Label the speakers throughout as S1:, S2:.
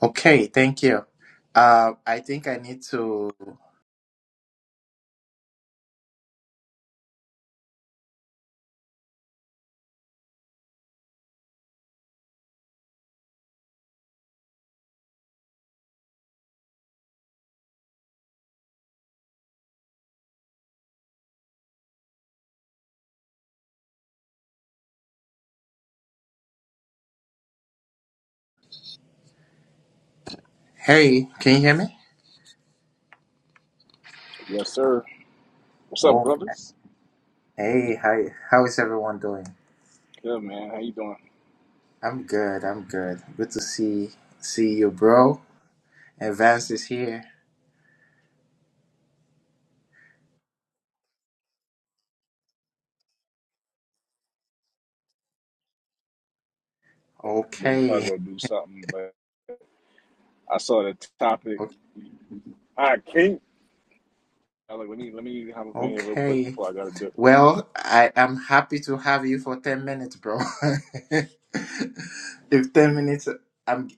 S1: Okay, thank you. Uh, I think I need to. Hey, can you hear me?
S2: Yes, sir. What's up,
S1: Oh,
S2: brothers?
S1: hey, hi. How is everyone doing?
S2: Good man. How you doing?
S1: I'm good. I'm good. Good to see see you, bro. And Vance is here.
S2: We'll
S1: Okay.
S2: probably go do something, but I saw the topic.
S1: o-
S2: I can't. I was like, let me let me hop up in here real quick
S1: Okay.
S2: before I gotta dip.
S1: Well, I am happy to have you for ten minutes, bro. if ten minutes, I'm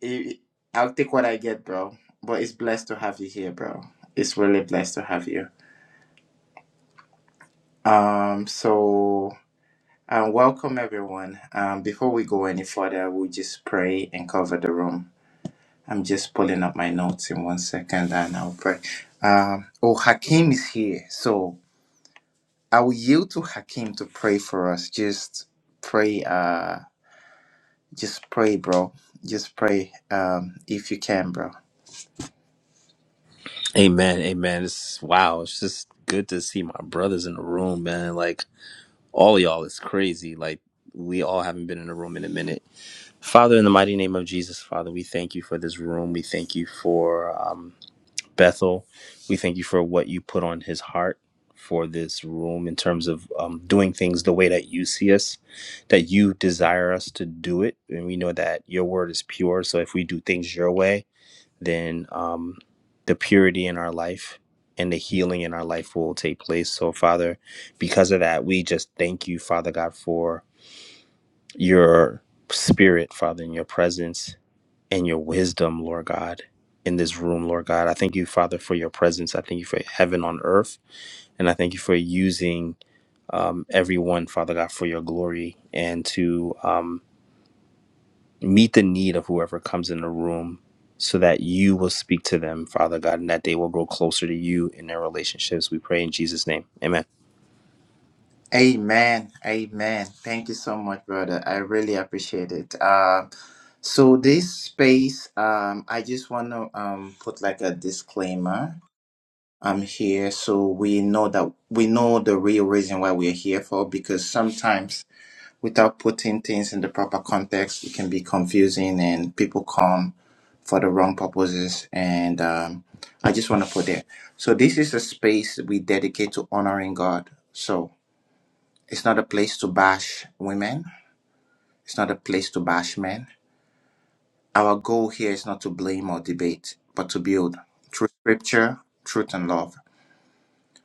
S1: I'll take what I get, bro. But it's blessed to have you here, bro. It's really blessed to have you. Um, so, uh, welcome everyone. Um, before we go any further, we'll just pray and cover the room. I'm just pulling up my notes in one second and I'll pray. Um, oh, Hakim is here. So, I will yield to Hakim to pray for us. Just pray, uh, just pray, bro. Just pray, um, if you can, bro.
S3: Amen, amen. It's wow. It's just good to see my brothers in the room, man. Like all y'all is crazy. Like we all haven't been in a room in a minute. Father, in the mighty name of Jesus, Father, we thank you for this room. We thank you for um, Bethel. We thank you for what you put on his heart for this room in terms of um, doing things the way that you see us, that you desire us to do it. And we know that your word is pure. So if we do things your way, then um, the purity in our life and the healing in our life will take place. So, Father, because of that, we just thank you, Father God, for your spirit, Father, and your presence and your wisdom, Lord God, in this room, Lord God. I thank you, Father, for your presence. I thank you for heaven on earth. And I thank you for using um, everyone, Father God, for your glory and to. Um, meet the need of whoever comes in the room so that you will speak to them, Father God, and that they will grow closer to you in their relationships. We pray in Jesus' name. Amen.
S1: Amen. Amen. Thank you so much, brother. I really appreciate it. Um, so this space, um, I just want to um put like a disclaimer. I'm here so we know that we know the real reason why we're here for because sometimes without putting things in the proper context, it can be confusing and people come for the wrong purposes. And um, I just want to put there. So this is a space we dedicate to honoring God. So it's not a place to bash women. It's not a place to bash men. Our goal here is not to blame or debate, but to build through scripture, truth, and love.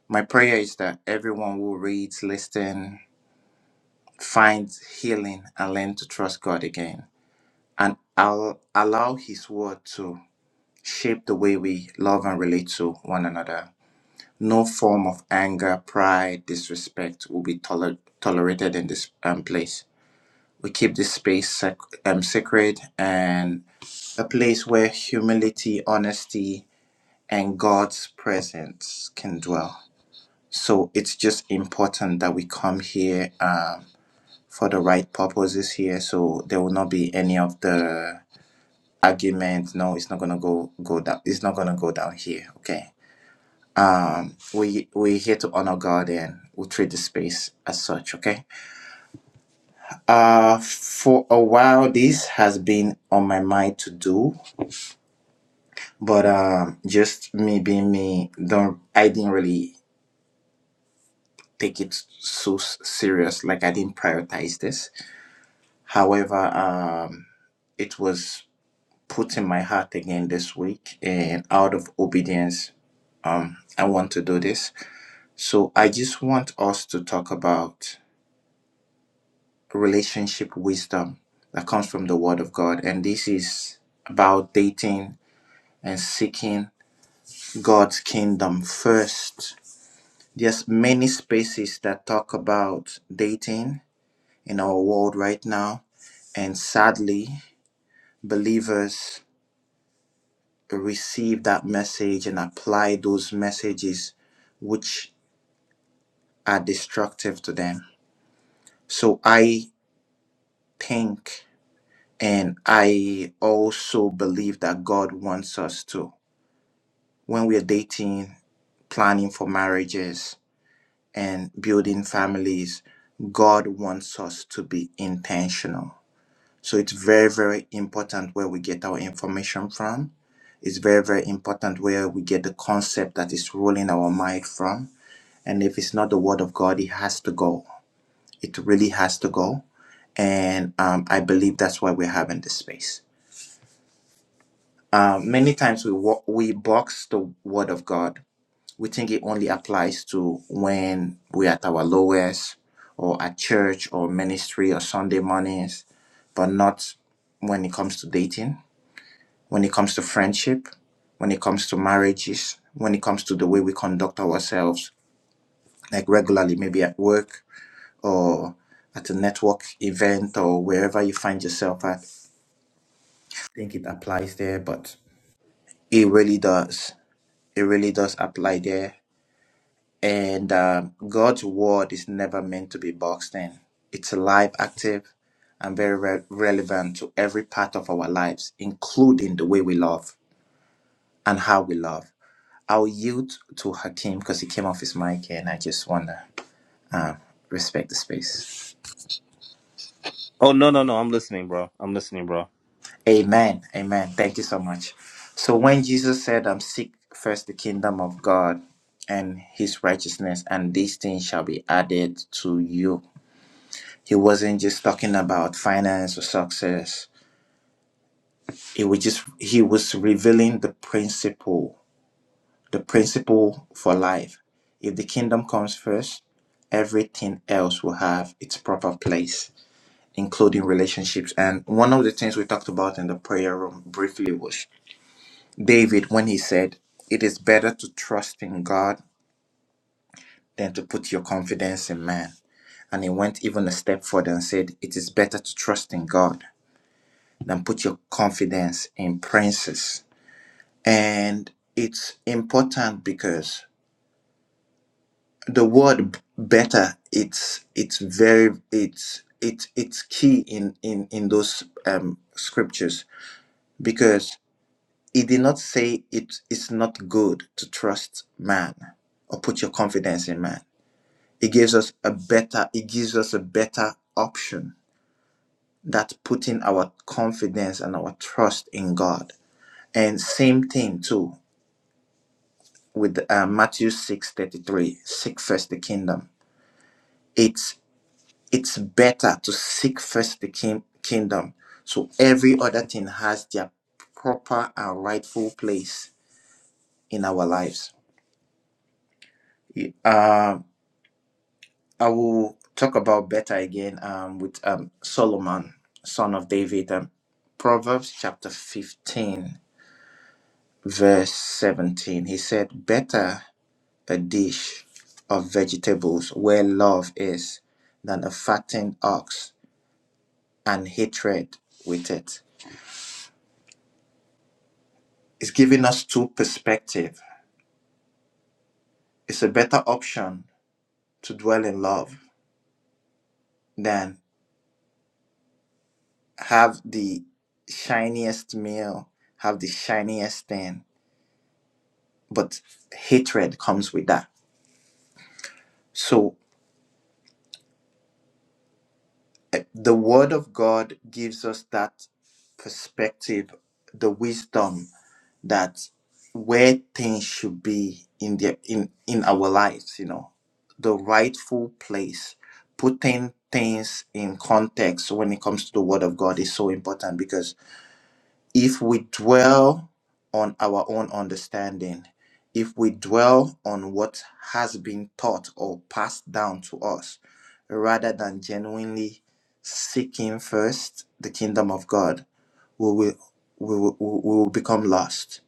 S1: My prayer is that everyone who reads, listens, finds healing and learn to trust God again. And I'll allow His word to shape the way we love and relate to one another. No form of anger, pride, disrespect will be toler- tolerated in this um, place we keep this space sec- um, sacred and a place where humility, honesty, and God's presence can dwell. So it's just important that we come here um, for the right purposes here. So there will not be any of the argument. No, it's not gonna go go down. It's not gonna go down here. Okay. We we're here to honor God and we treat the space as such. Okay. Uh, for a while, this has been on my mind to do But um, just me being me, don't I didn't really take it so s- serious. Like I didn't prioritize this. However, um, it was put in my heart again this week, and out of obedience, um, I want to do this. So I just want us to talk about relationship wisdom that comes from the Word of God, and this is about dating and seeking God's kingdom first There's many spaces that talk about dating in our world right now. And sadly, believers receive that message and apply those messages which are destructive to them. So I think and I also believe that God wants us to, when we are dating, planning for marriages, and building families, God wants us to be intentional. So it's very, very important where we get our information from. It's very, very important where we get the concept that is ruling our mind from. And if it's not the word of God, it has to go. It really has to go. And um, I believe that's why we're having this space. Uh, many times we wa- we box the word of God. We think it only applies to when we're at our lowest, or at church, or ministry, or Sunday mornings, but not when it comes to dating when it comes to friendship, when it comes to marriages, when it comes to the way we conduct ourselves, like regularly, maybe at work or at a network event or wherever you find yourself at. I think it applies there, but it really does. It really does apply there. And um, God's word is never meant to be boxed in, it's alive, active, and very re- relevant to every part of our lives, including the way we love and how we love. I'll yield to Hakim because he came off his mic here, and I just want to respect the space.
S3: Oh, no, no, no. I'm listening, bro. I'm listening, bro.
S1: Amen. Amen. Thank you so much. So, when Jesus said, I'm seek first the kingdom of God and his righteousness, and these things shall be added to you, he wasn't just talking about finance or success. It was just, he was revealing the principle, the principle for life. If the kingdom comes first, everything else will have its proper place including relationships. And one of the things we talked about in the prayer room briefly was David when he said, It is better to trust in God than to put your confidence in man. And he went even a step further and said, It is better to trust in God than put your confidence in princes. And it's important because the word b- better it's it's very it's it's it's key in in in those um scriptures because He did not say it is not good to trust man or put your confidence in man. He gives us a better, he gives us a better option that putting our confidence and our trust in God. And same thing too with uh, Matthew 6 33. seek first the kingdom. It's it's better to seek first the king, kingdom. So every other thing has their proper and rightful place in our lives. Uh, I will talk about better again um, with um, Solomon, son of David. Um, Proverbs chapter 15, verse 17. He said, Better a dish of vegetables where love is than a fattened ox and hatred with it. It's giving us two perspectives. It's a better option to dwell in love than have the shiniest meal, have the shiniest thing but hatred comes with that. So the word of God gives us that perspective, the wisdom that where things should be in their in in our lives, you know, the rightful place, putting things in context when it comes to the word of God is so important because if we dwell on our own understanding, if we dwell on what has been taught or passed down to us, rather than genuinely seeking first the kingdom of God, we will, we will, we will become lost.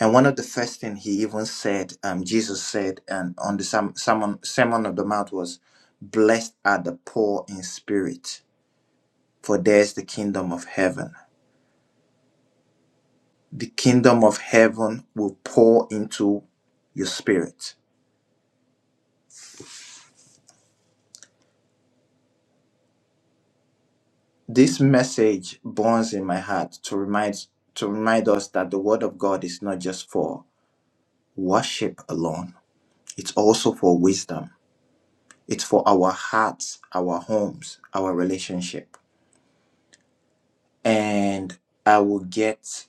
S1: And one of the first thing he even said, um, Jesus said, and on the Sam- Sermon, Sermon of the Mount was, "Blessed are the poor in spirit, for theirs the kingdom of heaven." the kingdom of heaven will pour into your spirit. This message burns in my heart to remind to remind us that the word of God is not just for worship alone. It's also for wisdom. It's for our hearts, our homes, our relationship. And I will get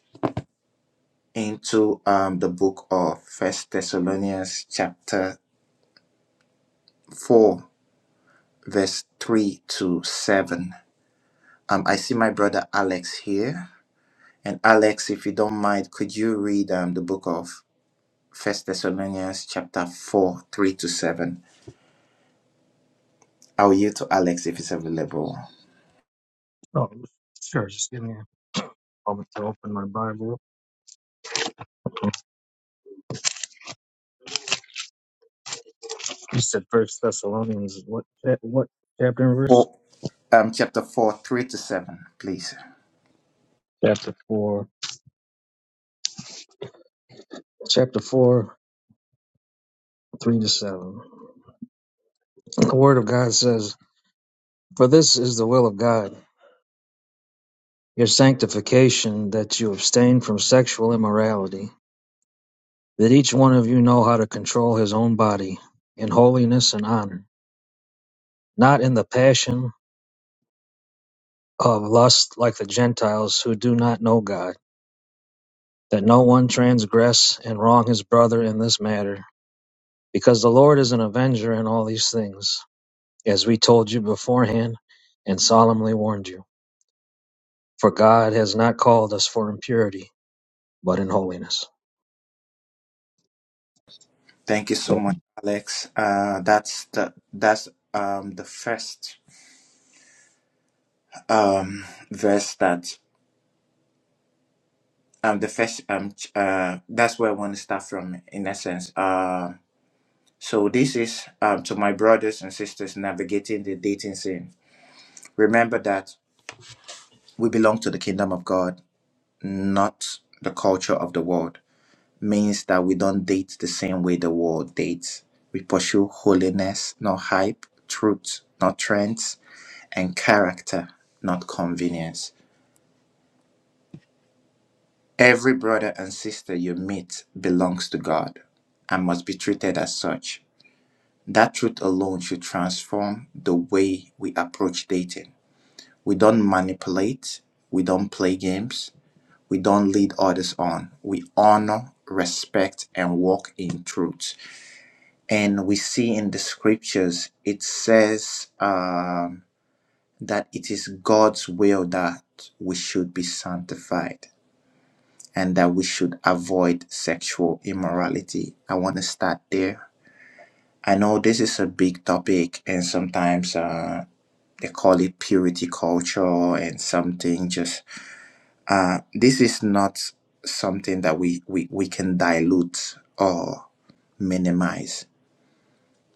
S1: into um, the book of First Thessalonians chapter four, verse three to seven. Um, I see my brother Alex here. And Alex, if you don't mind, could you read um, the book of First Thessalonians chapter 4, 3 to 7? I'll yield to Alex if it's available.
S4: Oh, sure. Just give me a moment to open my Bible. You said First Thessalonians. What? cha- What chapter and verse?
S1: Four, um, chapter 4, 3 to 7, please.
S4: Chapter four. Chapter four, three to seven. The Word of God says, "For this is the will of God, your sanctification, that you abstain from sexual immorality, that each one of you know how to control his own body in holiness and honor, not in the passion of lust like the Gentiles who do not know God." that no one transgress and wrong his brother in this matter, because the Lord is an avenger in all these things, as we told you beforehand and solemnly warned you. For God has not called us for impurity, but in holiness.
S1: Thank you so much, Alex. Uh, that's the that's um the first um verse that um the first um ch- uh that's where I want to start from in essence. Uh, so this is um to my brothers and sisters navigating the dating scene. Remember that we belong to the kingdom of God, not the culture of the world. Means that we don't date the same way the world dates. We pursue holiness, not hype, truth, not trends, and character, not convenience. Every brother and sister you meet belongs to God and must be treated as such. That truth alone should transform the way we approach dating. We don't manipulate, we don't play games, We don't lead others on. We honor, respect, and walk in truth. And we see in the scriptures, it says um, that it is God's will that we should be sanctified and that we should avoid sexual immorality. I want to start there. I know this is a big topic, and sometimes uh, they call it purity culture and something just Uh, this is not something that we, we, we can dilute or minimize.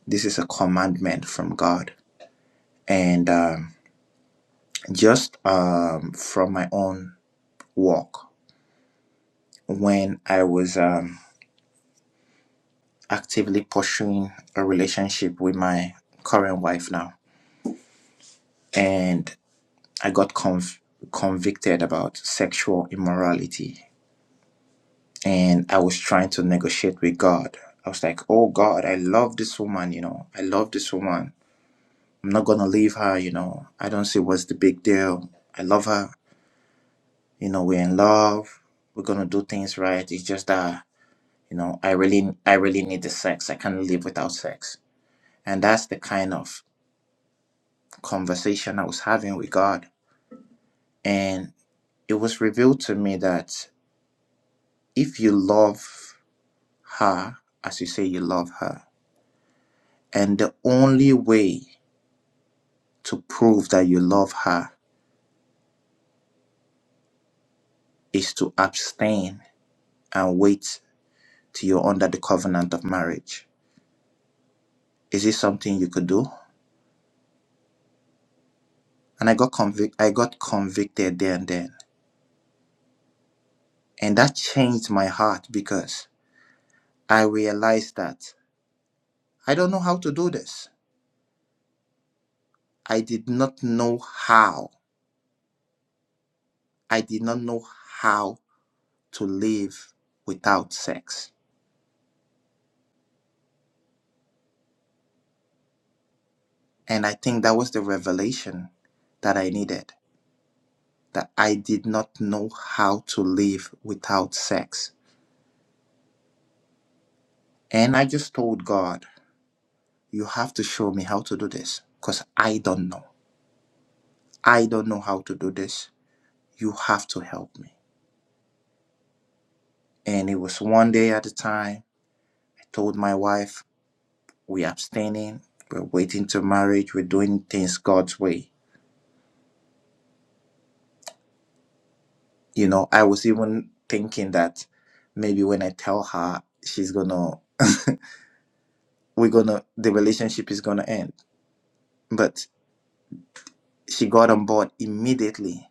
S1: This is a commandment from God. And um, just um, from my own walk, when I was um, actively pursuing a relationship with my current wife now, and I got conv- convicted about sexual immorality, and I was trying to negotiate with God. I was like, oh God, I love this woman, you know, I love this woman I'm not gonna leave her, you know. I don't see what's the big deal. I love her. You know, we're in love. We're gonna do things right. It's just that, you know, I really I really need the sex. I can't live without sex. And that's the kind of conversation I was having with God. And it was revealed to me that if you love her as you say you love her, and the only way to prove that you love her is to abstain and wait till you're under the covenant of marriage Is it something you could do? And I got convic- I got convicted there and then. And that changed my heart because I realized that I don't know how to do this. I did not know how. I did not know how to live without sex. And I think that was the revelation that I needed that I did not know how to live without sex. And I just told God, You have to show me how to do this because I don't know. I don't know how to do this. You have to help me. And it was one day at a time. I told my wife, we're abstaining, we're waiting to marriage, we're doing things God's way. You know, I was even thinking that maybe when I tell her, she's gonna, we're gonna, the relationship is gonna end. But she got on board immediately.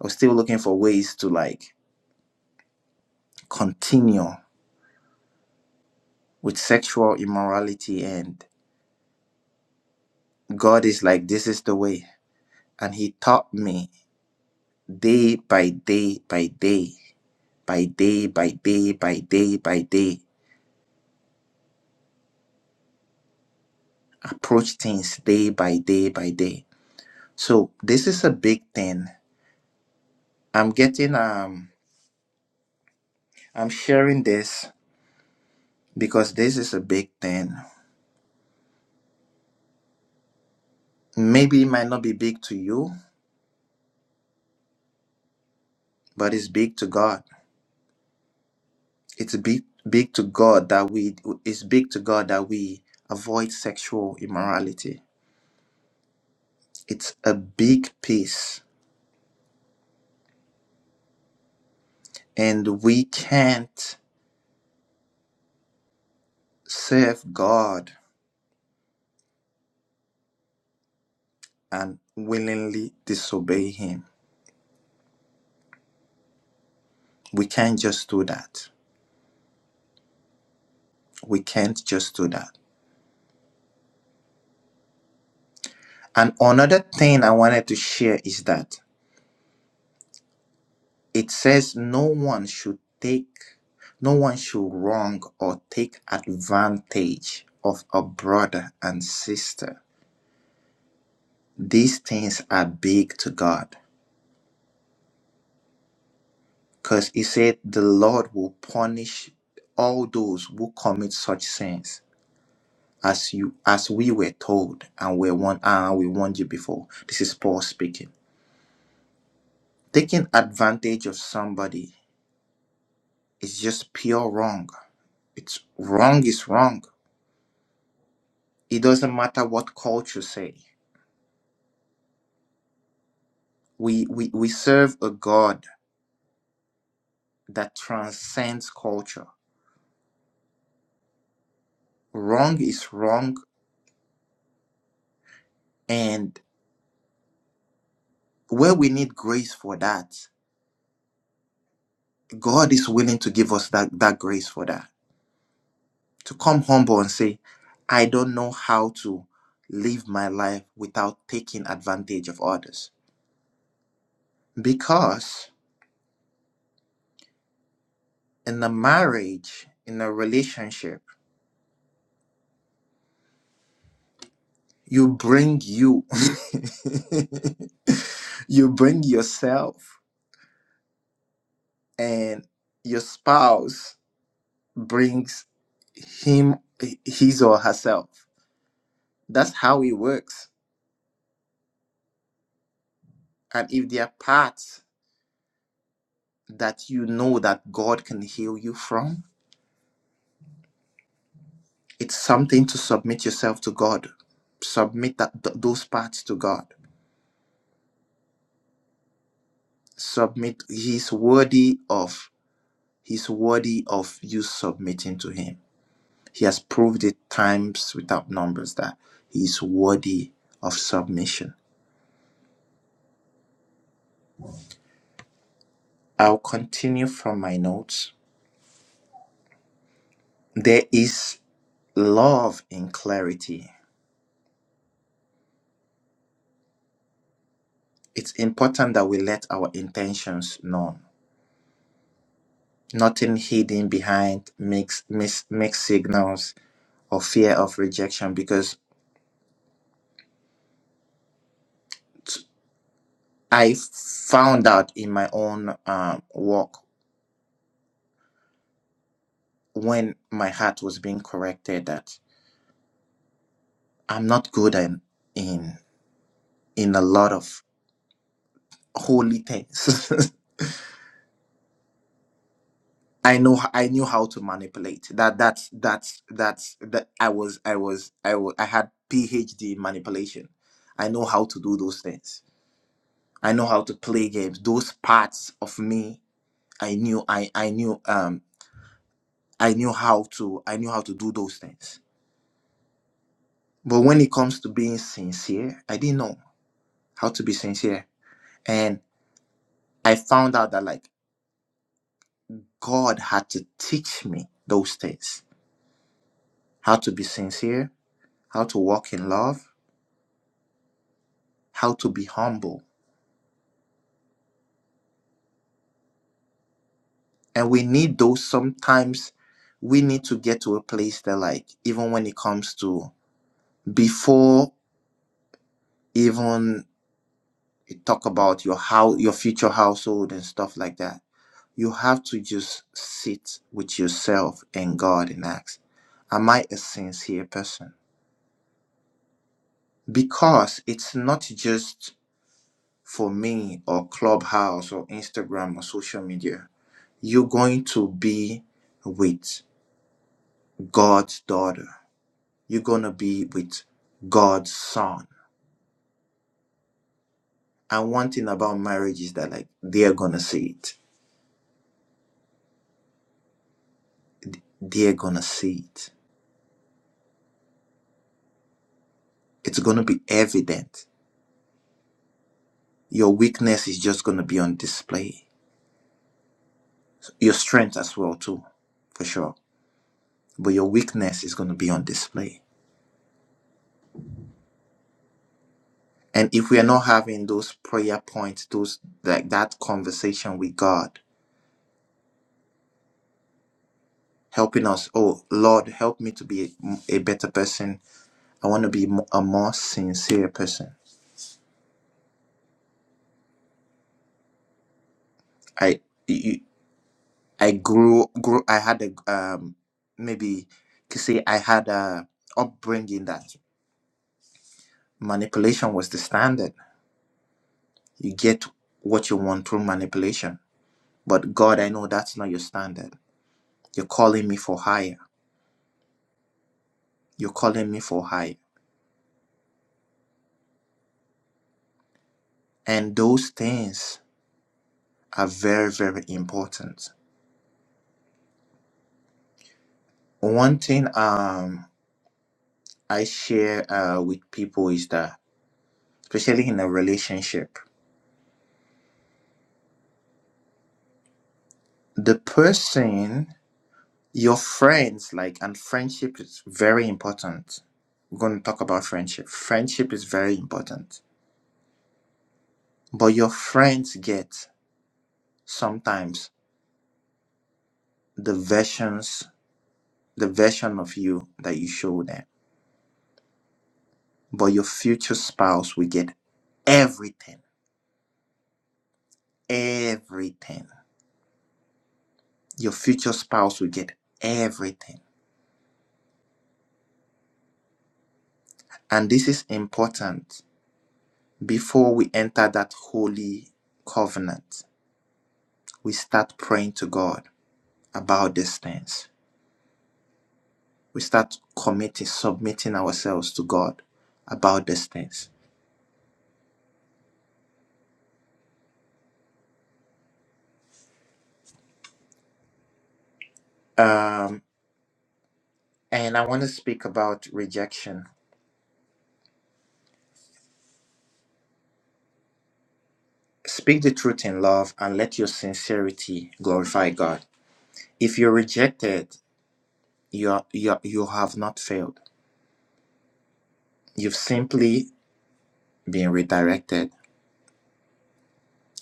S1: I was still looking for ways to like continue with sexual immorality, and God is like, this is the way. And He taught me day by day by day by day by day by day by day approach things day by day by day so this is a big thing i'm getting um i'm sharing this because this is a big thing maybe it might not be big to you but it's big to god it's big big to god that we it's big to god that we avoid sexual immorality it's a big piece and we can't serve god and willingly disobey him. We can't just do that. We can't just do that. And another thing I wanted to share is that it says no one should take, no one should wrong or take advantage of a brother and sister. These things are big to God because he said the Lord will punish all those who commit such sins. as you as we were told and we want uh, we warned you before. This is Paul speaking. Taking advantage of somebody is just pure wrong. It's wrong is wrong. It doesn't matter what culture say. We we, we serve a God that transcends culture. Wrong is wrong and where we need grace for that, God is willing to give us that, that grace for that to come humble and say, I don't know how to live my life without taking advantage of others. Because in a marriage, in a relationship, you bring you, you bring yourself, and your spouse brings him, his or herself. That's how it works. And if there are parts that you know that God can heal you from, It's something to submit yourself to God. Submit that, th- those parts to God. Submit. He's worthy of. He's worthy of you submitting to Him. He has proved it times without numbers that He's worthy of submission. I'll continue from my notes. There is love in clarity. It's important that we let our intentions known. Nothing hidden behind mixed mix, mixed signals or fear of rejection because t- I found out in my own um, work when my heart was being corrected that I'm not good in in, in a lot of holy things. I know I knew how to manipulate. That that's that's that's that I was I was I wa- I had PhD in manipulation. I know how to do those things. I know how to play games. Those parts of me I knew I I knew um. I knew how to I knew how to do those things. But when it comes to being sincere, I didn't know how to be sincere. And I found out that like God had to teach me those things. How to be sincere, how to walk in love, how to be humble. And we need those sometimes we need to get to a place that like even when it comes to before even you talk about your how your future household and stuff like that You have to just sit with yourself and God and ask, Am I a sincere person? Because it's not just for me or Clubhouse or Instagram or social media. You're going to be with God's daughter, you're going to be with God's son. And one thing about marriage is that, like, they're going to see it. They're going to see it. It's going to be evident. Your weakness is just going to be on display your strength as well too for sure but your weakness is going to be on display and if we are not having those prayer points those like that conversation with god helping us oh lord help me to be a, a better person i want to be mo- a more sincere person i you- i grew grew i had a um maybe you could say i had a upbringing that manipulation was the standard you get what you want through manipulation But God, I know that's not your standard. You're calling me for higher. You're calling me for higher. And those things are very, very important. One thing um I share uh, with people is that, especially in a relationship, the person, your friends, like, and friendship is very important. We're going to talk about friendship. Friendship is very important. But your friends get sometimes the versions the version of you that you show them. But your future spouse will get everything. Everything. Your future spouse will get everything. And this is important. Before we enter that holy covenant, we start praying to God about these things. We start committing, submitting ourselves to God about these things. Um, and I want to speak about rejection Speak the truth in love and let your sincerity glorify God. If you're rejected, you, are, you, are- you have not failed. You've simply been redirected.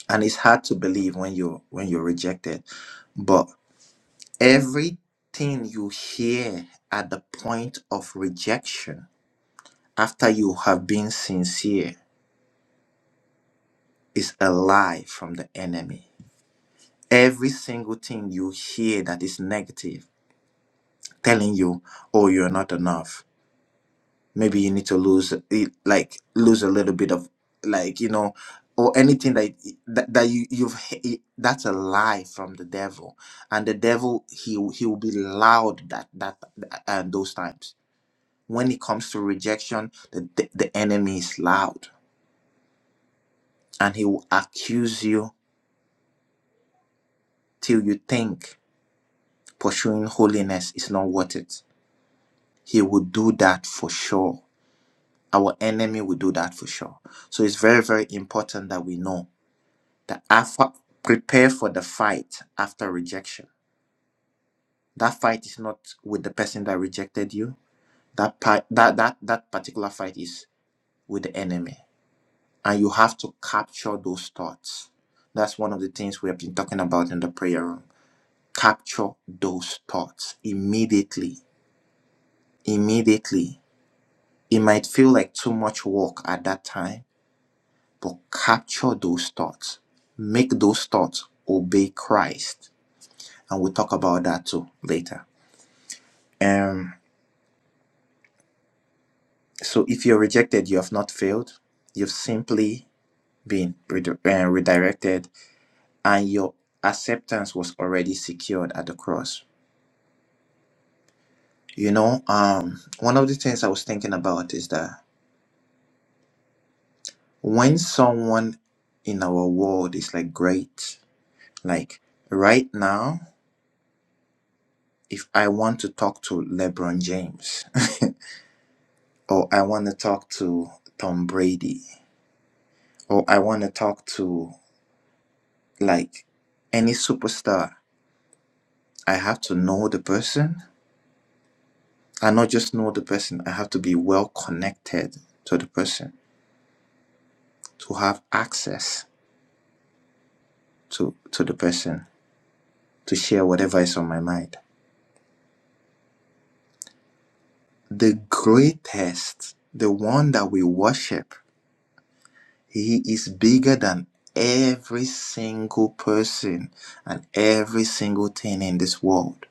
S1: And it's hard to believe when you're, when you're rejected. But everything you hear at the point of rejection, after you have been sincere, is a lie from the enemy. Every single thing you hear that is negative, telling you, oh, you're not enough maybe you need to lose eh, like lose a little bit of like you know or anything that that, that you you've that's a lie from the devil and the devil he he will be loud that that and those times when it comes to rejection the, the the enemy is loud and he will accuse you till you think pursuing holiness is not worth it he will do that for sure our enemy will do that for sure so it's very very important that we know The alpha prepare for the fight after rejection. That fight is not with the person that rejected you. That part, that that that particular fight is with the enemy, and you have to capture those thoughts. That's one of the things we have been talking about in the prayer room. Capture those thoughts immediately. Immediately. It might feel like too much work at that time, but capture those thoughts. Make those thoughts obey Christ. And we'll talk about that too later. Um, so if you're rejected, you have not failed. You've simply been redi- uh, redirected, and your acceptance was already secured at the cross. You know, um, one of the things I was thinking about is that when someone in our world is like great, like right now, if I want to talk to LeBron James, or I want to talk to Tom Brady, or I want to talk to like any superstar, I have to know the person and not just know the person. I have to be well connected to the person, to have access to, to the person, to share whatever is on my mind. The greatest, the one that we worship, he is bigger than every single person and every single thing in this world.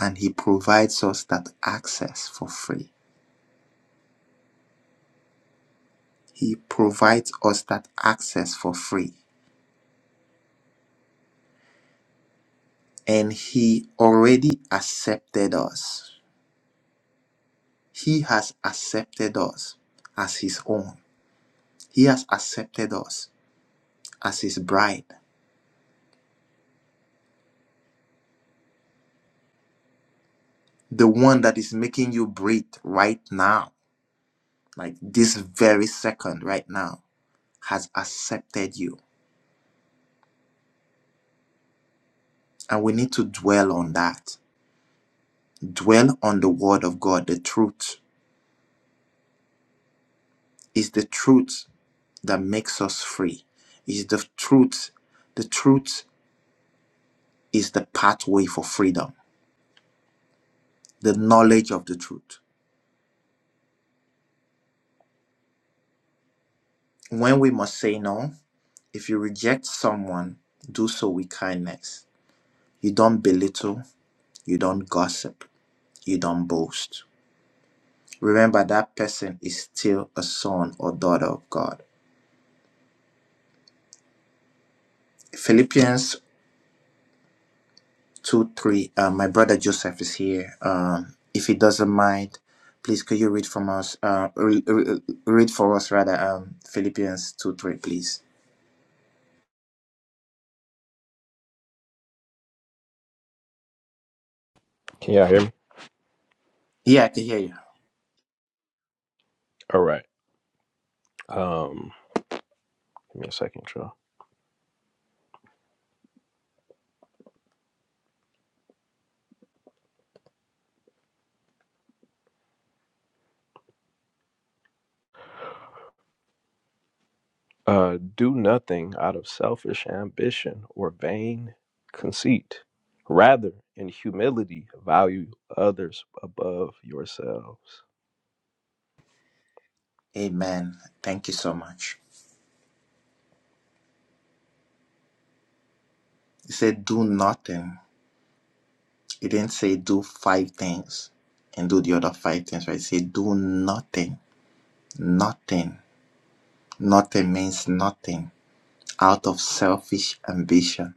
S1: And he provides us that access for free. He provides us that access for free. and he already accepted us. He has accepted us as his own. He has accepted us as his bride, the one that is making you breathe right now, like this very second right now, has accepted you. And we need to dwell on that. Dwell on the word of God, the truth. is the truth that makes us free. Is the truth. The truth is the pathway for freedom the knowledge of the truth. When we must say no, if you reject someone, do so with kindness. You don't belittle, you don't gossip, you don't boast. Remember that person is still a son or daughter of God. Philippians 2 3. Uh, my brother Joseph is here. Um, if he doesn't mind, please could you read from us? Uh, re- re- read for us rather. Um, Philippians 2 3, please.
S5: Can y'all hear me?
S1: Yeah, I can hear you.
S5: All right. Um, give me a second, y'all. Uh, do nothing out of selfish ambition or vain conceit. Rather, in humility, value others above yourselves.
S1: Amen. Thank you so much. It said do nothing. It didn't say do five things and do the other five things, right? It said do nothing. Nothing. Nothing means nothing out of selfish ambition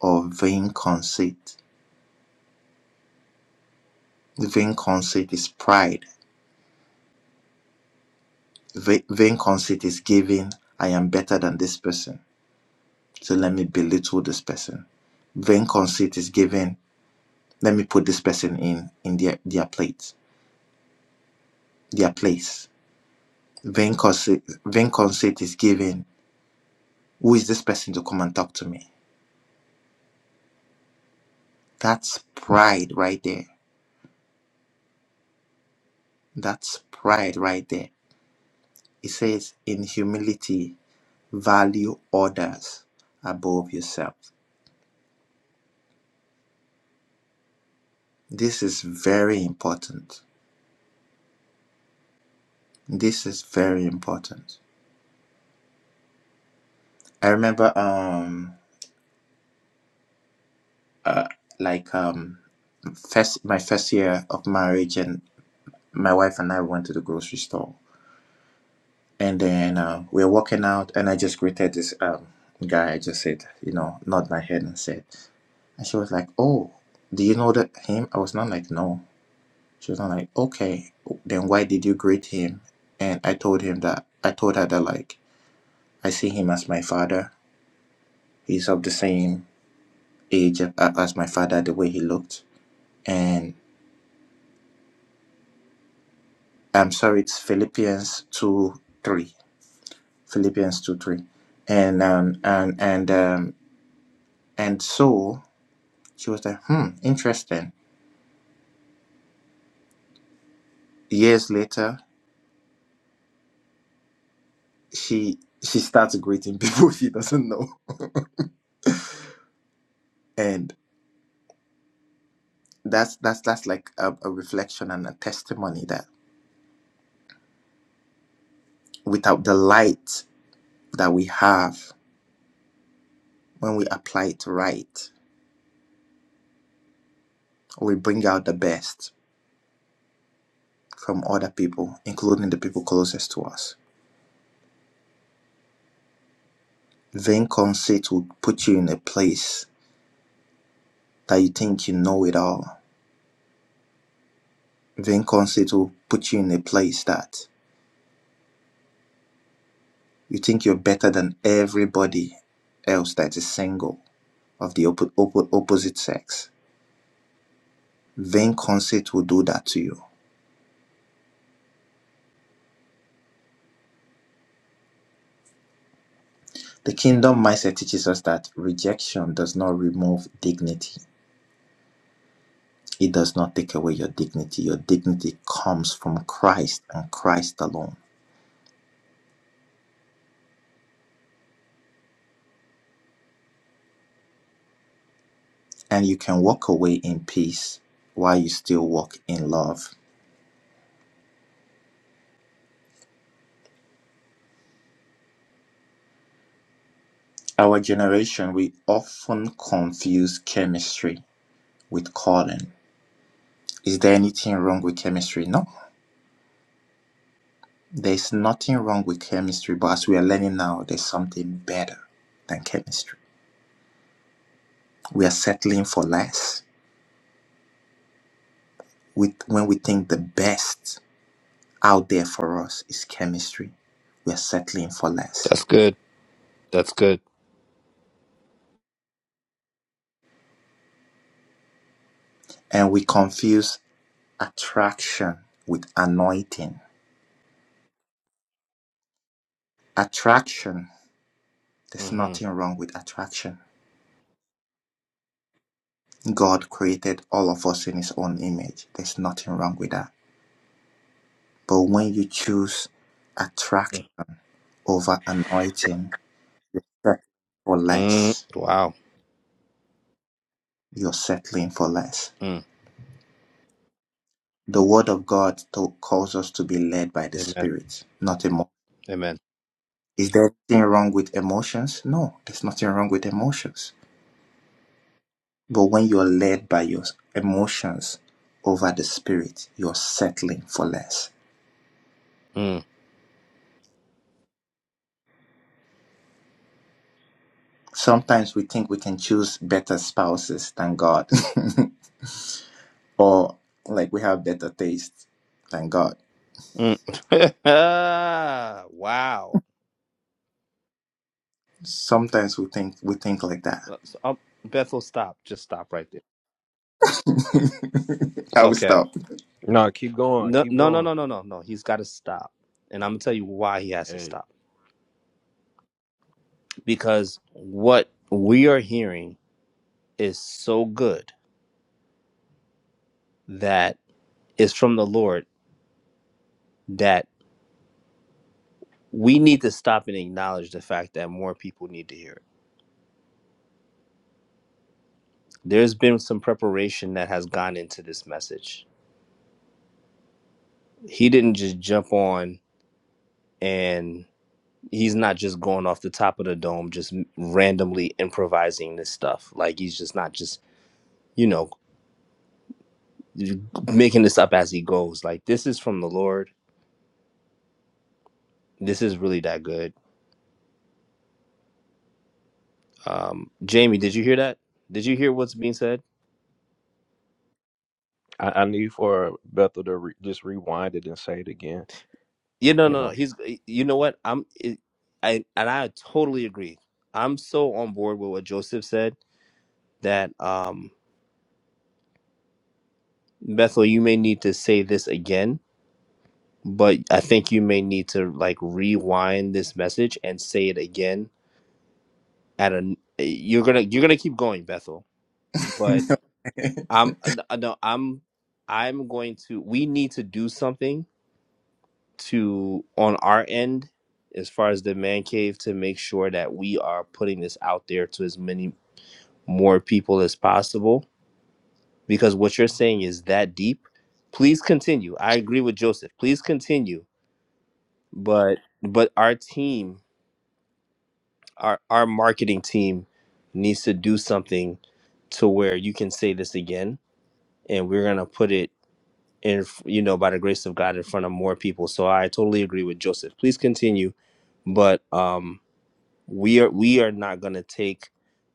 S1: or vain conceit. Vain conceit is pride. Va- vain conceit is giving, I am better than this person. So let me belittle this person. Vain conceit is giving, let me put this person in in their, their plate, their place. Vain conceit, vain conceit is giving. Who is this person to come and talk to me? That's pride right there. That's pride right there. It says, in humility, value others above yourself. This is very important. This is very important. I remember, um, like, um, first my first year of marriage, and my wife and I went to the grocery store And then uh, we were walking out, and I just greeted this um, guy. I just said, you know, nod my head and said, and she was like, oh, do you know that him? I was not like, no. She was not like, okay, then why did you greet him? And I told him that, I told her that, like, I see him as my father. He's of the same age a- as my father, the way he looked. And I'm sorry, it's Philippians 2 3. Philippians 2 3. And, um, and, and, um, and so She was like, hmm, interesting. Years later, she she starts greeting people she doesn't know. And that's that's that's like a, a reflection and a testimony that without the light that we have when we apply it right, we bring out the best from other people, including the people closest to us. Vain conceit will put you in a place that you think you know it all. Vain conceit will put you in a place that You think you're better than everybody else that is single of the oppo- oppo- opposite sex. Vain conceit will do that to you. The kingdom mindset teaches us that rejection does not remove dignity. It does not take away your dignity. Your dignity comes from Christ and Christ alone. And you can walk away in peace while you still walk in love. Our generation, we often confuse chemistry with calling. Is there anything wrong with chemistry? No, There's nothing wrong with chemistry, but as we are learning now, there's something better than chemistry. We are settling for less. With when we think the best out there for us is chemistry, we are settling for less.
S3: That's good. That's good.
S1: And we confuse attraction with anointing. Attraction, there's
S3: hmm
S1: nothing wrong with attraction. God created all of us in his own image. There's nothing wrong with that. But when you choose attraction over anointing, You're settling for
S3: Mm.
S1: less.
S3: Wow.
S1: You're settling for less.
S3: Mm.
S1: The Word of God to- calls us to be led by the
S3: Amen.
S1: Spirit, not emotion.
S3: Amen.
S1: Is there anything wrong with emotions? No, there's nothing wrong with emotions. But when you're led by your emotions over the Spirit, you're settling for less.
S3: Mm.
S1: Sometimes we think we can choose better spouses than God, or like we have better taste than God.
S3: Mm. wow.
S1: Sometimes we think we think like that.
S3: So, um, Bethel, stop. Just stop right there.
S1: I will
S3: Okay.
S1: stop.
S5: No, keep going.
S3: No,
S5: Keep
S3: no, no,
S5: going.
S3: no, no, no, no. He's got to stop, and I'm gonna tell you why he has to
S5: Hey,
S3: stop. because what we are hearing is so good that it's from the Lord that we need to stop and acknowledge the fact that more people need to hear it. There's been some preparation that has gone into this message. He didn't just jump on and he's not just going off the top of the dome just randomly improvising this stuff. Like he's just not just, you know, making this up as he goes. Like this is from the Lord. This is really that good Um, Jamie, did you hear that? Did you hear what's being said?
S5: I, I need for Bethel to re- just rewind it and say it again.
S3: Yeah, no,
S5: You
S3: no,
S5: know.
S3: no. He's, you know what? I'm, it, I, and I totally agree. I'm so on board with what Joseph said that, um, Bethel, you may need to say this again, but I think you may need to like rewind this message and say it again at a, you're gonna, you're gonna keep going, Bethel, but I'm, uh, no, I'm, I'm going to, we need to do something to on our end as far as the man cave to make sure that we are putting this out there to as many more people as possible because what you're saying is that deep please continue i agree with joseph please continue but but our team our our marketing team needs to do something to where you can say this again and we're going to put it in you know by the grace of god in front of more people so i totally agree with joseph please continue but um we are we are not going to take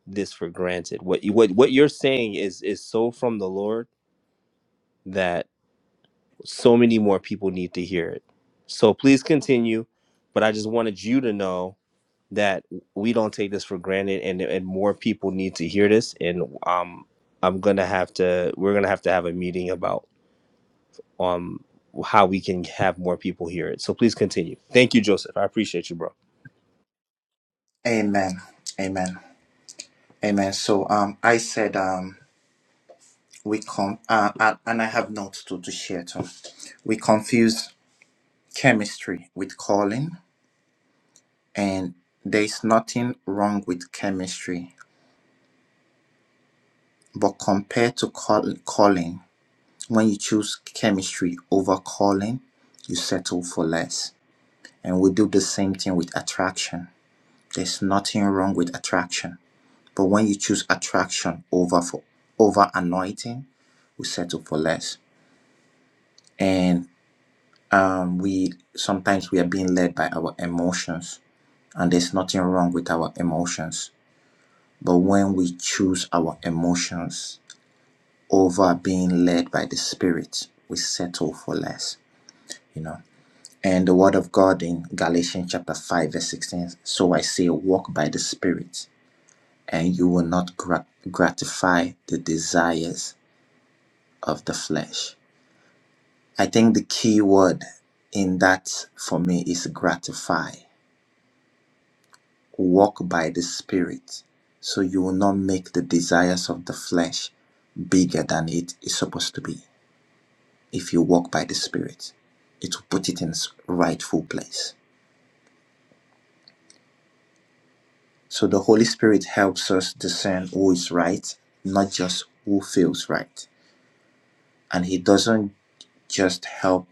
S3: this for granted what you what what you're saying is is so from the lord that so many more people need to hear it so please continue but i just wanted you to know that we don't take this for granted and and more people need to hear this and um i'm going to have to we're going to have to have a meeting about um how we can have more people hear it so please continue thank you joseph i appreciate you bro
S1: Amen. Amen. Amen. So um I said um we con uh, uh, and I have notes to, to share too. We confuse chemistry with calling and there's nothing wrong with chemistry. But compared to call, calling, when you choose chemistry over calling, you settle for less. And we do the same thing with attraction. There's nothing wrong with attraction But when you choose attraction over for over anointing, we settle for less. And um, we sometimes we are being led by our emotions, and there's nothing wrong with our emotions. But when we choose our emotions over being led by the Spirit, we settle for less, you know. And the Word of God in Galatians chapter 5, verse 16 So I say, walk by the Spirit, and you will not gra- gratify the desires of the flesh. I think the key word in that for me is gratify. Walk by the Spirit so you will not make the desires of the flesh bigger than it is supposed to be. If you walk by the Spirit, it will put it in its rightful place. So the Holy Spirit helps us discern who is right, not just who feels right. And He doesn't just help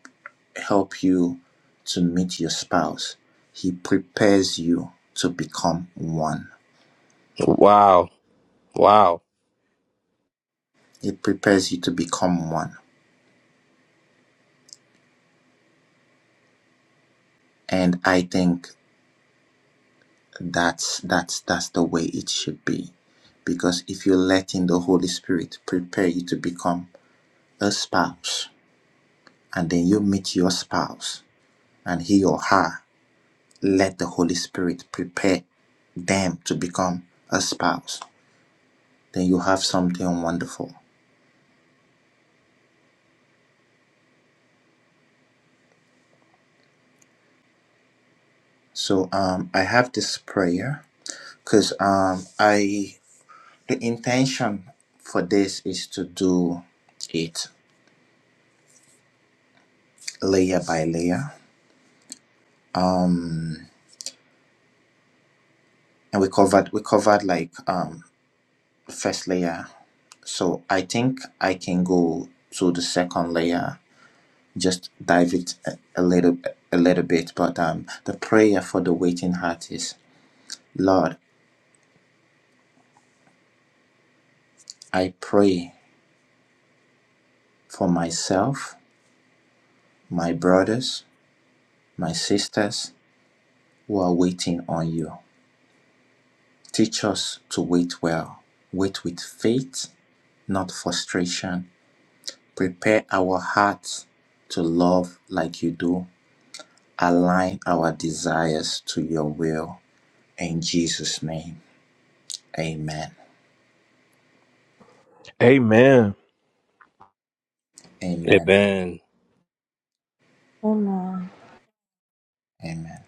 S1: help you to meet your spouse. He prepares you to become one.
S3: wow wow
S1: It prepares you to become one. And I think that's that's that's the way it should be. Because if you're letting the Holy Spirit prepare you to become a spouse, and then you meet your spouse, and he or her let the Holy Spirit prepare them to become a spouse, then you have something wonderful. So um, I have this prayer because um, I the intention for this is to do it layer by layer, and we covered we covered like um, the first layer. So I think I can go to the second layer, just dive it a, a little a little bit. But um, the prayer for the waiting heart is, Lord, I pray for myself, my brothers, my sisters who are waiting on you. Teach us to wait well, wait with faith, not frustration. Prepare our hearts to love like you do. Align our desires to your will. In Jesus' name, amen.
S5: Amen.
S1: Amen.
S3: amen
S6: Amen.
S1: Amen.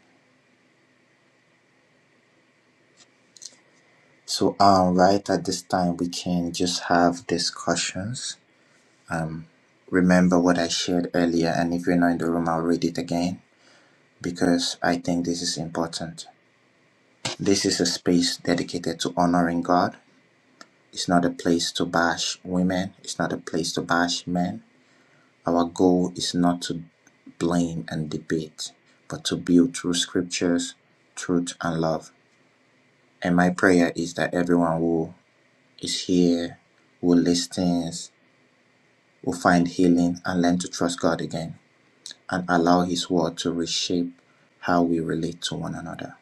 S1: So, um, right at this time, we can just have discussions. Um, remember what I shared earlier, and if you're not in the room, I'll read it again because I think this is important. This is a space dedicated to honoring God It's not a place to bash women. It's not a place to bash men. Our goal is not to blame and debate, but to build through scriptures, truth, and love. And my prayer is that everyone who is here, who listens, will find healing and learn to trust God again and allow His word to reshape how we relate to one another.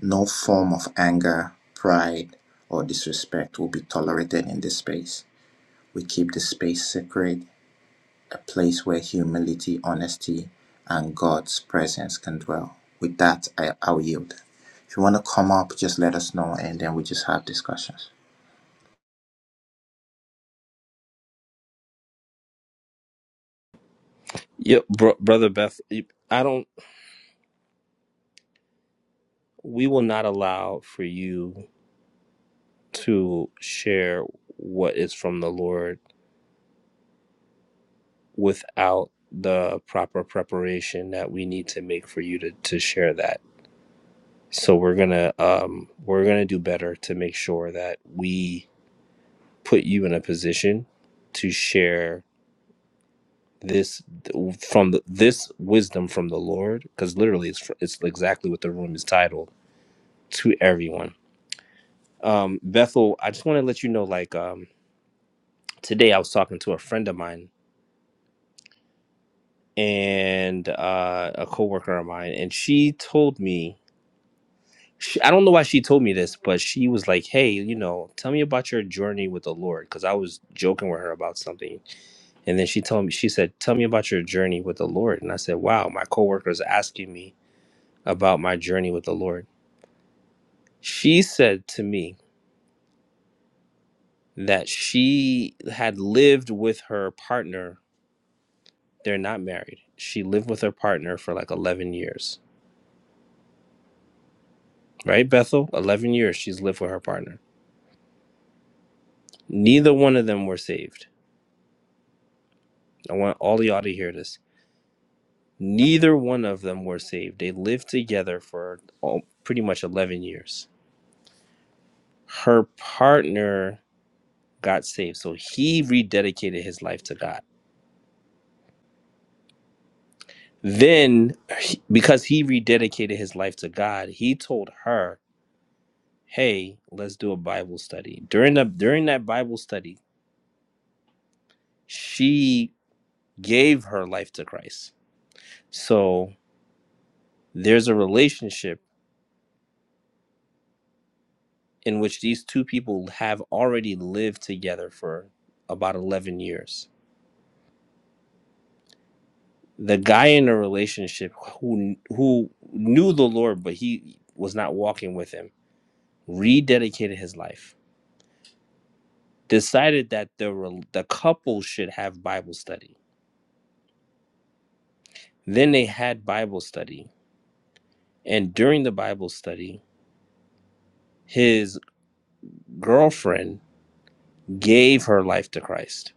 S1: No form of anger, pride, or disrespect will be tolerated in this space. We keep the space sacred a place where humility, honesty, and God's presence can dwell. With that, I, I'll yield. If you want to come up, just let us know and then we just have discussions.
S3: Yep, bro- brother Beth, I don't. We will not allow for you to share what is from the Lord without the proper preparation that we need to make for you to to share that. So we're gonna um we're gonna do better to make sure that we put you in a position to share this from the, this wisdom from the Lord because literally it's fr- it's exactly what the room is titled to everyone Um, Bethel, I just want to let you know, like, um, today I was talking to a friend of mine and uh, a coworker of mine, and she told me, she, I don't know why she told me this, but she was like, "Hey, you know, tell me about your journey with the Lord," because I was joking with her about something, and then she told me, she said, "Tell me about your journey with the Lord," and I said, "Wow, my coworker is asking me about my journey with the Lord." She said to me that she had lived with her partner They're not married. She lived with her partner for like 11 years, right, Bethel? 11 years she's lived with her partner. Neither one of them were saved. I want all y'all to hear this. Neither one of them were saved. They lived together for all, pretty much 11 years. Her partner got saved, so he rededicated his life to God. Then, he- because he rededicated his life to God, he told her, "Hey, let's do a Bible study." During the during that Bible study, she gave her life to Christ. So there's a relationship in which these two people have already lived together for about 11 years. The guy in the relationship who who knew the Lord but he was not walking with him rededicated his life. Decided that the rel- the couple should have Bible study. Then they had Bible study and during the Bible study his girlfriend gave her life to Christ.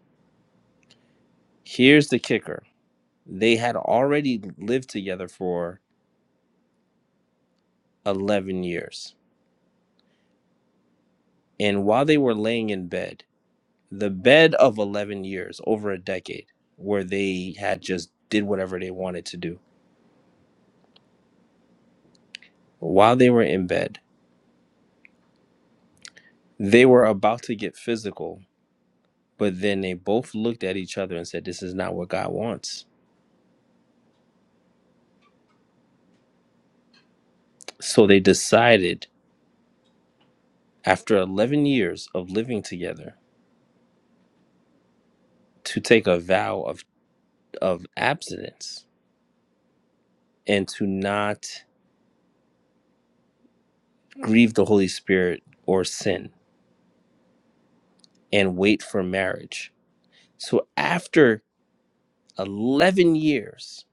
S3: Here's the kicker They had already lived together for 11 years. And while they were laying in bed, the bed of 11 years, over a decade, where they had just did whatever they wanted to do, while they were in bed, they were about to get physical, but then they both looked at each other and said, This is not what God wants. So they decided, after 11 years of living together, to take a vow of, of abstinence and to not grieve the Holy Spirit or sin and wait for marriage. So after 11 years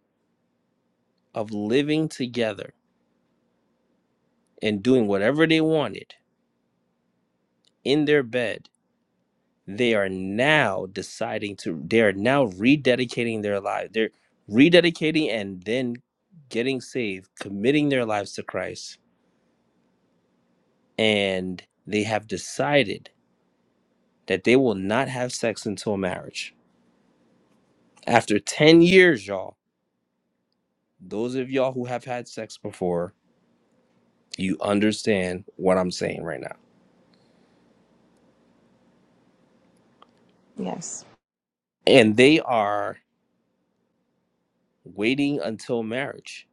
S3: of living together and doing whatever they wanted in their bed, they are now deciding to, they are now rededicating their lives. They're rededicating and then getting saved, committing their lives to Christ. And they have decided that they will not have sex until marriage. After 10 years, y'all Those of y'all who have had sex before, you understand what I'm saying right now.
S6: Yes.
S3: And they are waiting until marriage.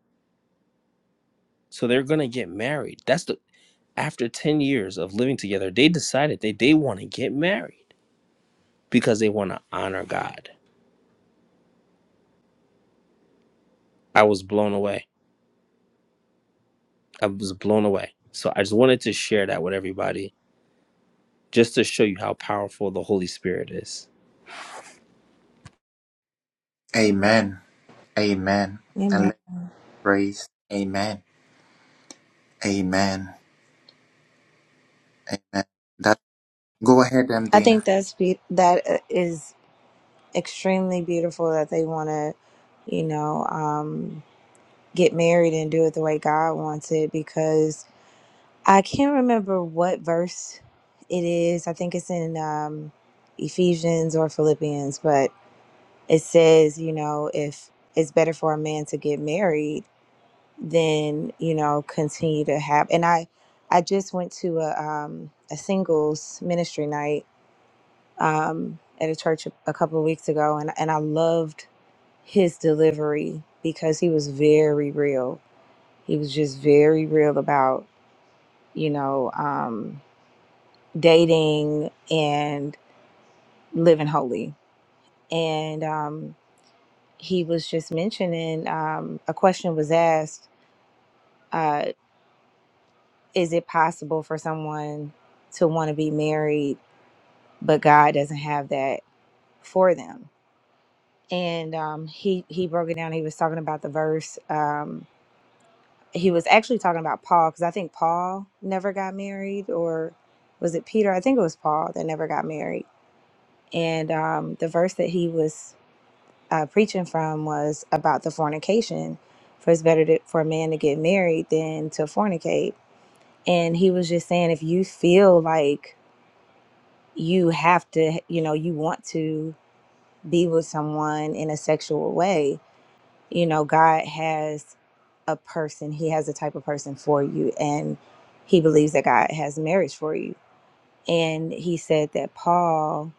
S3: So they're going to get married. That's the after 10 years of living together, they decided that they want to get married because they want to honor God. I was blown away. I was blown away. So I just wanted to share that with everybody just to show you how powerful the Holy Spirit is.
S1: Amen. Amen. And
S6: Amen.
S1: let's praise. Amen. Amen. Amen. That go ahead, um,
S6: I
S1: Dana.
S6: think that's be- that uh, is extremely beautiful that they want to, you know, um, get married and do it the way God wants it. Because I can't remember what verse it is. I think it's in um, Ephesians or Philippians, but it says, you know, if it's better for a man to get married than you know continue to have. And I, I just went to a um, a singles ministry night um, at a church a, a couple of weeks ago, and and I loved his delivery because he was very real. He was just very real about you know um, dating and living holy, and um, he was just mentioning um, a question was asked: uh, Is it possible for someone to want to be married but God doesn't have that for them? and um, he he broke it down. He was talking about the verse. Um, he was actually talking about Paul because I think Paul never got married, or was it Peter? I think it was Paul that never got married. And um, the verse that he was uh, preaching from was about the fornication. For it's better to, for a man to get married than to fornicate. And he was just saying, if you feel like you have to, you know, you want to be with someone in a sexual way, you know, God has a person, he has a type of person for you, and he believes that God has marriage for you. And he said that Paul,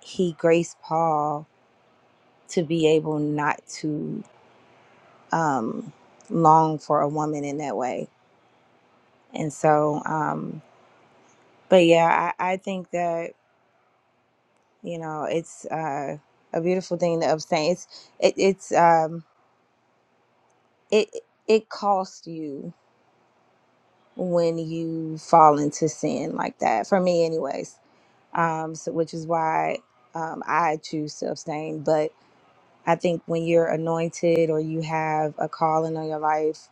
S6: he graced Paul to be able not to um, long for a woman in that way. And so, um, but yeah, I, I think that, you know, it's uh, a beautiful thing to abstain. It's, it, it's, um, it, it costs you when you fall into sin like that for me anyways um, so, which is why um, I choose to abstain. But I think when you're anointed or you have a calling on your life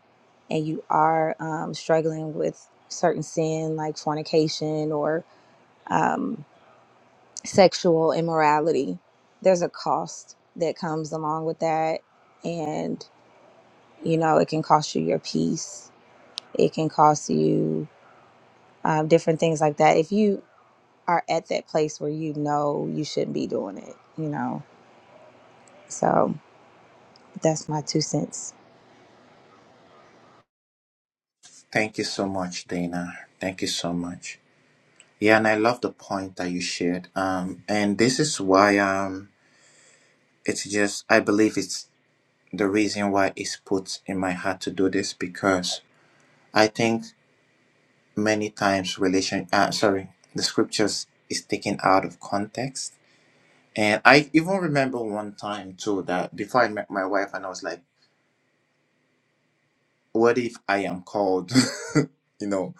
S6: and you are um, struggling with certain sin like fornication or um, sexual immorality, there's a cost that comes along with that. And, you know, it can cost you your peace, it can cost you um, different things like that. If you are at that place where you know you shouldn't be doing it, you know So that's my two cents.
S1: Thank you so much, Dana. Thank you so much. Yeah, and I love the point that you shared. Um, and this is why um, it's just I believe it's the reason why it's put in my heart to do this because I think many times relation uh, sorry, the scriptures is taken out of context. And I even remember one time too that before I met my wife and I was like, what if I am called you know,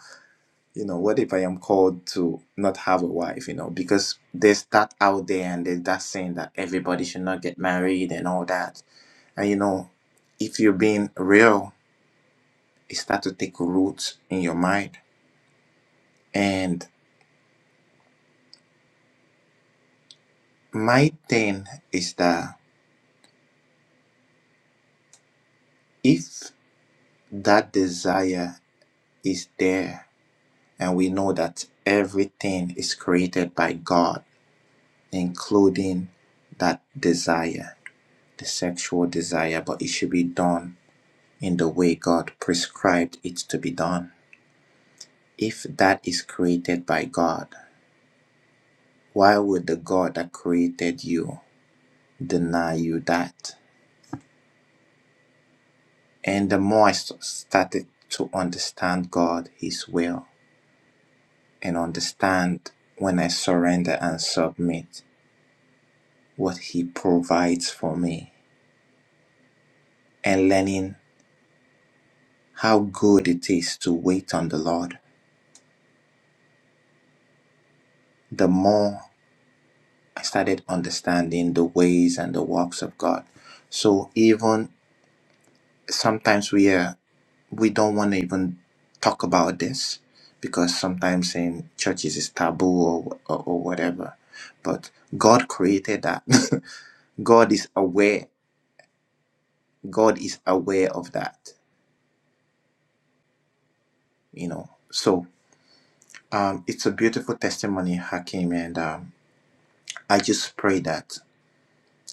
S1: you know, what if I am called to not have a wife, you know, because there's that out there and there's that saying that everybody should not get married and all that. And you know, if you're being real, it start to take roots in your mind. And my thing is that If that desire is there, and we know that everything is created by God, including that desire, the sexual desire, but it should be done in the way God prescribed it to be done. If that is created by God, why would the God that created you deny you that? And the more I s- started to understand God, His will, and understand when I surrender and submit what He provides for me and learning how good it is to wait on the Lord. The more I started understanding the ways and the works of God. So even sometimes we are we don't want to even talk about this because sometimes in churches it's taboo or, or, or whatever. But God created that. God is aware. God is aware of that. you know so um, it's a beautiful testimony hakim and um, i just pray that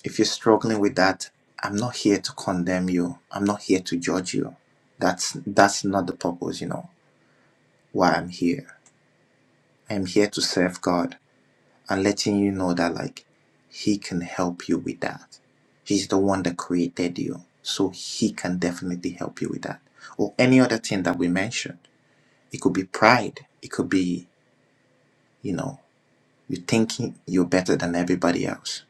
S1: if you're struggling with that i'm not here to condemn you i'm not here to judge you that's that's not the purpose you know why i'm here i'm here to serve god and letting you know that like he can help you with that he's the one that created you so he can definitely help you with that or any other thing that we mentioned it could be pride it could be you know you thinking you're better than everybody else.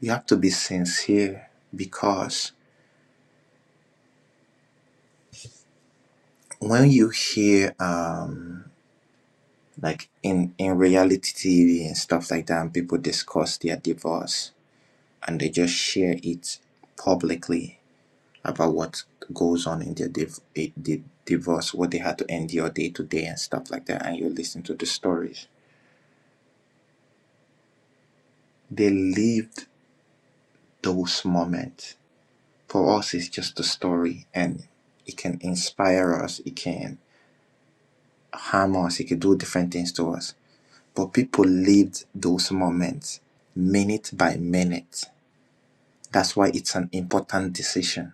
S1: You have to be sincere because when you hear um like in in reality TV and stuff like that, and people discuss their divorce and they just share it publicly about what goes on in their div- eh, di- divorce, what they had to endure day to day and stuff like that, and you listen to the stories. They lived those moments. For us, it's just a story, and it can inspire us. It can harm us, he could do different things to us. But people lived those moments minute by minute. That's why it's an important decision.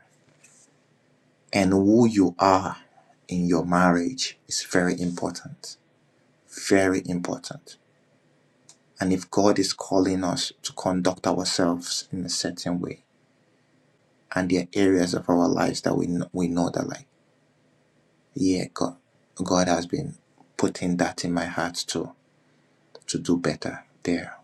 S1: And who you are in your marriage is very important. Very important. And if God is calling us to conduct ourselves in a certain way, and there are areas of our lives that we know, we know that like, yeah, God, God has been putting that in my heart to to do better there.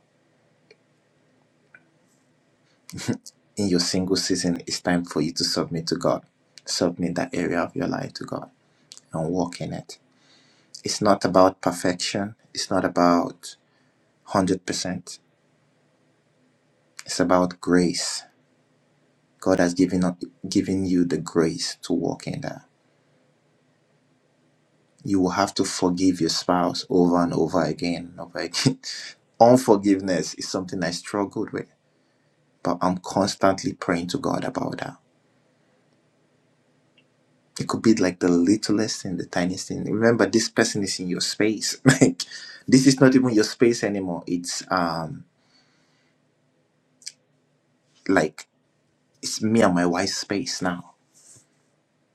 S1: in your single season, it's time for you to submit to God. Submit that area of your life to God and walk in it. It's not about perfection, it's not about 100%. It's about grace. God has given, up, given you the grace to walk in that. You will have to forgive your spouse over and over again and over again. Unforgiveness is something I struggled with, but I'm constantly praying to God about that It could be like the littlest thing, the tiniest thing. Remember, this person is in your space. Like this is not even your space anymore. It's um like it's me and my wife's space now.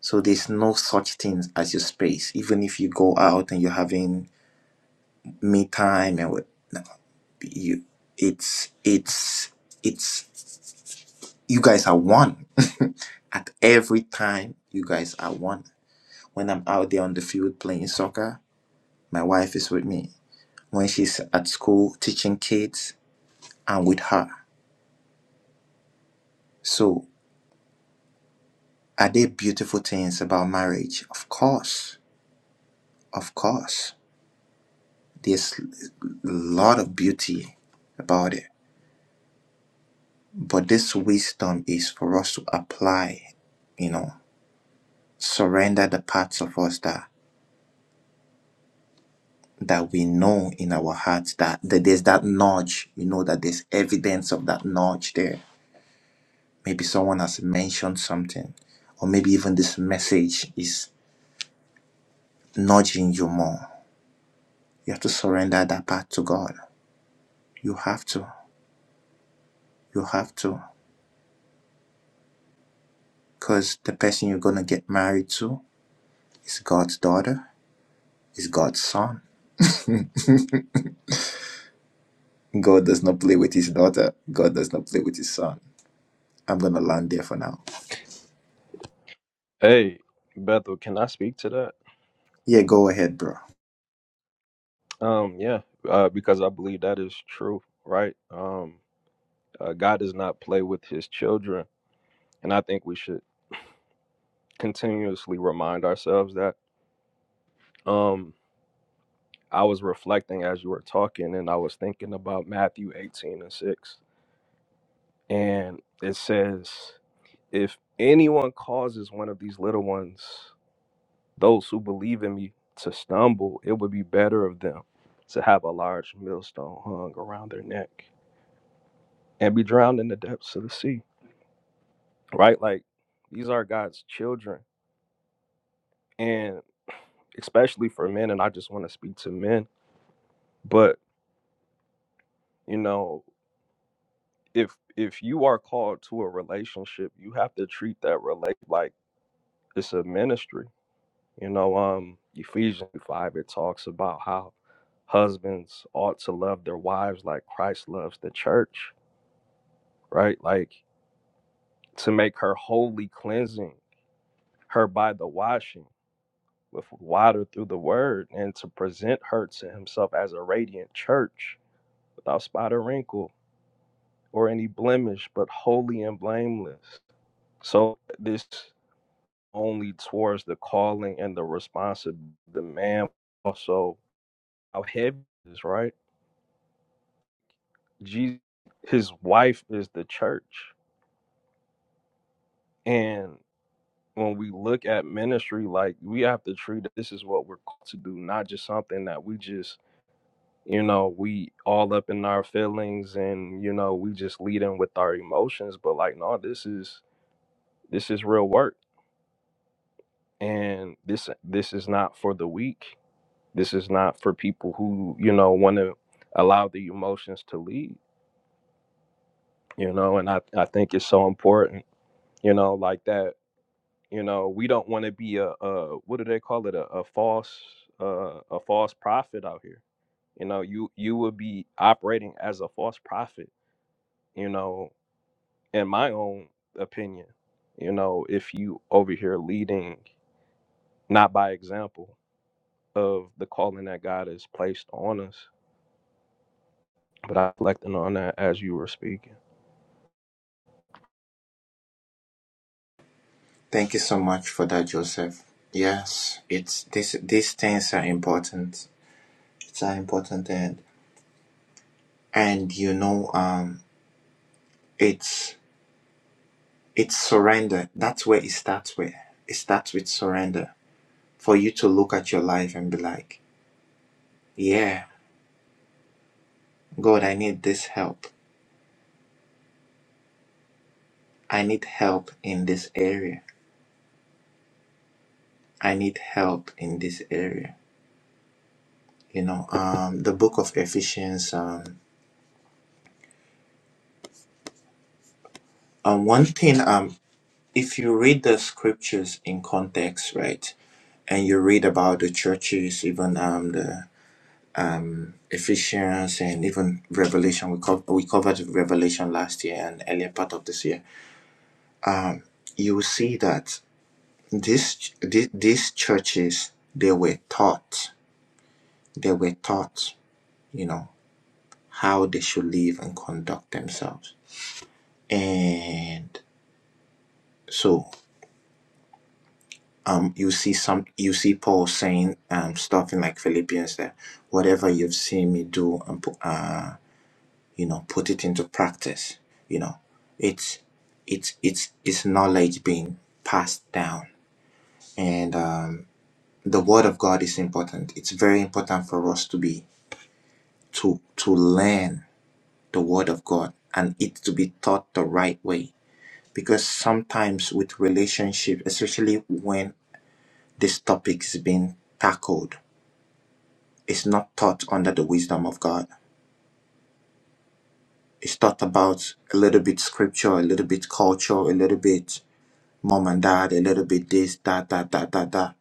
S1: So there's no such thing as your space. Even if you go out and you're having me time and what no, you it's it's it's you guys are one. At every time you guys are one. When I'm out there on the field playing soccer, my wife is with me when she's at school teaching kids and with her. So, are there beautiful things about marriage? Of course, of course. There's a lot of beauty about it. But this wisdom is for us to apply, you know, surrender the parts of us that that we know in our hearts that, that there's that nudge, you know, that there's evidence of that nudge there. Maybe someone has mentioned something, or maybe even this message is nudging you more. You have to surrender that part to God. You have to. You have to. Because the person you're going to get married to is God's daughter, is God's son. God does not play with his daughter, God does not play with his son. I'm going to land there for now.
S5: Hey, Bethel, can I speak to that?
S1: Yeah, go ahead, bro.
S5: Um, yeah. Uh, because I believe that is true, right? Um. Uh, God does not play with his children. And I think we should continuously remind ourselves that. Um, I was reflecting as you were talking, and I was thinking about Matthew 18 and 6. And it says, If anyone causes one of these little ones, those who believe in me, to stumble, it would be better of them to have a large millstone hung around their neck and be drowned in the depths of the sea, right? Like, these are God's children. And especially for men and I just want to speak to men but you know if if you are called to a relationship you have to treat that relate like it's a ministry you know um Ephesians 5 it talks about how husbands ought to love their wives like Christ loves the church right like to make her holy cleansing her by the washing with water through the word and to present her to himself as a radiant church without spot or wrinkle or any blemish, but holy and blameless. So this only towards the calling and the responsibility of the man also how heavy it is, right? Jesus his wife is the church. And when we look at ministry, like we have to treat it- this is what we're called to do, not just something that we just, you know, we all up in our feelings and, you know, we just lead in with our emotions. But like, no, this is this is real work and this this is not for the weak this is not for people who you know want to allow the emotions to lead you know and i i think it's so important you know like that you know we don't want to be a, a what do they call it a, a false uh, a false prophet out here you know you you would be operating as a false prophet you know in my own opinion you know if you over here leading not by example of the calling that god has placed on us but I reflecting on that as you were speaking.
S1: Thank you so much for that, Joseph. Yes, it's this, these things are important. It's an important and and you know, um, it's it's surrender. That's where it starts with. It starts with surrender for you to look at your life and be like, yeah, God, I need this help. I need help in this area. I need help in this area. You know, um, the book of Ephesians, um, um, one thing, um, if you read the scriptures in context, right, and you read about the churches, even um, the Ephesians and even Revelation, we, co- we covered Revelation last year and earlier part of this year, you will see that. These, these these churches they were taught they were taught you know how they should live and conduct themselves and so um you see some you see paul saying um stuff in like philippians that whatever you've seen me do and uh you know put it into practice you know it's it's it's it's knowledge being passed down and um the word of god is important it's very important for us to be to to learn the word of God and it to be taught the right way. Because sometimes with relationship, especially when this topic is being tackled, it's not taught under the wisdom of God. It's taught about a little bit scripture, a little bit culture, a little bit mom and dad, a little bit this, that, that, that, that, that.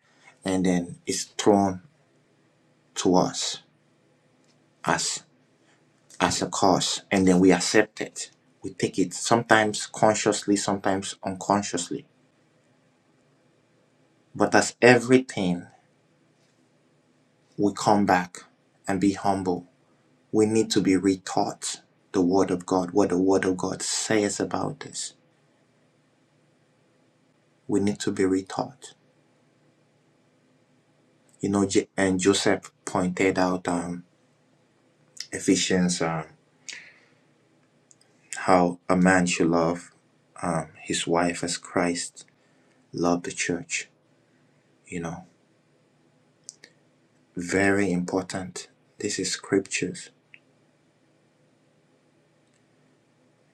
S1: And then it's thrown to us as as a cause. And then we accept it. We take it sometimes consciously, sometimes unconsciously But as everything, we come back and be humble. We need to be retaught the Word of God, what the Word of God says about this. We need to be retaught. You know, and Joseph pointed out um, Ephesians, um, how a man should love um, his wife as Christ loved the church. You know, very important. This is scriptures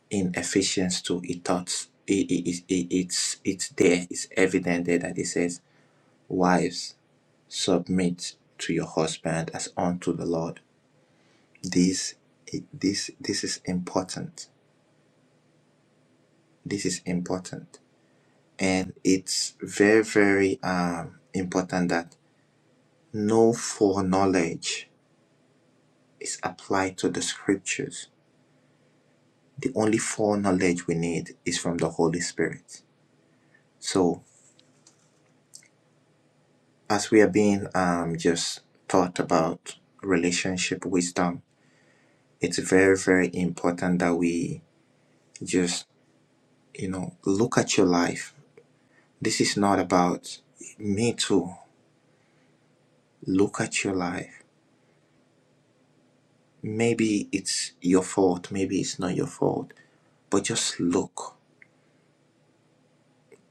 S1: in Ephesians 2. It taught, it, it, it, it- it's, it's there, it's evident there that it says Wives, submit to your husband as unto the Lord. This, this, this is important. This is important, and it's very, very um, important that no foreknowledge is applied to the scriptures. The only foreknowledge we need is from the Holy Spirit. So, as we are being um, just taught about relationship wisdom, it's very, very important that we just You know, look at your life. This is not about me too. Look at your life. Maybe it's your fault, maybe it's not your fault, but just look.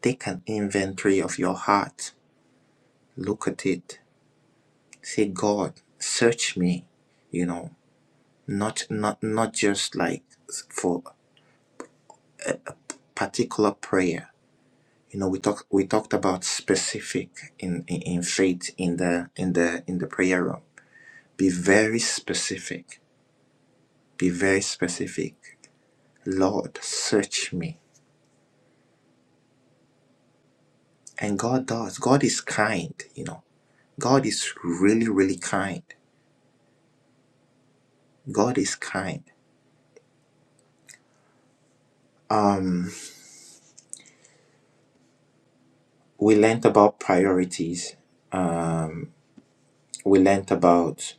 S1: Take an inventory of your heart. Look at it. Say, God, search me. You know, not not not just like for particular prayer. You know, we talked we talked about specific in, in in faith in the in the in the prayer room. Be very specific Be very specific. Lord, search me. And God does. God is kind, you know. God is really, really kind. God is kind. Um, we learned about priorities. We learned about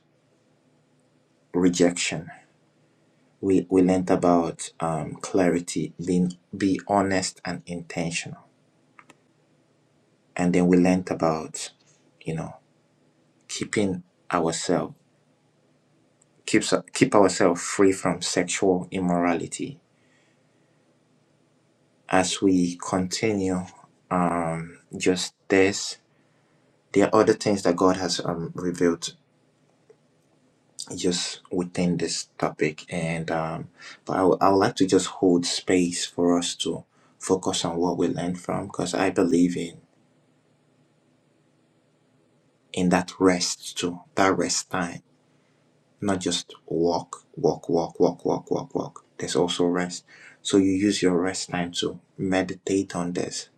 S1: rejection. We, we learned about um, clarity, being be honest and intentional. And then we learned about, you know, keeping ourselves keeps keep ourselves free from sexual immorality as we continue um just this there are other things that god has um revealed just within this topic and um but i would would like to just hold space for us to focus on what we learned from because i believe in in that rest too that rest time not just walk walk walk walk walk walk walk there's also rest so you use your rest time to meditate on this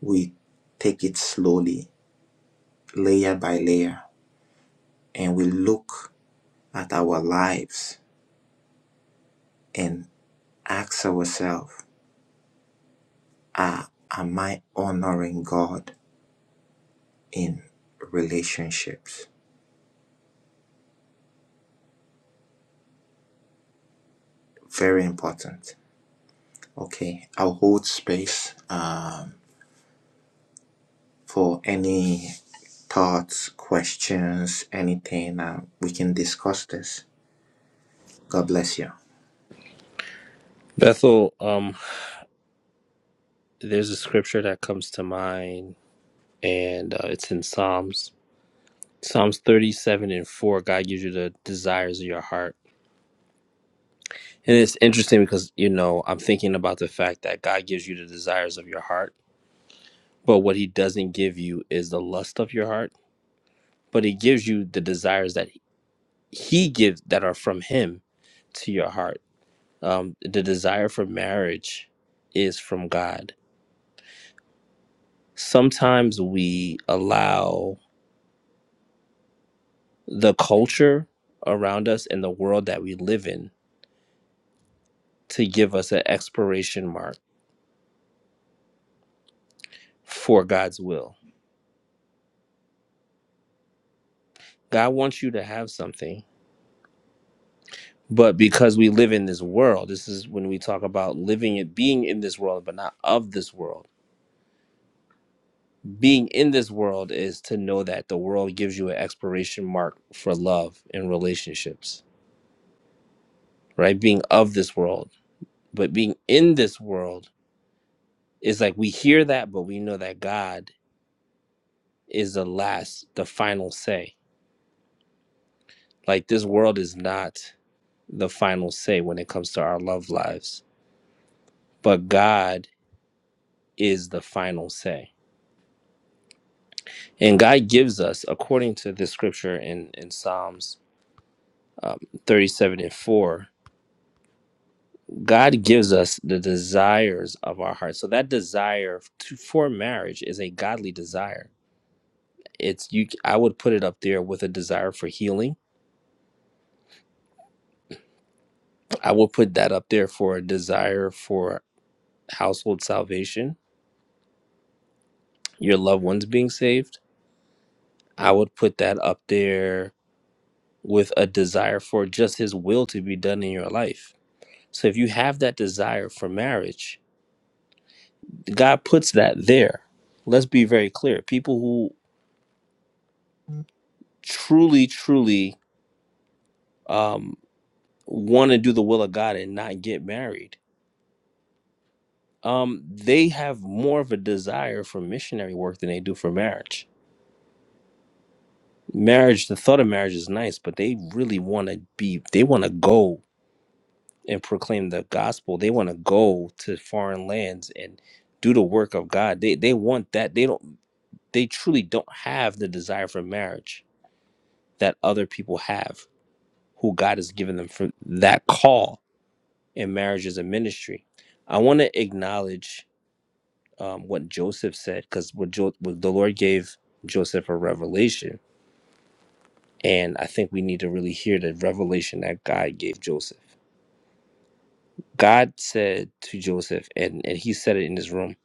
S1: we take it slowly layer by layer and we look at our lives and ask ourselves ah, Am I honoring God in relationships? Very important. Okay, I'll hold space um, for any thoughts, questions, anything. Uh, we can discuss this. God bless you.
S3: Bethel, um, there's a scripture that comes to mind, and uh, it's in Psalms Psalms 37 and 4, God gives you the desires of your heart. And it's interesting because, you know, I'm thinking about the fact that God gives you the desires of your heart, but what he doesn't give you is the lust of your heart, but he gives you the desires that he gives that are from him to your heart. Um, the desire for marriage is from God. Sometimes we allow the culture around us and the world that we live in to give us an expiration mark for God's will. God wants you to have something, but because we live in this world, this is when we talk about living it, being in this world, but not of this world. Being in this world is to know that the world gives you an expiration mark for love and relationships, right? Being of this world, but being in this world is like we hear that, but we know that God is the last, the final say. Like this world is not the final say when it comes to our love lives, but God is the final say. And God gives us, according to the scripture in, in Psalms um, 37 and 4, God gives us the desires of our heart. So that desire to, for marriage is a godly desire. It's you. I would put it up there with a desire for healing. I would put that up there for a desire for household salvation, your loved ones being saved. I would put that up there with a desire for just His will to be done in your life So if you have that desire for marriage, God puts that there. Let's be very clear. People who truly, truly um, want to do the will of God and not get married, um, they have more of a desire for missionary work than they do for marriage. Marriage, the thought of marriage is nice, but they really want to be, they want to go and proclaim the gospel. They want to go to foreign lands and do the work of God. They they want that. They don't. they truly don't have the desire for marriage that other people have who God has given them for that call in marriage as a ministry. I want to acknowledge um, what Joseph said because what, jo- what the Lord gave Joseph a revelation, and I think we need to really hear the revelation that God gave Joseph. God said to Joseph, and, and he said it in his room,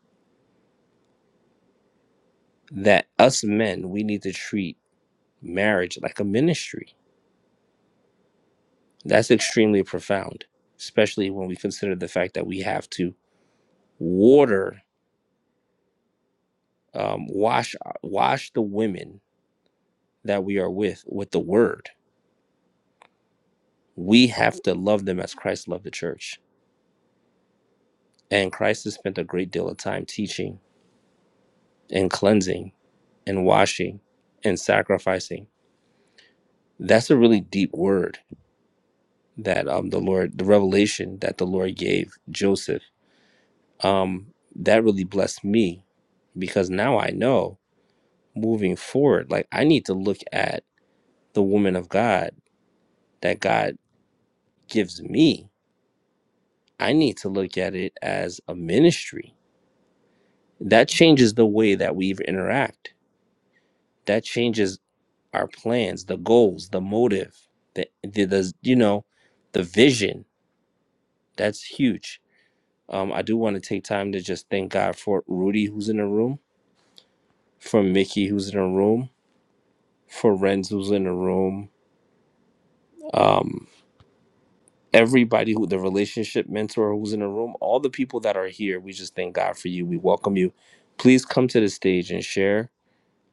S3: that us men, we need to treat marriage like a ministry That's extremely profound, especially when we consider the fact that we have to water, um, wash, uh, wash the women that we are with with the word. We have to love them as Christ loved the church, and Christ has spent a great deal of time teaching and cleansing and washing and sacrificing. That's a really deep word that um, the Lord, the revelation that the Lord gave Joseph. Um, that really blessed me because now I know moving forward. Like I need to look at the woman of God that God gives me. I need to look at it as a ministry. That changes the way that we interact. That changes our plans, the goals, the motive, the the, the you know, the vision. That's huge. Um, I do want to take time to just thank God for Rudy who's in the room, for Mickey who's in the room, for Renz who's in the room. Um, everybody who the relationship mentor who's in the room, all the people that are here, we just thank God for you. We welcome you. Please come to the stage and share.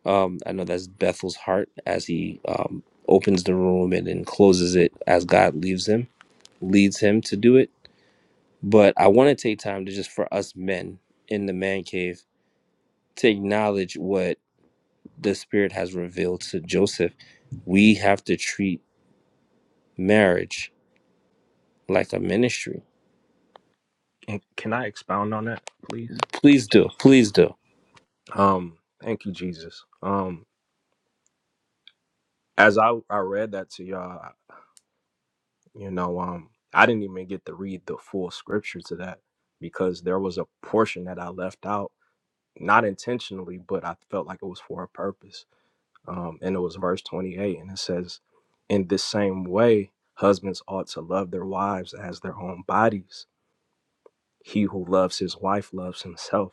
S3: Um, I know that's Bethel's heart as he um, opens the room and then closes it as God leaves him, leads him to do it. But I want to take time to just for us men in the man cave to acknowledge what the Spirit has revealed to Joseph. We have to treat marriage like a ministry.
S5: And can I expound on that, please?
S3: Please do. Please do.
S5: Um, thank you, Jesus. Um, as I I read that to y'all, you know, um, I didn't even get to read the full scripture to that because there was a portion that I left out, not intentionally, but I felt like it was for a purpose. Um, and it was verse twenty eight, and it says, "In this same way, husbands ought to love their wives as their own bodies. He who loves his wife loves himself."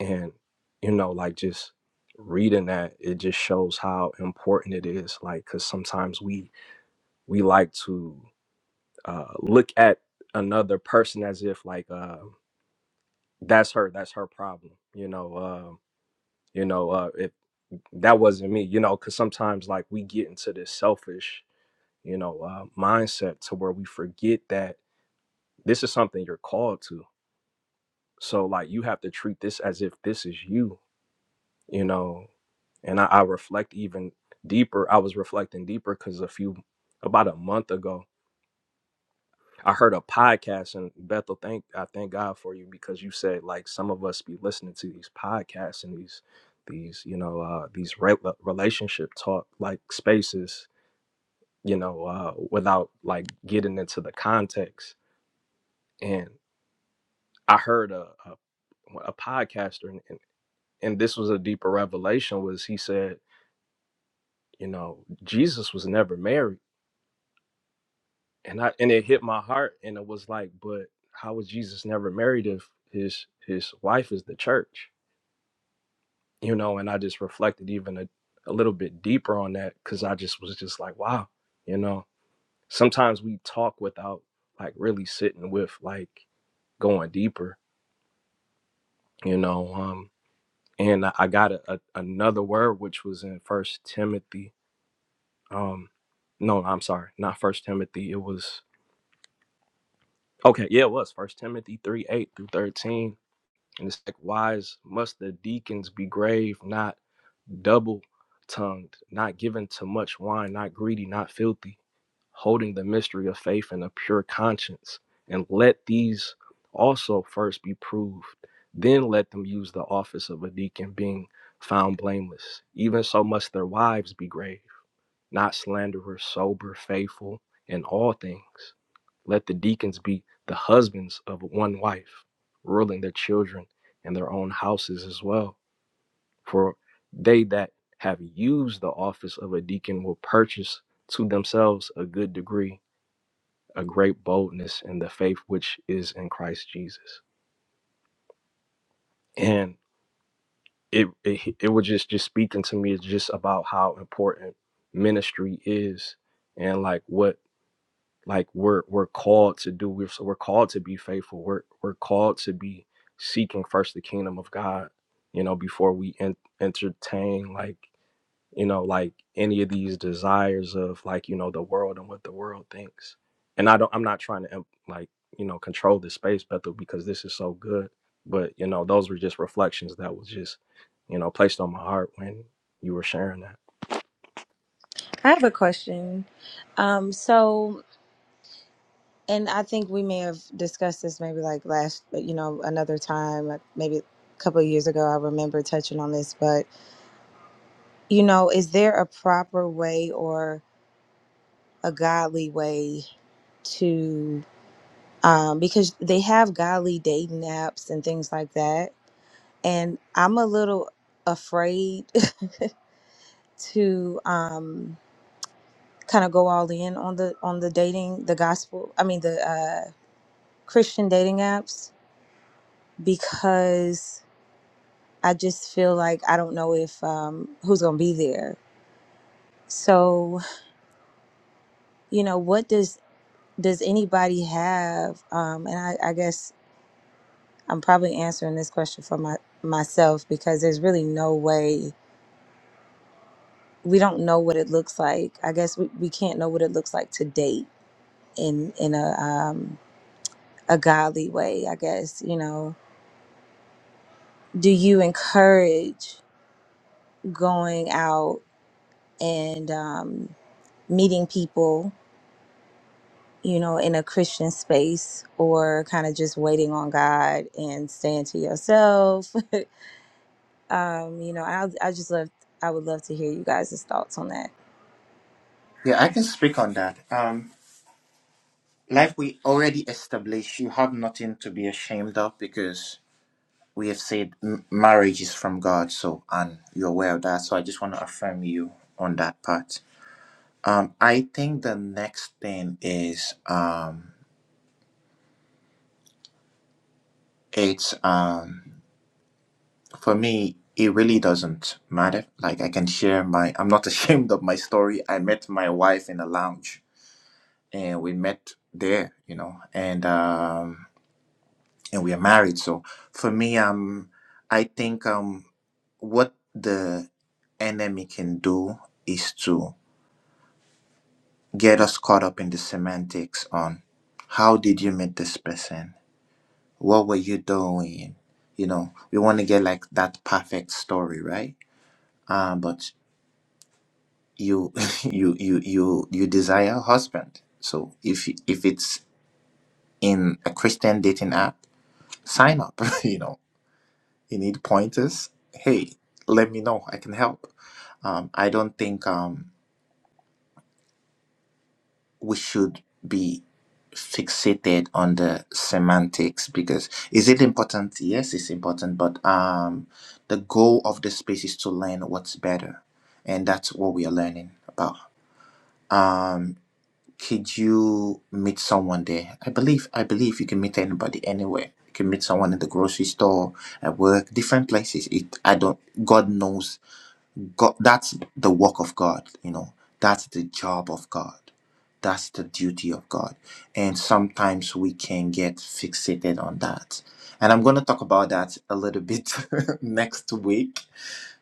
S5: and you know like just reading that it just shows how important it is like because sometimes we we like to uh look at another person as if like uh that's her that's her problem you know uh you know uh if that wasn't me you know because sometimes like we get into this selfish you know uh mindset to where we forget that this is something you're called to so like you have to treat this as if this is you you know and I, I reflect even deeper. I was reflecting deeper because a few about a month ago, I heard a podcast and Bethel, thank I thank God for you because you said like some of us be listening to these podcasts and these these you know uh, these re- uh, relationship talk like spaces you know uh, without like getting into the context and I heard a a, a podcaster and, and and this was a deeper revelation was he said you know Jesus was never married and I and it hit my heart, and it was like, but how was Jesus never married if his his wife is the church, you know? And I just reflected even a, a little bit deeper on that because I just was just like, wow, you know. Sometimes we talk without like really sitting with like going deeper, you know. Um, and I I got a, a, another word which was in First Timothy. Um, no, I'm sorry, not First Timothy. It was okay, yeah, it was First Timothy three eight through thirteen And it's like, wise must the deacons be grave, not double tongued, not given to much wine, not greedy, not filthy, holding the mystery of faith and a pure conscience. And let these also first be proved. Then let them use the office of a deacon, being found blameless. Even so must their wives be grave, not slanderers, sober, faithful in all things. Let the deacons be the husbands of one wife, ruling their children and their own houses as well. For they that have used the office of a deacon will purchase to themselves a good degree, a great boldness in the faith which is in Christ Jesus. And it it, it was just just speaking to me is just about how important ministry is and like what like we're we're called to do we're so we're called to be faithful we're we're called to be seeking first the kingdom of god you know before we en- entertain like you know like any of these desires of like you know the world and what the world thinks and i don't i'm not trying to em- like you know control this space bethel because this is so good but you know those were just reflections that was just you know placed on my heart when you were sharing that
S6: I have a question. Um, so, and I think we may have discussed this maybe like last, you know, another time, like maybe a couple of years ago. I remember touching on this, but, you know, is there a proper way or a godly way to, um, because they have godly dating apps and things like that. And I'm a little afraid to, um, kind of go all in on the on the dating the gospel i mean the uh christian dating apps because i just feel like i don't know if um who's gonna be there so you know what does does anybody have um and i i guess i'm probably answering this question for my myself because there's really no way we don't know what it looks like i guess we, we can't know what it looks like to date in in a um a godly way i guess you know do you encourage going out and um, meeting people you know in a christian space or kind of just waiting on god and staying to yourself um you know i i just love i would love to hear you guys' thoughts on that
S1: Yeah, I can speak on that. Um, like we already established, you have nothing to be ashamed of because we have said m- marriage is from God, so and you're aware of that. So I just want to affirm you on that part. Um, I think the next thing is um, it's um for me it really doesn't matter. Like I can share my I'm not ashamed of my story. I met my wife in a lounge and we met there, you know, and um and we are married. So for me, um, I think um, what the enemy can do is to get us caught up in the semantics on how did you meet this person? What were you doing? You know, we want to get like that perfect story, right? Uh, but you, you, you, you, you desire a husband. So if if it's in a Christian dating app, sign up. you know, you need pointers. Hey, let me know. I can help. Um, I don't think. Um, we should be fixated on the semantics because is it important yes it's important but um the goal of the space is to learn what's better and that's what we are learning about um could you meet someone there i believe i believe you can meet anybody anywhere you can meet someone in the grocery store at work different places it i don't god knows God, that's the work of God, you know. That's the job of God. That's the duty of God. And sometimes we can get fixated on that. And I'm going to talk about that a little bit next week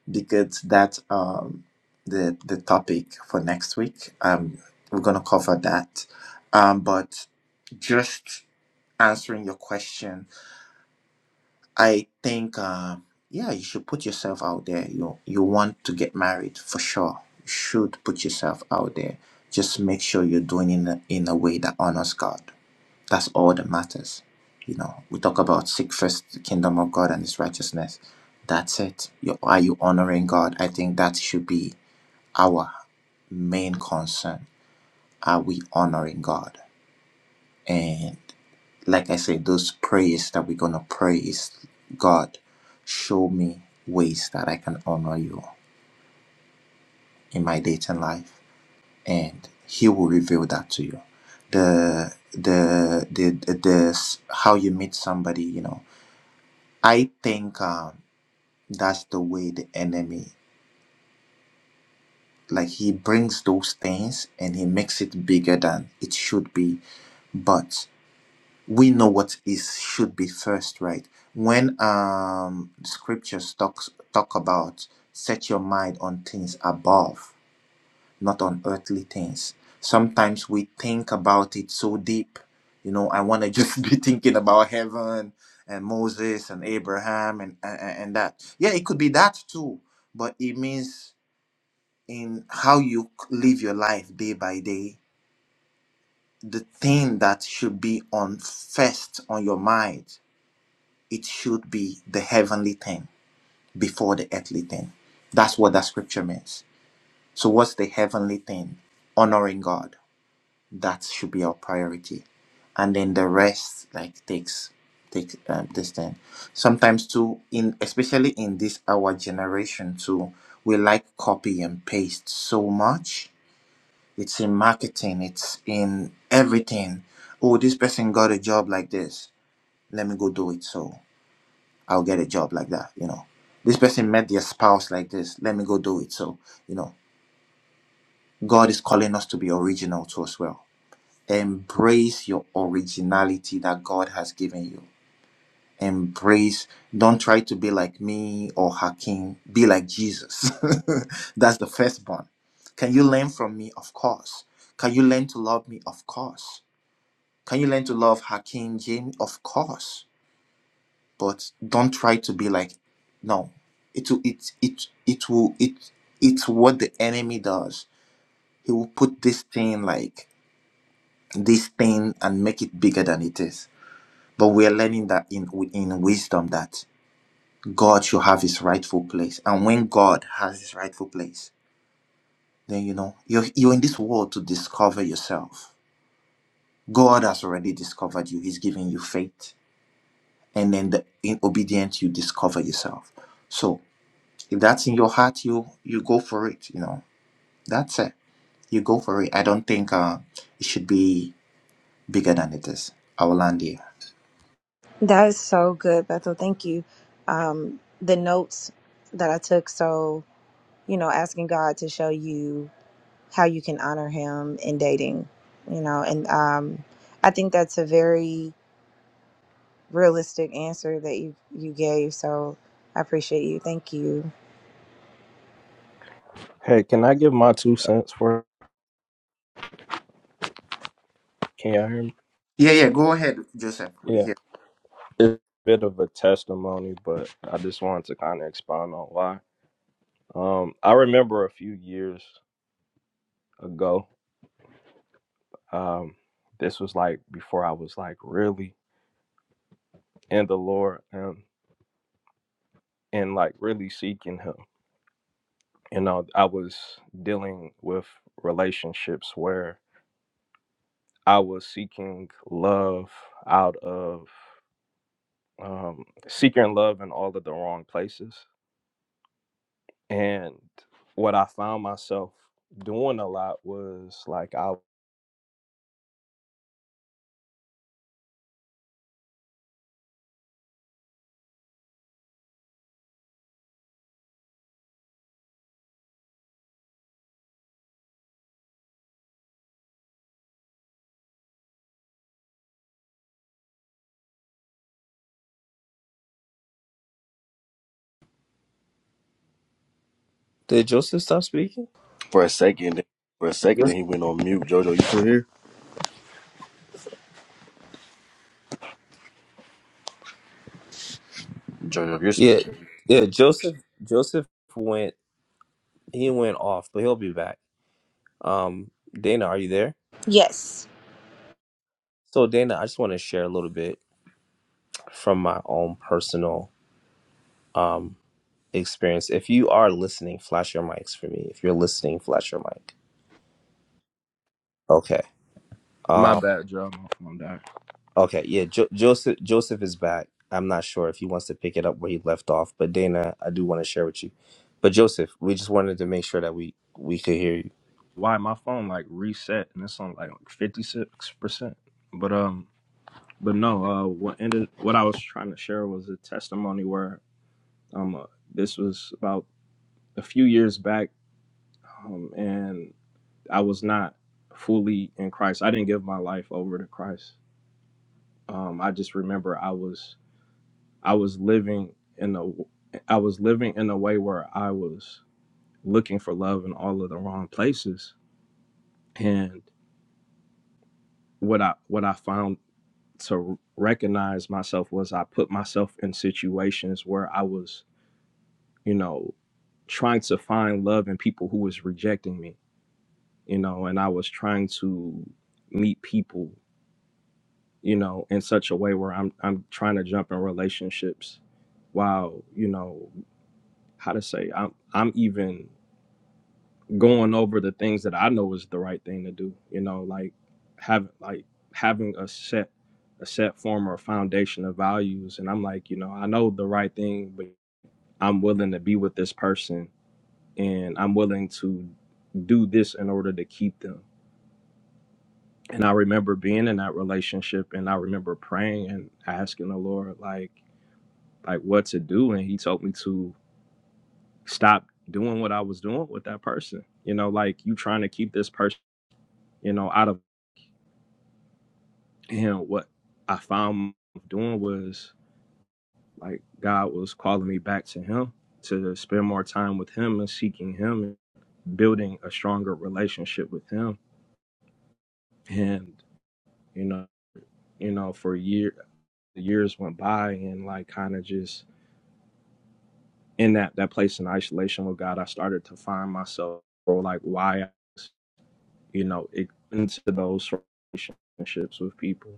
S1: because that's um, the, the topic for next week. Um, we're going to cover that. Um, but just answering your question, I think, um, yeah, you should put yourself out there. You you want to get married for sure. You should put yourself out there. Just make sure you're doing it in a, in a way that honors God. That's all that matters. You know, we talk about seek first the kingdom of God and His righteousness. That's it. You, are you honoring God? I think that should be our main concern. Are we honoring God? And like I said, those prayers that we're gonna pray is God, show me ways that I can honor you in my dating life, and He will reveal that to you. The the the the, the how you meet somebody, you know. I think um, that's the way the enemy like he brings those things and he makes it bigger than it should be. But we know what is should be first right when um scriptures talks talk about set your mind on things above not on earthly things sometimes we think about it so deep you know i want to just be thinking about heaven and moses and abraham and, and and that yeah it could be that too but it means in how you live your life day by day the thing that should be on first on your mind It should be the heavenly thing before the earthly thing. That's what that scripture means. So, what's the heavenly thing? Honoring God. That should be our priority, and then the rest like takes take um, this thing. Sometimes too, in especially in this our generation too, we like copy and paste so much. It's in marketing. It's in everything. Oh, this person got a job like this. Let me go do it. So I'll get a job like that. You know, this person met their spouse like this. Let me go do it. So, you know, God is calling us to be original too as well. Embrace your originality that God has given you. Embrace, don't try to be like me or Hakim. Be like Jesus. That's the first one. Can you learn from me? Of course. Can you learn to love me? Of course. Can you learn to love Hakim Jane? Of course but don't try to be like no it will it it it will it it's what the enemy does he will put this thing like this thing and make it bigger than it is but we're learning that in in wisdom that god should have his rightful place and when god has his rightful place then you know you're you're in this world to discover yourself god has already discovered you he's giving you faith and then the, in obedience you discover yourself so if that's in your heart you you go for it you know that's it you go for it i don't think uh it should be bigger than it is i will land here
S6: That is so good, Bethel. Thank you. Um, the notes that I took, so, you know, asking God to show you how you can honor him in dating, you know, and um, I think that's a very realistic answer that you, you gave. So I appreciate you. Thank you.
S5: hey can i give my two cents for can you hear
S1: yeah yeah go ahead joseph
S5: me
S1: we're here
S5: It's a bit of a testimony, but I just wanted to kind of expound on why. Um, I remember a few years ago, um, this was like before I was like really in the Lord and and like really seeking Him. You know, I was dealing with relationships where I was seeking love out of um, seeking love in all of the wrong places, and what I found myself doing a lot was like I.
S3: Did Joseph stop speaking?
S7: For a second, for a second,
S1: joseph.
S7: then he went on mute. Jojo, you still here? Jojo, you're,
S3: Yeah, yeah. Joseph, Joseph went. He went off, but he'll be back. Um, Dana, are you there?
S6: Yes.
S3: So, Dana, I just want to share a little bit from my own personal um experience. If you are listening, flash your mics for me. If you're listening, flash your mic. Okay.
S5: My
S3: Um.
S5: bad, Joe. My phone died.
S3: Okay. Yeah. Jo- Joseph. Joseph is back. I'm not sure if he wants to pick it up where he left off, but Dana, I do want to share with you. But Joseph, we just wanted to make sure that we we could hear you.
S5: Why my phone like reset and it's on like fifty six percent. But um, but no. Uh, what ended? What I was trying to share was a testimony where um, uh, this was about a few years back, um, and I was not fully in Christ. I didn't give my life over to Christ. Um, I just remember I was I was living in a I was living in a way where I was looking for love in all of the wrong places, and what I what I found to recognize myself was I put myself in situations where I was, you know, trying to find love in people who was rejecting me, you know, and I was trying to meet people, you know, in such a way where I'm I'm trying to jump in relationships while, you know, how to say I'm I'm even going over the things that I know is the right thing to do. You know, like have like having a set a set form or foundation of values. And I'm like, you know, I know the right thing, but I'm willing to be with this person and I'm willing to do this in order to keep them. And I remember being in that relationship and I remember praying and asking the Lord like like what to do and he told me to stop doing what I was doing with that person. You know, like you trying to keep this person you know, out of And what I found doing was like God was calling me back to Him to spend more time with Him and seeking Him and building a stronger relationship with Him. And you know, you know, for a year, the years went by, and like kind of just in that that place in isolation with God, I started to find myself or like why I was, you know, into those relationships with people.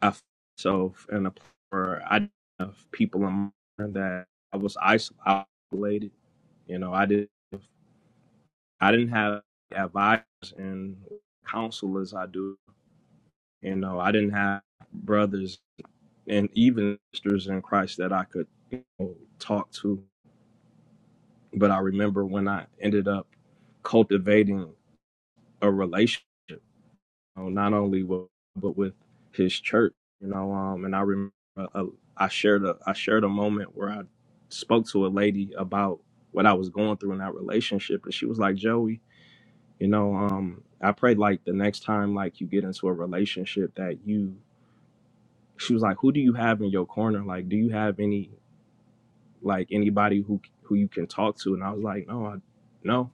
S5: I found myself in a place where I didn't have people in mind that I was isolated. You know, I didn't I didn't have advisors and counselors. I do. You know, I didn't have brothers and even sisters in Christ that I could you know, talk to. But I remember when I ended up cultivating a relationship. know, not only with but with his church, you know. Um, and I remember uh, I shared a I shared a moment where I spoke to a lady about what I was going through in that relationship, and she was like, "Joey, you know, um, I prayed like the next time like you get into a relationship that you." She was like, "Who do you have in your corner? Like, do you have any like anybody who who you can talk to?" And I was like, "No, I, no."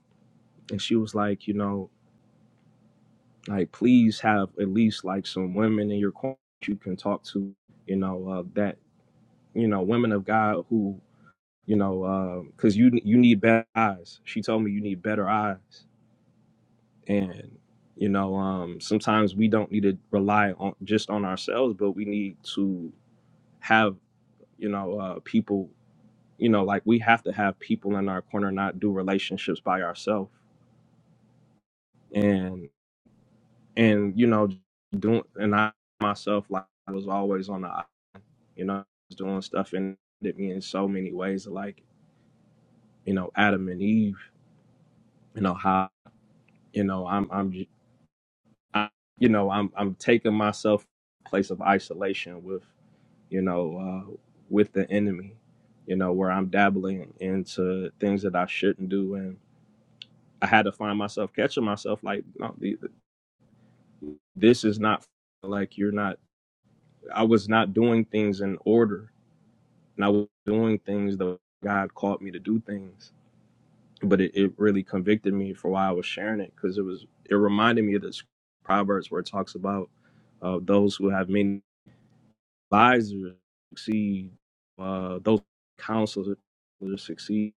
S5: And she was like, "You know." like please have at least like some women in your corner you can talk to you know uh, that you know women of god who you know because uh, you you need better eyes she told me you need better eyes and you know um sometimes we don't need to rely on just on ourselves but we need to have you know uh people you know like we have to have people in our corner not do relationships by ourselves and and you know doing and i myself like I was always on the You know, I was doing stuff and it hit me in so many ways, like you know, Adam and Eve. You know how you know I'm I'm j- I, you know I'm I'm taking myself to a place of isolation with you know uh, with the enemy. You know where I'm dabbling into things that I shouldn't do, and I had to find myself catching myself like, no, this is not like you're not. I was not doing things in order, and I was doing things that God called me to do things but it, it really convicted me for why I was sharing it because it was it reminded me of this proverbs where it talks about uh, those who have many advisors succeed, uh, those counselors succeed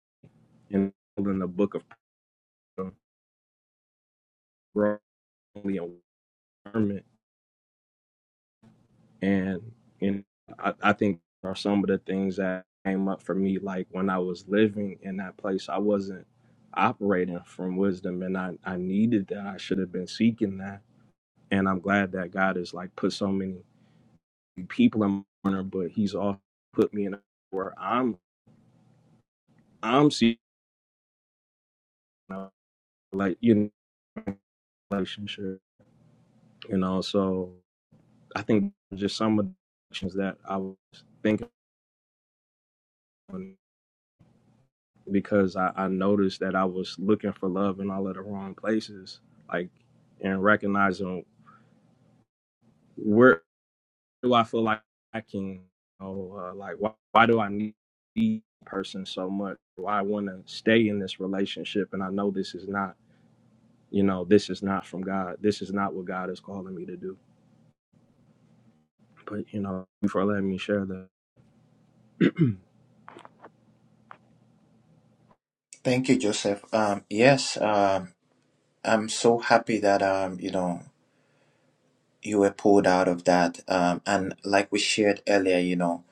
S5: in in the book of growing environment and and I, I think are some of the things that came up for me like when I was living in that place I wasn't operating from wisdom and I, I needed that I should have been seeking that and I'm glad that God has like put so many people in my corner, but He's also put me in a where I'm I'm seeing uh, like you know, relationship, you know. So I think just some of the actions that I was thinking on because I, I noticed that I was looking for love in all of the wrong places, like and recognizing where do I feel like I can, you know, uh, like why, why do I need the person so much? Why I want to stay in this relationship? And I know this is not, you know, this is not from God. This is not what God is calling me to do. But you know, thank for letting me share that.
S1: thank you joseph um yes um i'm so happy that um you know you were pulled out of that um and like we shared earlier you know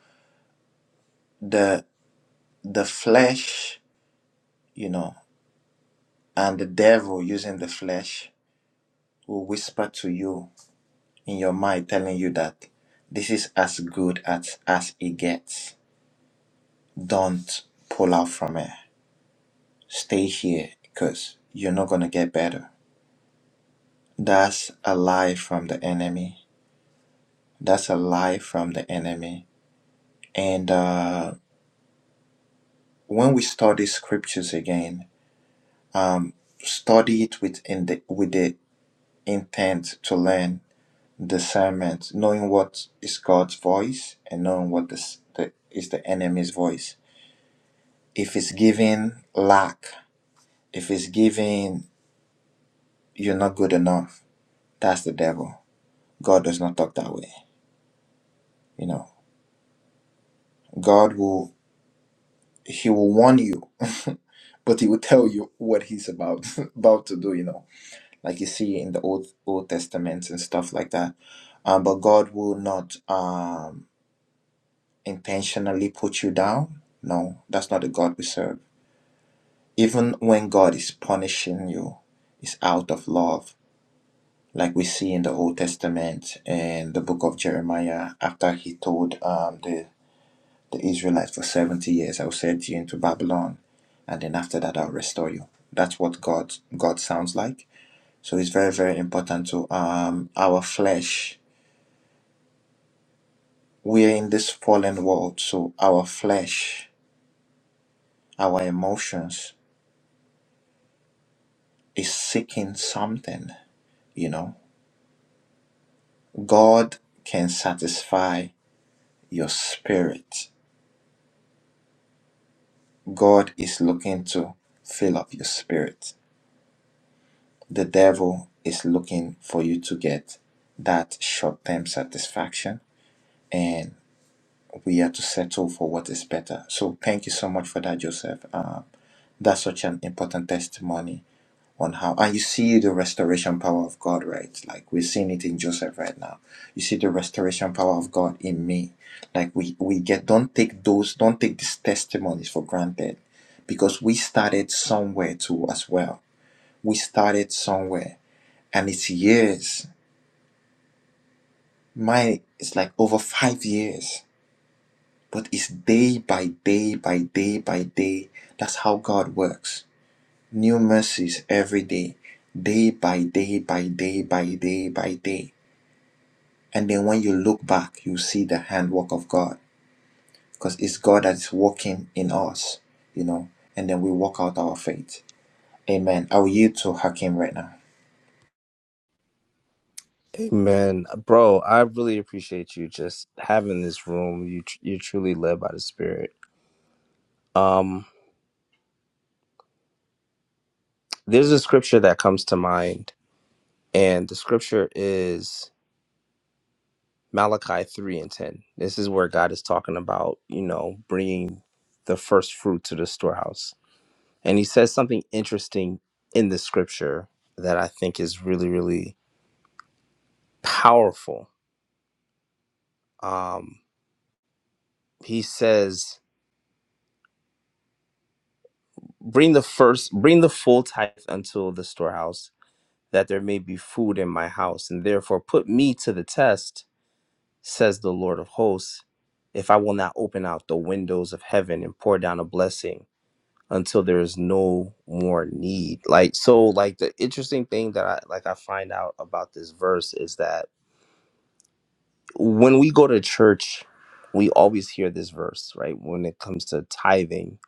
S1: the the flesh you know and the devil using the flesh will whisper to you in your mind telling you that this is as good as as it gets don't pull out from it stay here because you're not going to get better that's a lie from the enemy that's a lie from the enemy and uh, when we study scriptures again um, study it with in the with the intent to learn discernment knowing what is god's voice and knowing what is the, is the enemy's voice If it's giving lack, if it's giving you're not good enough, that's the devil. God does not talk that way. You know, God will he will warn you, but he will tell you what he's about about to do. You know, like you see in the old Old Testaments and stuff like that. Um, but God will not um, intentionally put you down. No, that's not the God we serve. Even when God is punishing you, it's out of love like we see in the Old Testament and the book of Jeremiah, after he told um, the, the Israelites for 70 years, I will send you into Babylon, and then after that, I'll restore you. That's what God God sounds like. So it's very, very important to um, our flesh. We are in this fallen world, so our flesh, our emotions is seeking something, you know. God can satisfy your spirit God is looking to fill up your spirit. The devil is looking for you to get that short term satisfaction, and we are to settle for what is better. So, thank you so much for that, Joseph. Uh, that's such an important testimony on how and you see the restoration power of God, right? Like we're seeing it in Joseph right now. You see the restoration power of God in me. Like we we get don't take those don't take these testimonies for granted because we started somewhere too as well. We started somewhere and it's years. Mine is like over five years. But it's day by day by day by day. That's how God works New mercies every day, day by day by day by day by day. And then when you look back, you see the handwork of God because it's God that's working in us, you know, and then we walk out our faith. Amen. I will yield to Hakim right now.
S3: Amen, bro. I really appreciate you just having this room. You tr- you truly led by the Spirit. Um, there's a scripture that comes to mind, and the scripture is Malachi three and ten. This is where God is talking about you know bringing the first fruit to the storehouse, and He says something interesting in the scripture that I think is really really powerful. Um, he says, "Bring the first, bring the full tithe unto the storehouse." that there may be food in my house, and therefore put me to the test, says the Lord of hosts, if I will not open out the windows of heaven and pour down a blessing until there is no more need. Like so like the interesting thing that I like I find out about this verse is that when we go to church, we always hear this verse, right? When it comes to tithing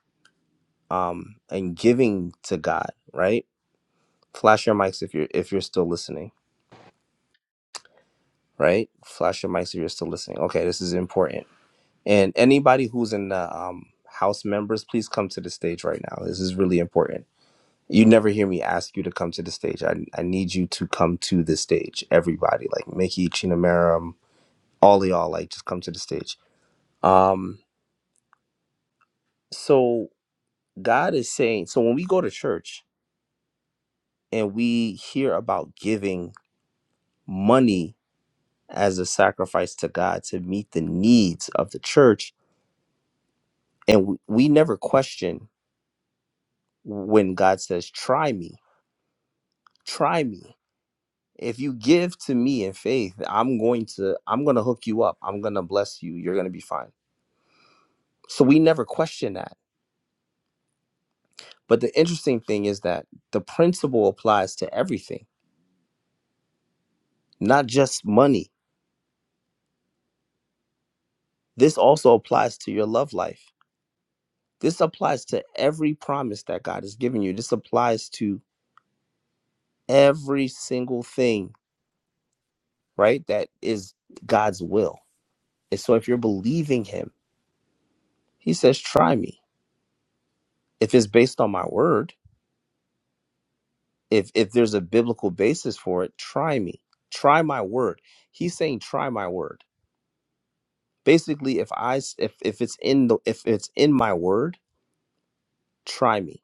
S3: um and giving to God, right? Flash your mics if you're if you're still listening right? Flash your mics if you're still listening. Okay, this is important. And anybody who's in the um, house members, please come to the stage right now. This is really important. You never hear me ask you to come to the stage. I, I need you to come to the stage, everybody. Like Mickey, Chinamaram, all of y'all, like just come to the stage. Um, so God is saying, so when we go to church and we hear about giving money as a sacrifice to God to meet the needs of the church, and we, we never question when God says, "Try me, try me." If you give to me in faith, I'm going to I'm going to hook you up. I'm going to bless you. You're going to be fine. So we never question that. But the interesting thing is that the principle applies to everything, not just money. This also applies to your love life. This applies to every promise that God has given you. This applies to every single thing, right? That is God's will. And so if you're believing him, he says, "Try me." if it's based on my word if if there's a biblical basis for it try me try my word he's saying try my word basically if i s- if if it's in the if it's in my word try me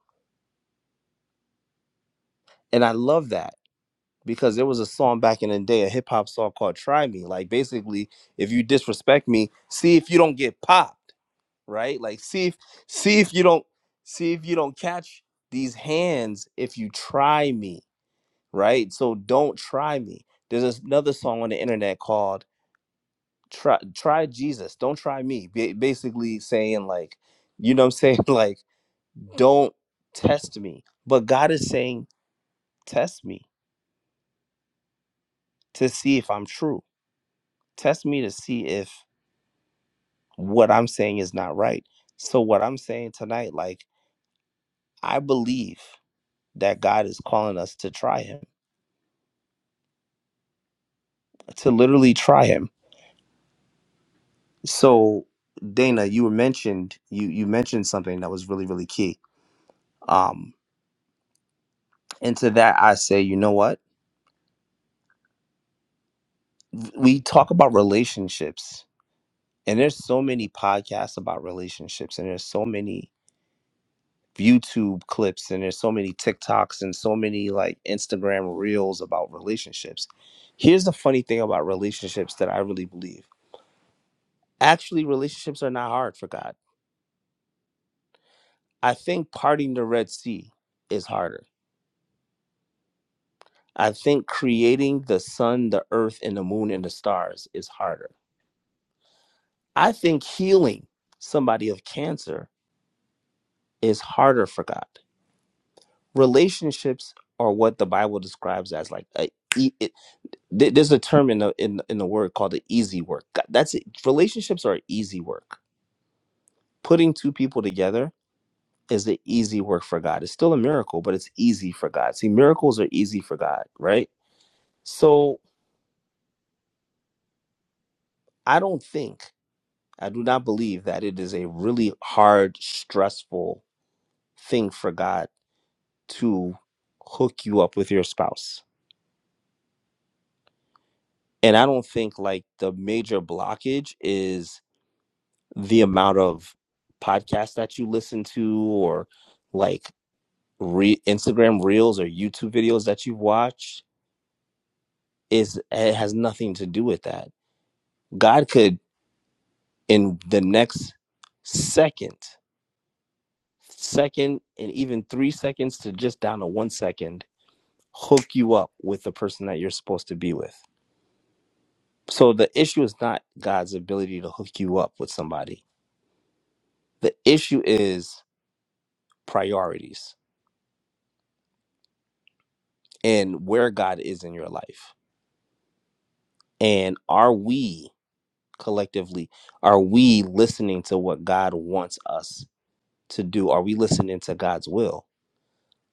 S3: and i love that because there was a song back in the day a hip-hop song called try me like basically if you disrespect me see if you don't get popped right like see if see if you don't see if you don't catch these hands if you try me right? So don't try me. There's another song on the internet called "Try Try Jesus, Don't Try Me," ba- basically saying like, you know, what I'm saying like, don't test me. But God is saying, test me to see if I'm true. Test me to see if what I'm saying is not right. So what I'm saying tonight, like, I believe that God is calling us to try Him, to literally try Him. So Dana, you were mentioned you you mentioned something that was really really key Um, and to that, I say, you know what? We talk about relationships, and there's so many podcasts about relationships, and there's so many YouTube clips, and there's so many TikToks, and so many like Instagram reels about relationships. Here's the funny thing about relationships that I really believe actually, relationships are not hard for God. I think parting the Red Sea is harder. I think creating the sun, the earth, and the moon and the stars is harder. I think healing somebody of cancer is harder for God. Relationships are what the Bible describes as like a, e- it, th- there's a term in the in, in the word called the easy work. God- That's it. Relationships are easy work. Putting two people together is the easy work for God. It's still a miracle, but it's easy for God. See, miracles are easy for God, right? So I don't think I do not believe that it is a really hard, stressful thing for God to hook you up with your spouse. And I don't think like the major blockage is the amount of podcasts that you listen to or like re- Instagram reels or YouTube videos that you've watched is it has nothing to do with that. God could in the next second, second and even 3 seconds to just down to 1 second hook you up with the person that you're supposed to be with. So the issue is not God's ability to hook you up with somebody. The issue is priorities and where God is in your life. And are we collectively, are we listening to what God wants us to do? Are we listening to God's will?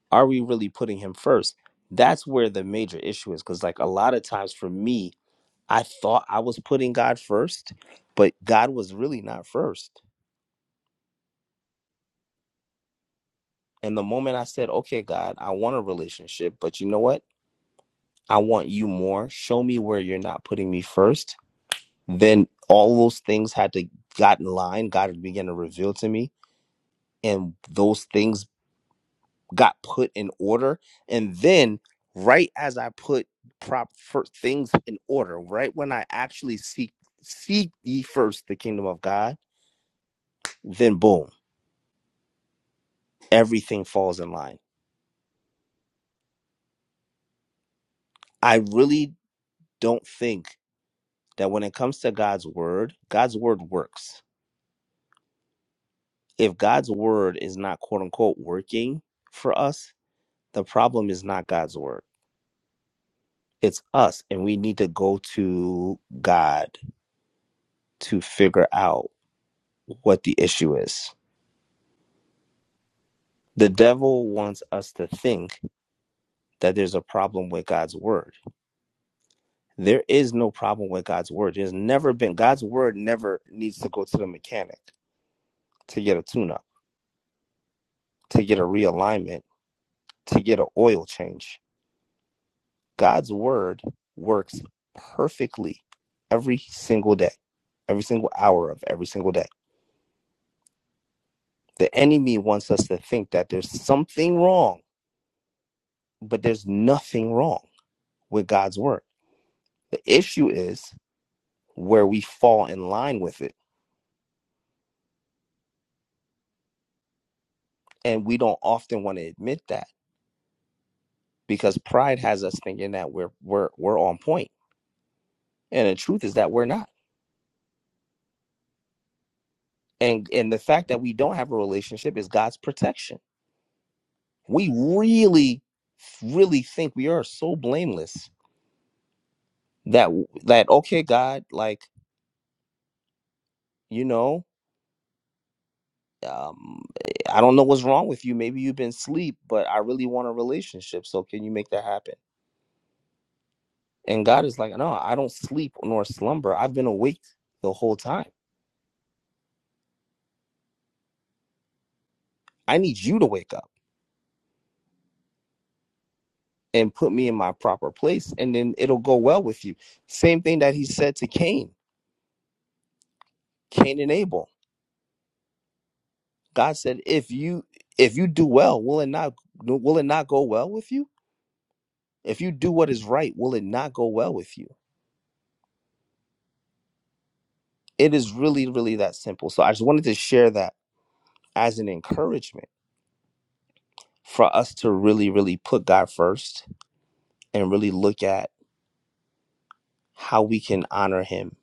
S3: Are we really putting Him first? That's where the major issue is. Because, like, a lot of times for me, I thought I was putting God first, but God was really not first And the moment I said, okay, God, I want a relationship, but you know what? I want you more. Show me where you're not putting me first. Then all those things had to got in line. God began to reveal to me, and those things got put in order. And then, right as I put prop first things in order, right when I actually seek seek ye first the kingdom of God, then boom, everything falls in line. I really don't think. that when it comes to God's word, God's word works. If God's word is not quote unquote working for us, the problem is not God's word. It's us. And we need to go to God to figure out what the issue is. The devil wants us to think that there's a problem with God's word. There is no problem with God's word. There's never been, God's word never needs to go to the mechanic to get a tune up, to get a realignment, to get an oil change God's word works perfectly every single day, every single hour of every single day. The enemy wants us to think that there's something wrong, but there's nothing wrong with God's word. The issue is where we fall in line with it, and we don't often want to admit that because pride has us thinking that we're we're we're on point, and the truth is that we're not. And and the fact that we don't have a relationship is God's protection we really really think we are so blameless that that okay god like you know um i don't know what's wrong with you maybe you've been asleep but i really want a relationship so can you make that happen and god is like no i don't sleep nor slumber i've been awake the whole time i need you to wake up and put me in my proper place and then it'll go well with you same thing that he said to cain cain and abel God said, if you if you do well, will it not will it not go well with you? If you do what is right, will it not go well with you? It is really, really that simple. So I just wanted to share that as an encouragement for us to really, really put God first and really look at how we can honor him.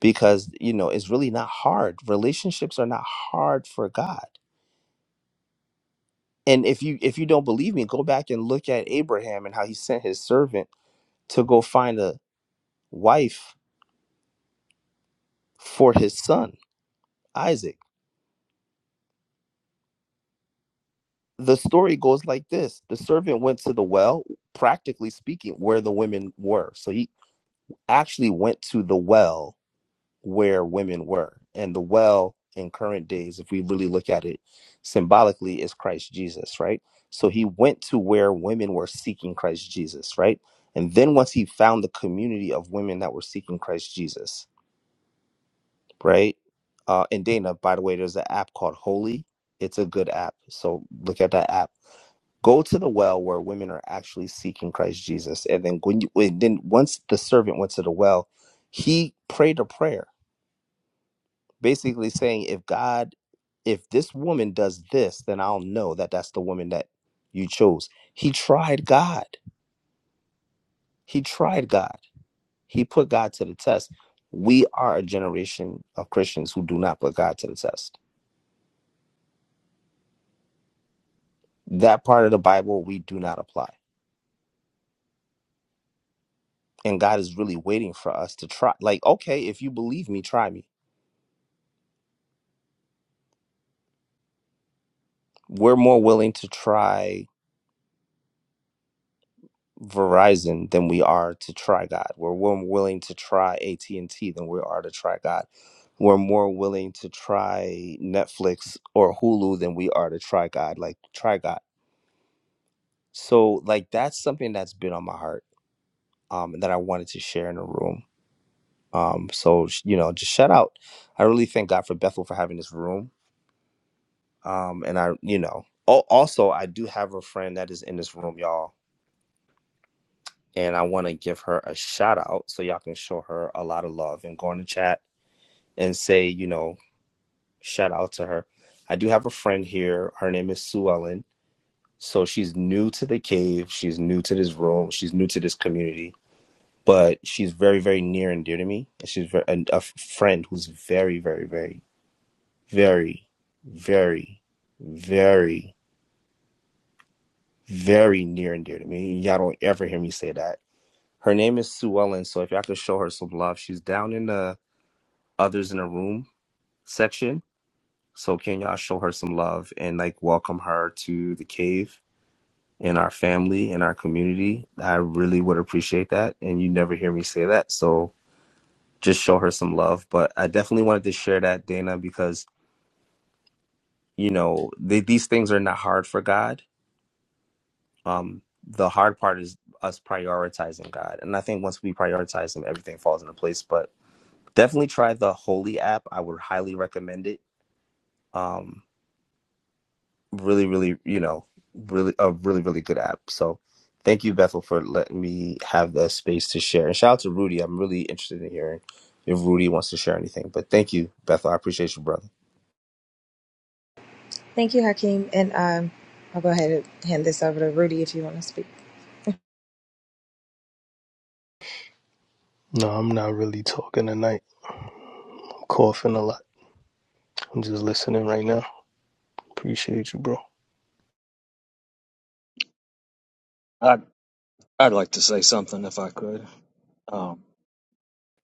S3: Because, you know, it's really not hard. Relationships are not hard for God. And if you if you don't believe me, go back and look at Abraham and how he sent his servant to go find a wife for his son Isaac. The story goes like this The servant went to the well, practically speaking, where the women were. So he actually went to the well where women were. And the well in current days, if we really look at it symbolically, is Christ Jesus, right? So he went to where women were seeking Christ Jesus, right? And then once he found the community of women that were seeking Christ Jesus, right? Uh, and Dana, by the way, there's an app called Holy. It's a good app. So look at that app go to the well where women are actually seeking Christ Jesus. And then when you when, then once the servant went to the well, he prayed a prayer, basically saying, if God, if this woman does this, then I'll know that that's the woman that you chose. He tried God. He tried God. He put God to the test. We are a generation of Christians who do not put God to the test. That part of the Bible we do not apply. And God is really waiting for us to try. Like, okay, if you believe me, try me we're more willing to try Verizon than we are to try God. We're more willing to try AT and T than we are to try God. We're more willing to try Netflix or Hulu than we are to try God. Like try God. So like that's something that's been on my heart um, that I wanted to share in the room. Um, so sh- you know, just shout out. I really thank God for Bethel for having this room. Um, and I, you know, al- also I do have a friend that is in this room, y'all and I want to give her a shout out so y'all can show her a lot of love and go in the chat and say, you know, shout out to her. I do have a friend here. Her name is Sue Ellen. So she's new to the cave. She's new to this room. She's new to this community, but she's very, very near and dear to me. And she's ver- a, a friend who's very, very, very, very, very, very, very near and dear to me. Y'all don't ever hear me say that. Her name is Sue Ellen. So if y'all could show her some love, she's down in the others in the room section. So can y'all show her some love and like welcome her to the cave and our family and our community? I really would appreciate that. And you never hear me say that. So just show her some love. But I definitely wanted to share that, Dana, because you know, they, these things are not hard for God. Um, the hard part is us prioritizing God. And I think once we prioritize him, everything falls into place. But definitely try the Holy app. I would highly recommend it. Um, really, really, you know, really a really, really good app. So thank you, Bethel, for letting me have the space to share. And shout out to Rudy. I'm really interested in hearing if Rudy wants to share anything. But thank you, Bethel. I appreciate you, brother.
S6: Thank you, Hakeem. And um, I'll go ahead and hand this over to Rudy if you want to speak.
S8: No, I'm not really talking tonight. I'm coughing a lot. I'm just listening right now. Appreciate you, bro.
S4: I'd, I'd like to say something if I could. Um,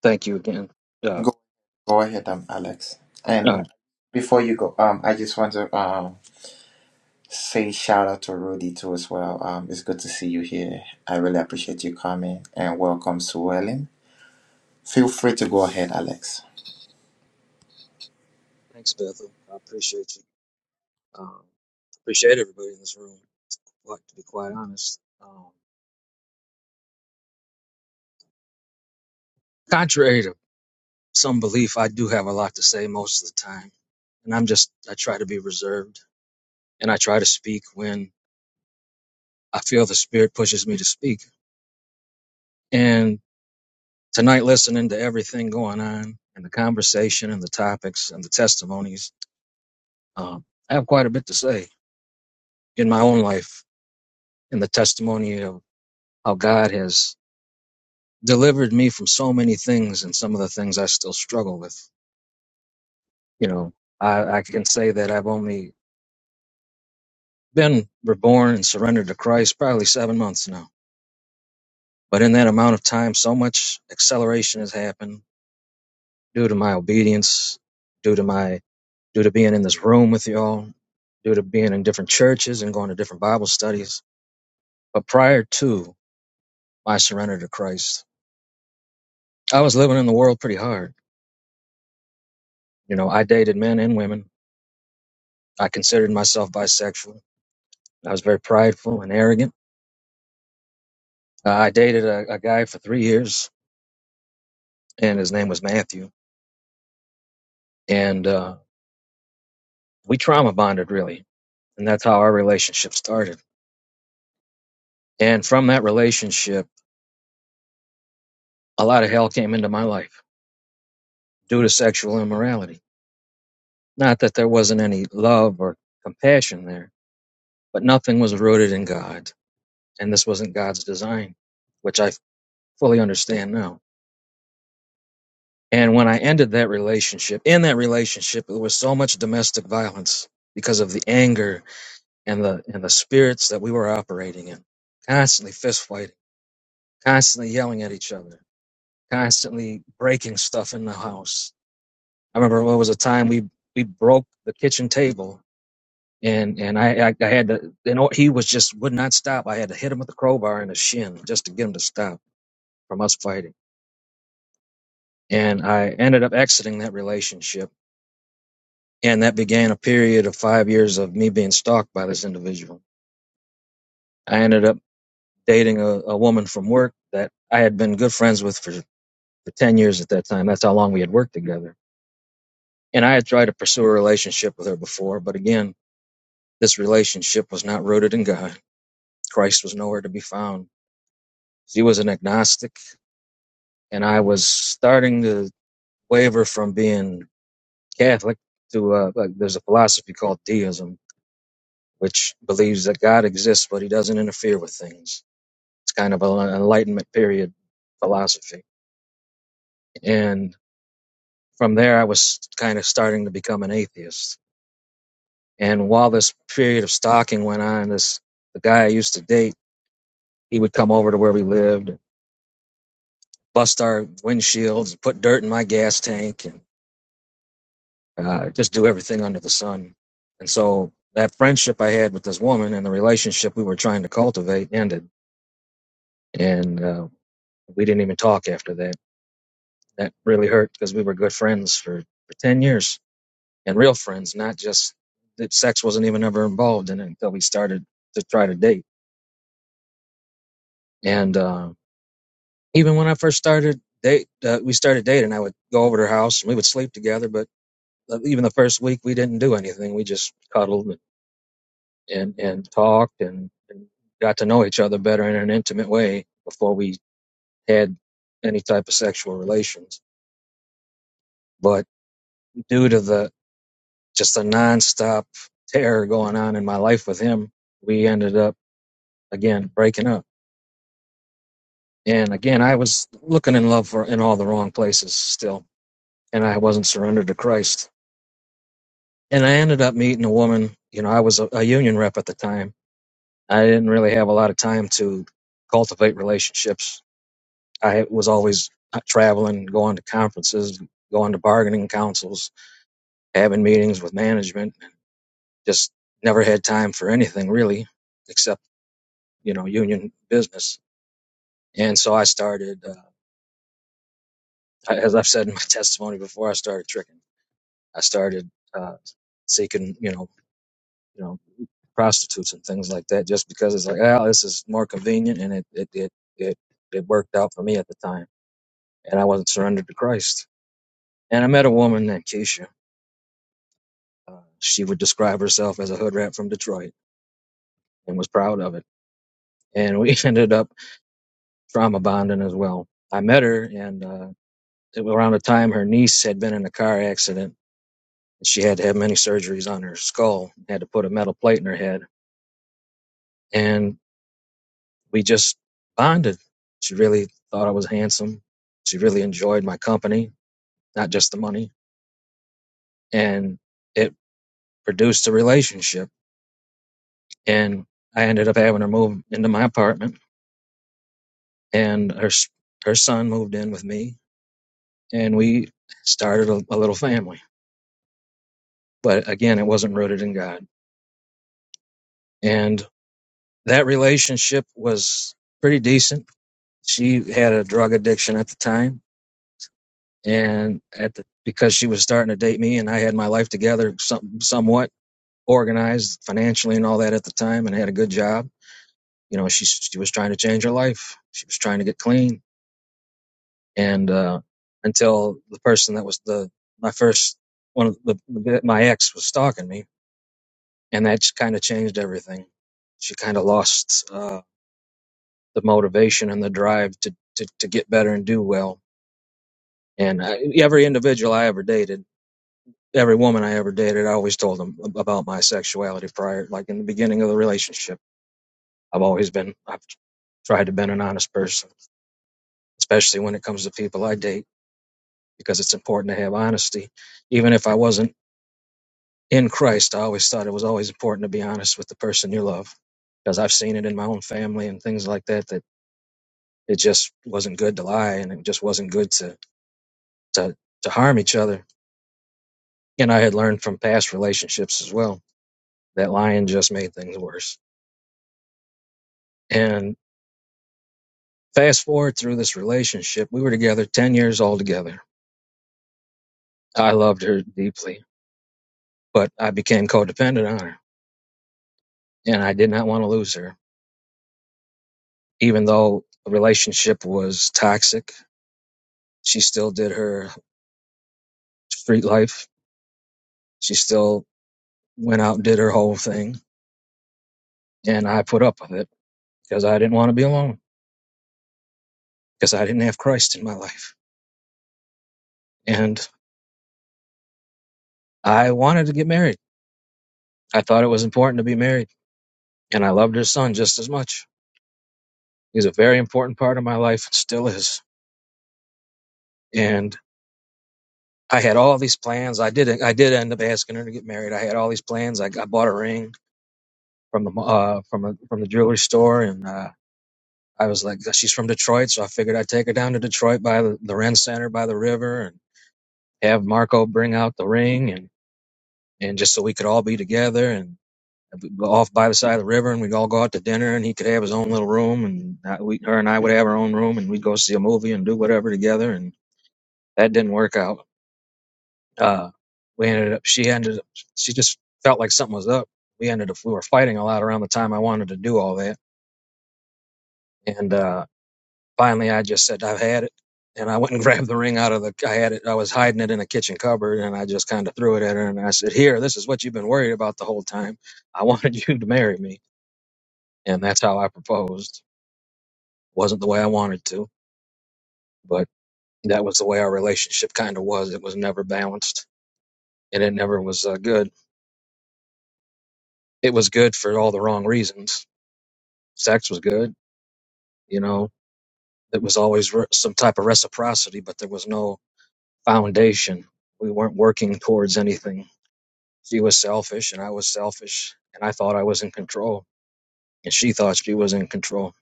S4: thank you again. Uh,
S1: Go, go ahead, um, Alex.
S4: uh,
S1: And before you go, um, I just want to um say shout out to Rudy too as well. Um, it's good to see you here. I really appreciate you coming and welcome Suellen. Feel free to go ahead, Alex.
S4: thanks, Bethel. I appreciate you. Um, appreciate everybody in this room. Like to be quite honest. Um, contrary to some belief, I do have a lot to say most of the time. And I'm just, I try to be reserved and I try to speak when I feel the spirit pushes me to speak. And tonight, listening to everything going on and the conversation and the topics and the testimonies, um, I have quite a bit to say in my own life in the testimony of how God has delivered me from so many things and some of the things I still struggle with. You know, I, I can say that I've only been reborn and surrendered to Christ probably seven months now. But in that amount of time, so much acceleration has happened due to my obedience, due to my due to being in this room with y'all, due to being in different churches and going to different Bible studies. But prior to my surrender to Christ, I was living in the world pretty hard. You know, I dated men and women. I considered myself bisexual. I was very prideful and arrogant. Uh, I dated a, a guy for three years, and his name was Matthew. And uh, we trauma bonded really and that's how our relationship started and from that relationship a lot of hell came into my life due to sexual immorality not that there wasn't any love or compassion there but nothing was rooted in god and this wasn't god's design which i fully understand now and when i ended that relationship in that relationship there was so much domestic violence because of the anger and the and the spirits that we were operating in constantly fist fighting constantly yelling at each other constantly breaking stuff in the house. I remember there was a time we we broke the kitchen table, and and I I, I had to. You know, he was just would not stop. I had to hit him with the crowbar in the shin just to get him to stop from us fighting. And I ended up exiting that relationship, and that began a period of five years of me being stalked by this individual. I ended up dating a, a woman from work that I had been good friends with for for ten years at that time. That's how long we had worked together. And I had tried to pursue a relationship with her before, but again, This relationship was not rooted in God. Christ was nowhere to be found. She was an agnostic, and I was starting to waver from being Catholic to uh, like there's a philosophy called deism, which believes that God exists but he doesn't interfere with things. It's kind of an enlightenment period philosophy. And from there, I was kind of starting to become an atheist. And while this period of stalking went on, this the guy I used to date, he would come over to where we lived bust our windshields, put dirt in my gas tank, and uh, just do everything under the sun. And so that friendship I had with this woman and the relationship we were trying to cultivate ended, and uh, we didn't even talk after that. That really hurt because we were good friends for, for ten years and real friends, not just that. Sex wasn't even ever involved in it until we started to try to date. And uh, even when I first started date, uh, we started dating. I would go over to her house and we would sleep together, but uh, even the first week we didn't do anything. We just cuddled and and talked and, and got to know each other better in an intimate way before we had any type of sexual relations. But due to the just the nonstop terror going on in my life with him, we ended up again breaking up. And again, I was looking in love for in all the wrong places still, and I wasn't surrendered to Christ. And I ended up meeting a woman. You know, I was a, a union rep at the time I didn't really have a lot of time to cultivate relationships. I was always uh, traveling, going to conferences, going to bargaining councils, having meetings with management. Just never had time for anything really, except you know union business. And so I started, uh, I- as I've said in my testimony before, I started tricking. I started uh, seeking, you know, you know, prostitutes and things like that, just because it's like, oh, this is more convenient, and it it it it, it worked out for me at the time and I wasn't surrendered to Christ. And I met a woman named Keisha. Uh, she would describe herself as a hood rat from Detroit and was proud of it. And we ended up trauma bonding as well. I met her, and uh, it was around the time her niece had been in a car accident. She had to have many surgeries on her skull, had to put a metal plate in her head. And we just bonded. She really thought I was handsome. She really enjoyed my company, not just the money. And it produced a relationship and I ended up having her move into my apartment, and her her son moved in with me, and we started a, a little family. But again, it wasn't rooted in God, and that relationship was pretty decent. She had a drug addiction at the time, and at the because she was starting to date me, and I had my life together, some, somewhat organized financially and all that at the time, and had a good job. You know, she she was trying to change her life. She was trying to get clean and uh, until the person that was the my first one of the, the my ex was stalking me, and that kind of changed everything. She kind of lost uh, the motivation and the drive to, to to get better and do well. And I, every individual I ever dated, every woman I ever dated, I always told them about my sexuality prior, like in the beginning of the relationship. I've always been I've tried to be an honest person, especially when it comes to people I date, because it's important to have honesty, even if I wasn't in Christ, I always thought it was always important to be honest with the person you love because I've seen it in my own family and things like that that it just wasn't good to lie and it just wasn't good to to to harm each other. And I had learned from past relationships as well that lying just made things worse. And fast forward through this relationship, we were together 10 years altogether. I loved her deeply, but I became codependent on her and I did not want to lose her even though the relationship was toxic. She still did her street life. She still went out and did her whole thing. And I put up with it because I didn't want to be alone because I didn't have Christ in my life. And I wanted to get married. I thought it was important to be married. And I loved her son just as much. He's a very important part of my life and still is. And I had all these plans. I did. I did end up asking her to get married. I had all these plans. I, I bought a ring from the uh, from a, from the jewelry store, and uh, I was like, she's from Detroit, so I figured I'd take her down to Detroit by the, the Ren Center by the river, have Marco bring out the ring and, and just so we could all be together and we'd go off by the side of the river and we'd all go out to dinner and he could have his own little room and I, we, her and I would have our own room and we'd go see a movie and do whatever together. And that didn't work out. Uh, we ended up, she ended up, she just felt like something was up. We ended up, we were fighting a lot around the time I wanted to do all that. And, uh, finally I just said I've had it, and I went and grabbed the ring out of the. I had it. I was hiding it in a kitchen cupboard, and I just kind of threw it at her, and I said, "Here, this is what you've been worried about the whole time. I wanted you to marry me, and that's how I proposed. wasn't the way I wanted to, but that was the way our relationship kind of was. It was never balanced, and it never was uh, good. It was good for all the wrong reasons. Sex was good, you know. It was always re- some type of reciprocity, but there was no foundation. We weren't working towards anything She was selfish and I was selfish and I thought I was in control and she thought she was in control.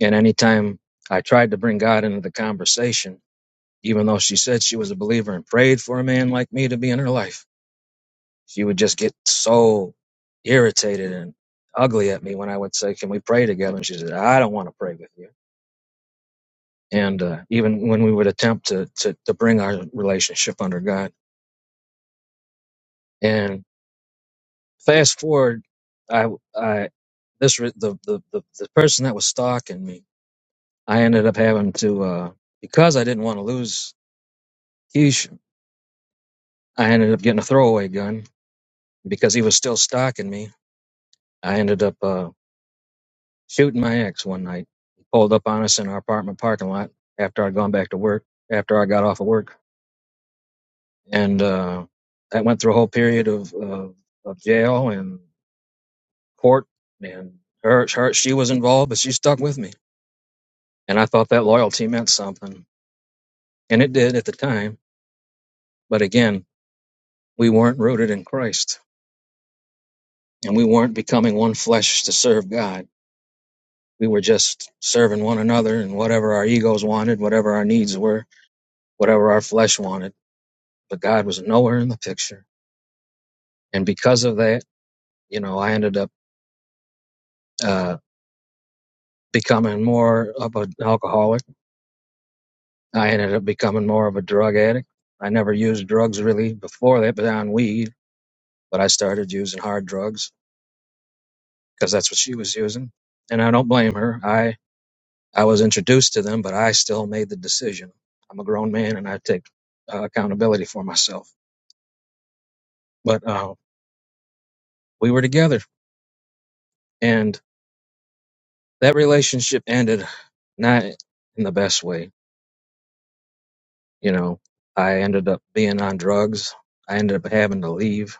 S4: And anytime I tried to bring God into the conversation, even though she said she was a believer and prayed for a man like me to be in her life, she would just get so irritated and ugly at me when I would say, "Can we pray together?" And she said, "I don't want to pray with you." And uh, even when we would attempt to, to to bring our relationship under God, and Fast forward, I, I, this, re- the, the, the, the person that was stalking me, I ended up having to, uh, because I didn't want to lose Keish, I ended up getting a throwaway gun because he was still stalking me. I ended up, uh, shooting my ex one night. He pulled up on us in our apartment parking lot after I'd gone back to work, after I got off of work. And, uh, that went through a whole period of, of, of jail and court and her, her, she was involved, but she stuck with me And I thought that loyalty meant something. And it did at the time. But again, we weren't rooted in Christ and we weren't becoming one flesh to serve God. We were just serving one another and whatever our egos wanted, whatever our needs were, whatever our flesh wanted. But God was nowhere in the picture. And because of that, you know, I ended up uh, becoming more of an alcoholic. I ended up becoming more of a drug addict. I never used drugs really before that, but on weed. But I started using hard drugs because that's what she was using. And I don't blame her. I I was introduced to them, but I still made the decision. I'm a grown man, and I take uh, accountability for myself. But uh, we were together, and that relationship ended not in the best way. You know, I ended up being on drugs. I ended up having to leave.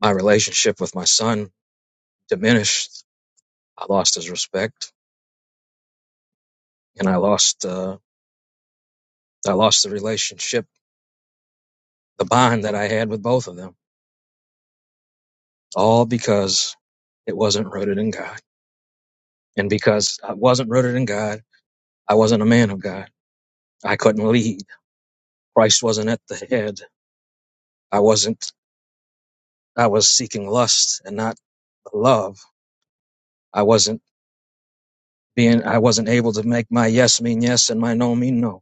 S4: My relationship with my son diminished. I lost his respect, and I lost uh, I lost the relationship, the bond that I had with both of them all because it wasn't rooted in God. And because I wasn't rooted in God, I wasn't a man of God. I couldn't lead. Christ wasn't at the head. I wasn't, I was seeking lust and not love. I wasn't being, I wasn't able to make my yes mean yes and my no mean no.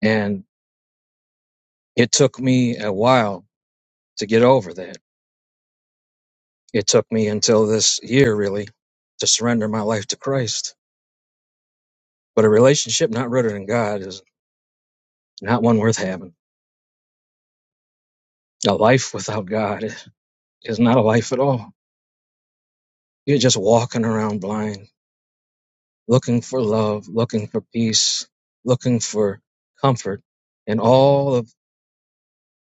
S4: And it took me a while to get over that. It took me until this year really to surrender my life to Christ. But a relationship not rooted in God is not one worth having. A life without God is not a life at all. You're just walking around blind, looking for love, looking for peace, looking for comfort in all of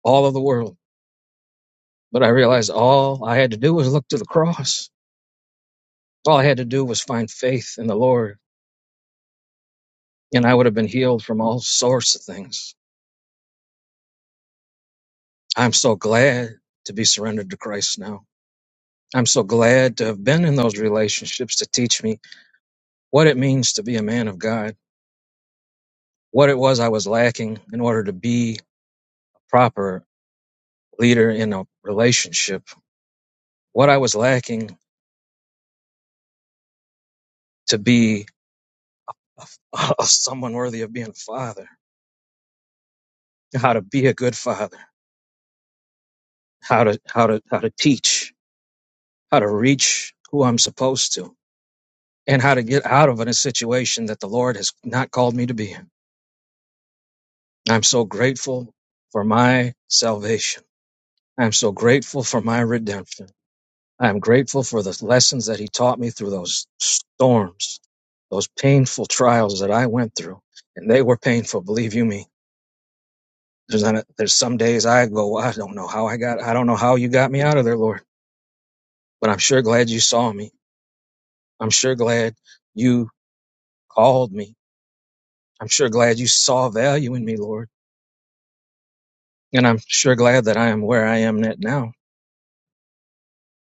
S4: all of the world. But I realized all I had to do was look to the cross. All I had to do was find faith in the Lord, and I would have been healed from all sorts of things. I'm so glad to be surrendered to Christ now. I'm so glad to have been in those relationships to teach me what it means to be a man of God, what it was I was lacking in order to be a proper leader in a relationship, what I was lacking to be a, a- someone worthy of being a father, how to be a good father, how to how to how to teach, how to reach who I'm supposed to, and how to get out of a situation that the Lord has not called me to be in. I'm so grateful for my salvation. I'm so grateful for my redemption. I am grateful for the lessons that he taught me through those storms, those painful trials that I went through. And they were painful, believe you me. There's, not a, there's some days I go, "Well, I don't know how I got, I don't know how you got me out of there, Lord. But I'm sure glad you saw me. I'm sure glad you called me. I'm sure glad you saw value in me, Lord. And I'm sure glad that I am where I am at now.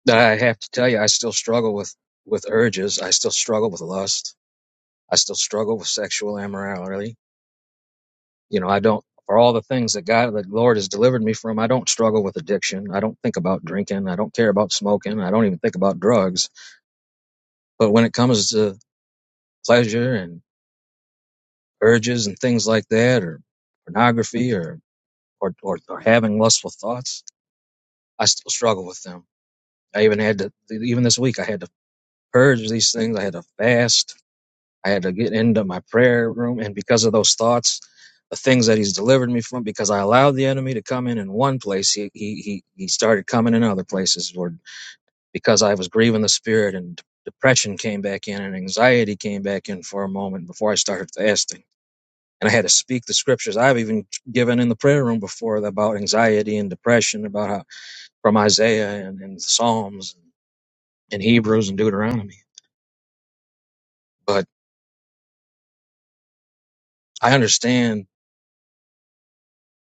S4: That I have to tell you, I still struggle with, with urges. I still struggle with lust. I still struggle with sexual immorality. You know, I don't, for all the things that God, the Lord has delivered me from, I don't struggle with addiction. I don't think about drinking. I don't care about smoking. I don't even think about drugs. But when it comes to pleasure and urges and things like that, or pornography or, or, or, or having lustful thoughts, I still struggle with them. I even had to, even this week, I had to purge these things. I had to fast I had to get into my prayer room. And because of those thoughts, the things that he's delivered me from, because I allowed the enemy to come in in one place, he, he, he, he started coming in other places, Lord, because I was grieving the spirit and depression came back in and anxiety came back in for a moment before I started fasting. And I had to speak the scriptures I've even given in the prayer room before about anxiety and depression, about how from Isaiah and, and Psalms and Hebrews and Deuteronomy. But I understand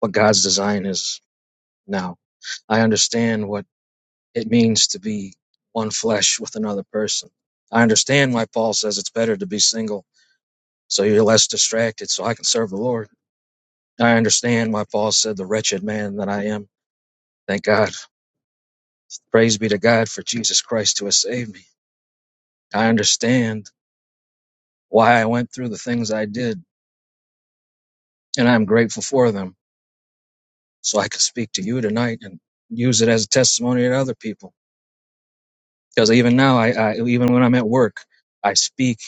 S4: what God's design is now. I understand what it means to be one flesh with another person. I understand why Paul says it's better to be single so you're less distracted so I can serve the Lord. I understand why Paul said the wretched man that I am. Thank God. Praise be to God for Jesus Christ who has saved me. I understand why I went through the things I did and I'm grateful for them so I could speak to you tonight and use it as a testimony to other people. Because even now, I, I even when I'm at work, I speak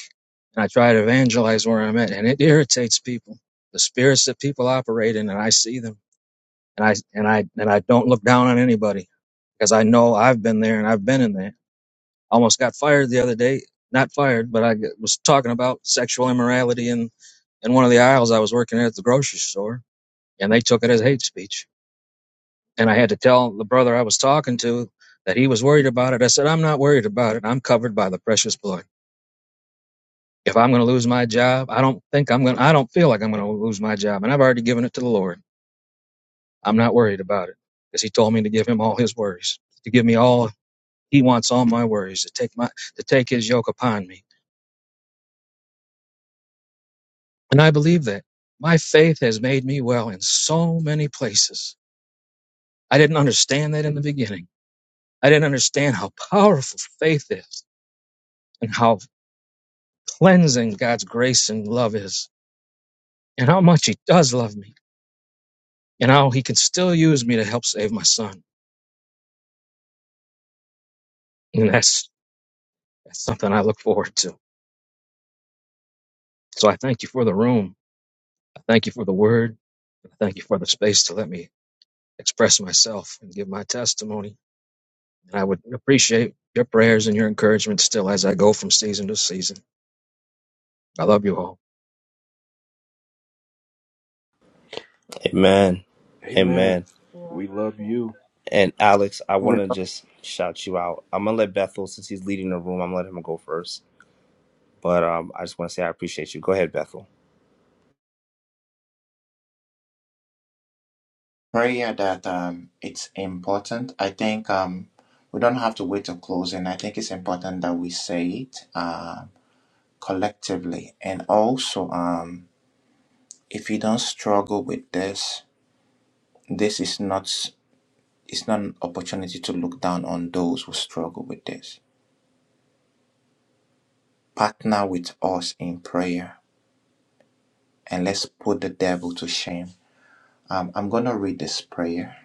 S4: and I try to evangelize where I'm at, and it irritates people. The spirits that people operate in, and I see them, and I and I and I don't look down on anybody because I know I've been there and I've been in there. I almost got fired the other day. Not fired, but I was talking about sexual immorality in in one of the aisles I was working at the grocery store, and they took it as hate speech. And I had to tell the brother I was talking to that he was worried about it. I said, "I'm not worried about it. I'm covered by the precious blood." If I'm going to lose my job, I don't think I'm going to, I don't feel like I'm going to lose my job. And I've already given it to the Lord. I'm not worried about it because he told me to give him all his worries, to give me all he wants, all my worries, to take my, to take his yoke upon me. And I believe that my faith has made me well in so many places. I didn't understand that in the beginning. I didn't understand how powerful faith is and how cleansing God's grace and love is and how much he does love me and how he can still use me to help save my son. And that's that's something I look forward to. So I thank you for the room. I thank you for the word. I thank you for the space to let me express myself and give my testimony. And I would appreciate your prayers and your encouragement still as I go from season to season. I love you all.
S3: Amen.
S5: Amen.
S3: Amen.
S5: We love you,
S3: And Alex, I
S1: We
S3: want to just shout you out. I'm gonna let Bethel, since he's leading the room, I'm gonna let him go first. But um, I just want to say I appreciate you. Go ahead, Bethel.
S1: prayer that um, it's important. I think um, we don't have to wait till closing. I think it's important that we say it uh, collectively. And also, um, if you don't struggle with this, this is not it's not an opportunity to look down on those who struggle with this. Partner with us in prayer, and let's put the devil to shame. Um, I'm gonna read this prayer,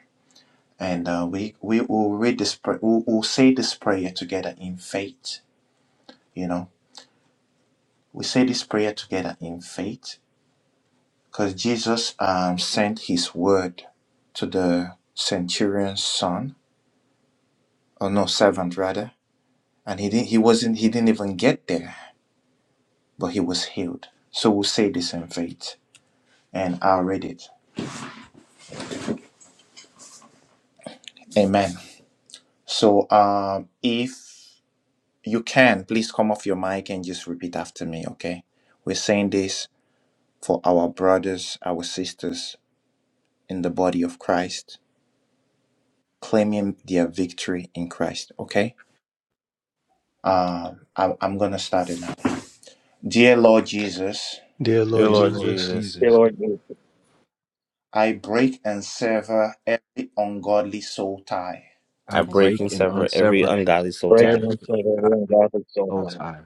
S1: and uh, we we will read this prayer. We'll, we'll say this prayer together in faith. You know We say this prayer together in faith because Jesus um, sent his word to the centurion's son, or no, servant rather, and he didn't, he wasn't, he didn't even get there, but he was healed. So we'll say this in faith and I'll read it. Amen. So um, if you can, please come off your mic and just repeat after me, okay? We're saying this for our brothers, our sisters in the body of Christ, claiming their victory in Christ, okay? Um, I, I'm going to start it now. Dear Lord Jesus,
S8: Dear
S9: Dear
S3: Dear
S8: Lord
S5: dear
S3: Lord
S9: Lord,
S5: Lord
S8: Jesus,
S3: Jesus,
S4: Dear
S5: Jesus.
S4: Lord, you
S1: I break and sever every ungodly soul tie
S5: I
S3: I
S9: I
S3: break
S9: pray
S5: break
S3: and
S5: and
S3: sever every
S9: for
S5: unsever
S3: ungodly soul
S4: break and
S3: tie.
S5: every
S4: unplug every
S5: godly
S4: ungodly soul
S9: the
S5: soul
S4: time.
S5: tie.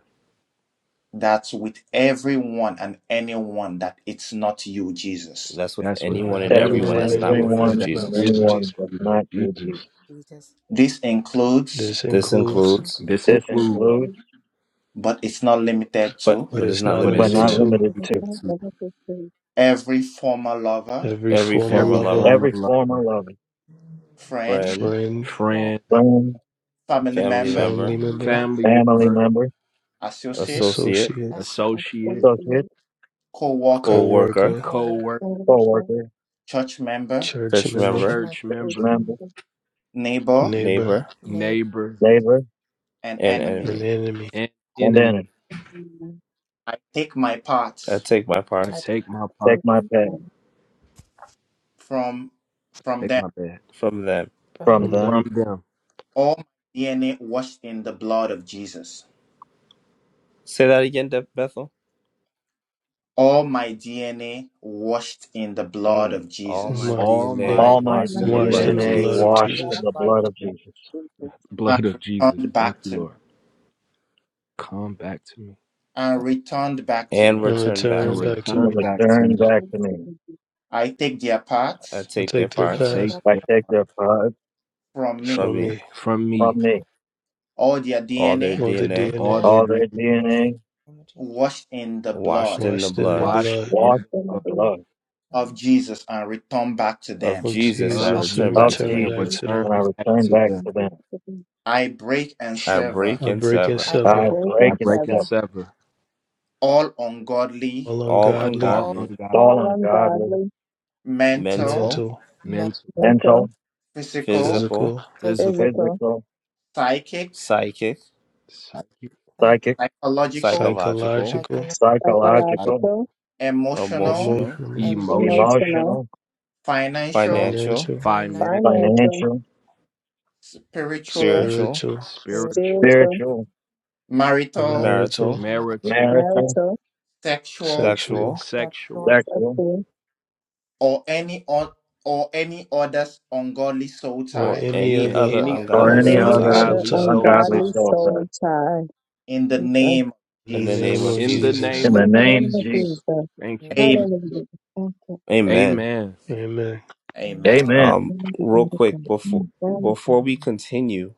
S1: that's with everyone and anyone that it's not you, Jesus.
S3: That's with
S5: That's
S8: you
S5: with
S9: Father
S3: anyone
S8: know,
S3: and
S4: That's
S9: of
S4: with
S8: everyone
S3: everyone
S5: everyone
S8: and
S3: that's
S5: and
S3: not with
S8: anyone that
S3: you,
S5: anyone
S8: is
S4: everyone
S5: that
S8: not
S4: and
S3: Jesus.
S8: with
S5: is
S8: you,
S5: not
S8: Jesus.
S4: anyone that's not
S5: you,
S4: you,
S5: Jesus.
S4: Jesus.
S9: Jesus.
S10: Thank
S1: This includes,
S8: This
S3: This
S9: This
S8: includes,
S3: includes,
S9: includes
S5: This
S4: This
S10: you.
S5: includes,
S4: includes,
S1: but it's not limited
S3: but
S1: to,
S8: but
S3: it is
S8: it's
S3: not
S8: not
S5: but
S4: but
S3: limited
S5: it's
S8: limited
S5: not
S4: not
S3: to,
S8: to,
S10: It
S4: limited
S10: is a
S4: to,
S5: limited
S10: kind of
S5: to,
S10: limited to
S1: every former lover,
S8: every
S3: every
S8: former
S3: former
S5: every
S9: every
S8: lover,
S3: lover,
S5: former
S4: every former
S5: lover,
S4: lover,
S1: friend,
S3: friend,
S8: friend,
S9: friend,
S5: friend,
S1: family
S3: family
S1: member,
S3: member,
S8: family member,
S9: family,
S5: family
S4: friend, family
S5: member,
S4: member,
S1: associate,
S3: associate,
S8: associate,
S9: vessel,
S5: associate,
S4: associate,
S10: prosperity,
S1: co
S8: co
S3: co
S1: worker,
S3: worker,
S8: worker,
S5: co
S9: co
S5: worker,
S10: financial
S4: co-worker,
S1: church member,
S8: church
S3: church
S8: member,
S9: church
S3: member,
S9: member,
S5: church
S4: church
S5: member,
S4: member,
S10: breakthrough, business,
S1: neighbor,
S8: neighbor,
S3: neighbor,
S9: name.
S5: neighbor,
S4: Labor,
S1: and
S3: and
S1: enemy.
S8: and
S3: enemy.
S8: enemy
S5: and
S4: Bandana,
S5: enemy.
S1: I take my
S3: I
S1: parts
S3: take my
S5: I
S9: I
S3: parts
S9: take
S5: take my
S4: take
S5: part,
S10: or
S4: my pay
S10: income.
S1: from from
S5: take
S1: them
S5: my bed
S3: from them.
S9: from
S4: from
S8: from
S9: the
S5: from
S8: them.
S4: them.
S5: them.
S1: All my DNA washed in the blood of Jesus.
S3: Say that again, De- Bethel.
S1: All my DNA washed in the blood
S3: Mm.
S1: of
S3: All
S8: On
S3: my
S1: Jesus.
S8: my
S5: All
S3: DNA
S8: name,
S5: my
S4: All
S9: Almighty
S10: the
S4: my
S3: washed
S10: my
S3: in the
S10: DNA
S3: blood
S8: washed
S5: DNA
S3: of
S8: in the
S4: DNA
S8: blood
S3: Jesus
S8: of
S10: is
S5: washed
S4: washed in
S8: Jesus,
S4: the
S10: wrapped
S9: blood
S10: in the
S4: blood
S10: blood
S4: of
S10: of
S5: in the
S4: Jesus.
S10: Jesus.
S1: And
S5: blood of Jesus.
S1: returned
S5: Thank
S1: back
S5: you,
S1: to me.
S5: Lord. Come back to me
S1: And
S9: co-
S1: returned back to
S3: and
S1: me.
S8: and
S3: returned back
S9: and
S5: and
S8: return
S3: to
S9: read
S3: me.
S8: back to
S4: And
S5: return
S8: me.
S10: The
S9: that.
S5: back to
S4: return
S5: me.
S4: back to me.
S1: I take their
S3: I
S1: parts
S8: I
S3: take their
S8: take their
S5: I
S9: I
S3: parts
S9: take
S5: take
S8: past
S9: that
S4: I
S5: them
S4: take their pride
S1: from
S3: from
S1: me.
S8: from
S3: me,
S8: me
S5: from me,
S4: from
S9: from
S4: me.
S9: you
S1: All their
S3: all their
S1: DNA
S8: Well, the
S3: DNA
S8: DNA
S5: all
S9: all in
S5: their
S4: All their
S5: DNA
S4: DNA
S9: the name of Jesus.
S1: washed in the
S3: washed
S1: blood
S3: in the
S8: washed in the
S3: blood
S9: Wash the
S5: washed
S8: blood
S5: in
S9: blood
S10: most
S5: the
S4: washed in the
S5: blood
S10: benevolent,
S4: blood
S1: of Jesus and return back to
S3: of
S1: them.
S8: of
S3: Jesus, I
S5: of
S9: of
S8: Jesus and
S3: return
S4: of
S3: back
S9: Jesus
S5: Jesus,
S3: to
S8: returned
S3: them.
S5: and
S8: back
S4: Jesus.
S8: to
S9: from
S5: return
S8: them.
S10: innocent,
S4: When I
S9: my
S5: back
S4: return
S5: to
S4: back
S5: them.
S10: and
S4: to them,
S10: hospitable,
S1: I break and
S3: I
S1: sever
S3: break
S8: I
S3: and
S8: break and
S3: sever.
S9: life and
S8: sever
S4: I
S10: upright
S5: I
S4: break
S10: and
S4: and
S5: break and
S4: sever
S10: servant,
S5: sever
S1: all ungodly
S8: all
S3: all
S8: ungodly,
S5: all
S9: all
S3: ungodly,
S5: ungodly
S4: all
S10: all
S4: ungodly,
S10: ungodly,
S1: mental,
S3: mental,
S8: mental,
S5: mental,
S9: mental,
S4: mental,
S10: mental,
S1: physical,
S3: physical,
S8: physical,
S9: physical,
S5: physical,
S10: physical,
S4: physical,
S1: psychic,
S3: psychic,
S5: psychic,
S9: psych,
S4: psychic,
S1: psychological,
S3: psychological,
S8: psychological,
S9: psychological,
S5: psychological,
S4: psychological,
S10: psychological,
S1: emotional,
S3: emotional,
S8: emotional,
S9: and
S5: emotional,
S10: emotional,
S4: emotional,
S1: financial,
S3: financial,
S8: financial,
S9: finance,
S5: financial,
S10: financial,
S4: financial,
S1: spiritual,
S3: spiritual,
S8: spiritual,
S9: spirit,
S5: spiritual,
S10: spiritual,
S4: spiritual,
S1: marital,
S3: marital,
S8: marital,
S9: mind,
S5: marital,
S4: marital,
S10: marital,
S1: sexual,
S3: sexual,
S8: sexual,
S5: sexual,
S9: sexual,
S4: sexual,
S10: sexual,
S1: or any or, or any other ungodly soul
S8: or
S3: or
S1: tie
S8: any
S3: any
S5: and
S8: other
S3: other
S5: any
S9: or
S4: or
S10: or
S3: ungodly
S5: other
S4: any
S3: soul
S10: any
S8: ungodly
S3: tie
S4: other
S8: soul
S10: other
S5: ungodly
S8: tie.
S5: soul
S4: ungodly
S10: ungodly
S5: ties.
S4: self-love.
S10: soul tie.
S1: in the
S10: Jesus.
S1: name of
S8: In the
S3: in the name
S8: name
S3: of
S1: Jesus.
S8: of
S5: In the
S3: Jesus.
S8: Jesus,
S4: In
S5: name
S9: anything.
S4: the
S5: of
S10: In the
S4: name
S10: name
S4: of
S10: of
S5: Jesus.
S4: Jesus.
S10: Jesus.
S5: Thank you,
S1: Amen.
S5: Jesus.
S10: Hallelujah. Thank you.
S3: Amen.
S5: Amen.
S8: amen.
S9: Amen.
S1: Amen.
S4: Amen.
S3: Um,
S10: Glory be
S3: real
S10: to
S3: quick
S10: God.
S3: before
S4: Mm.
S10: Thank
S3: before
S10: you.
S3: we continue,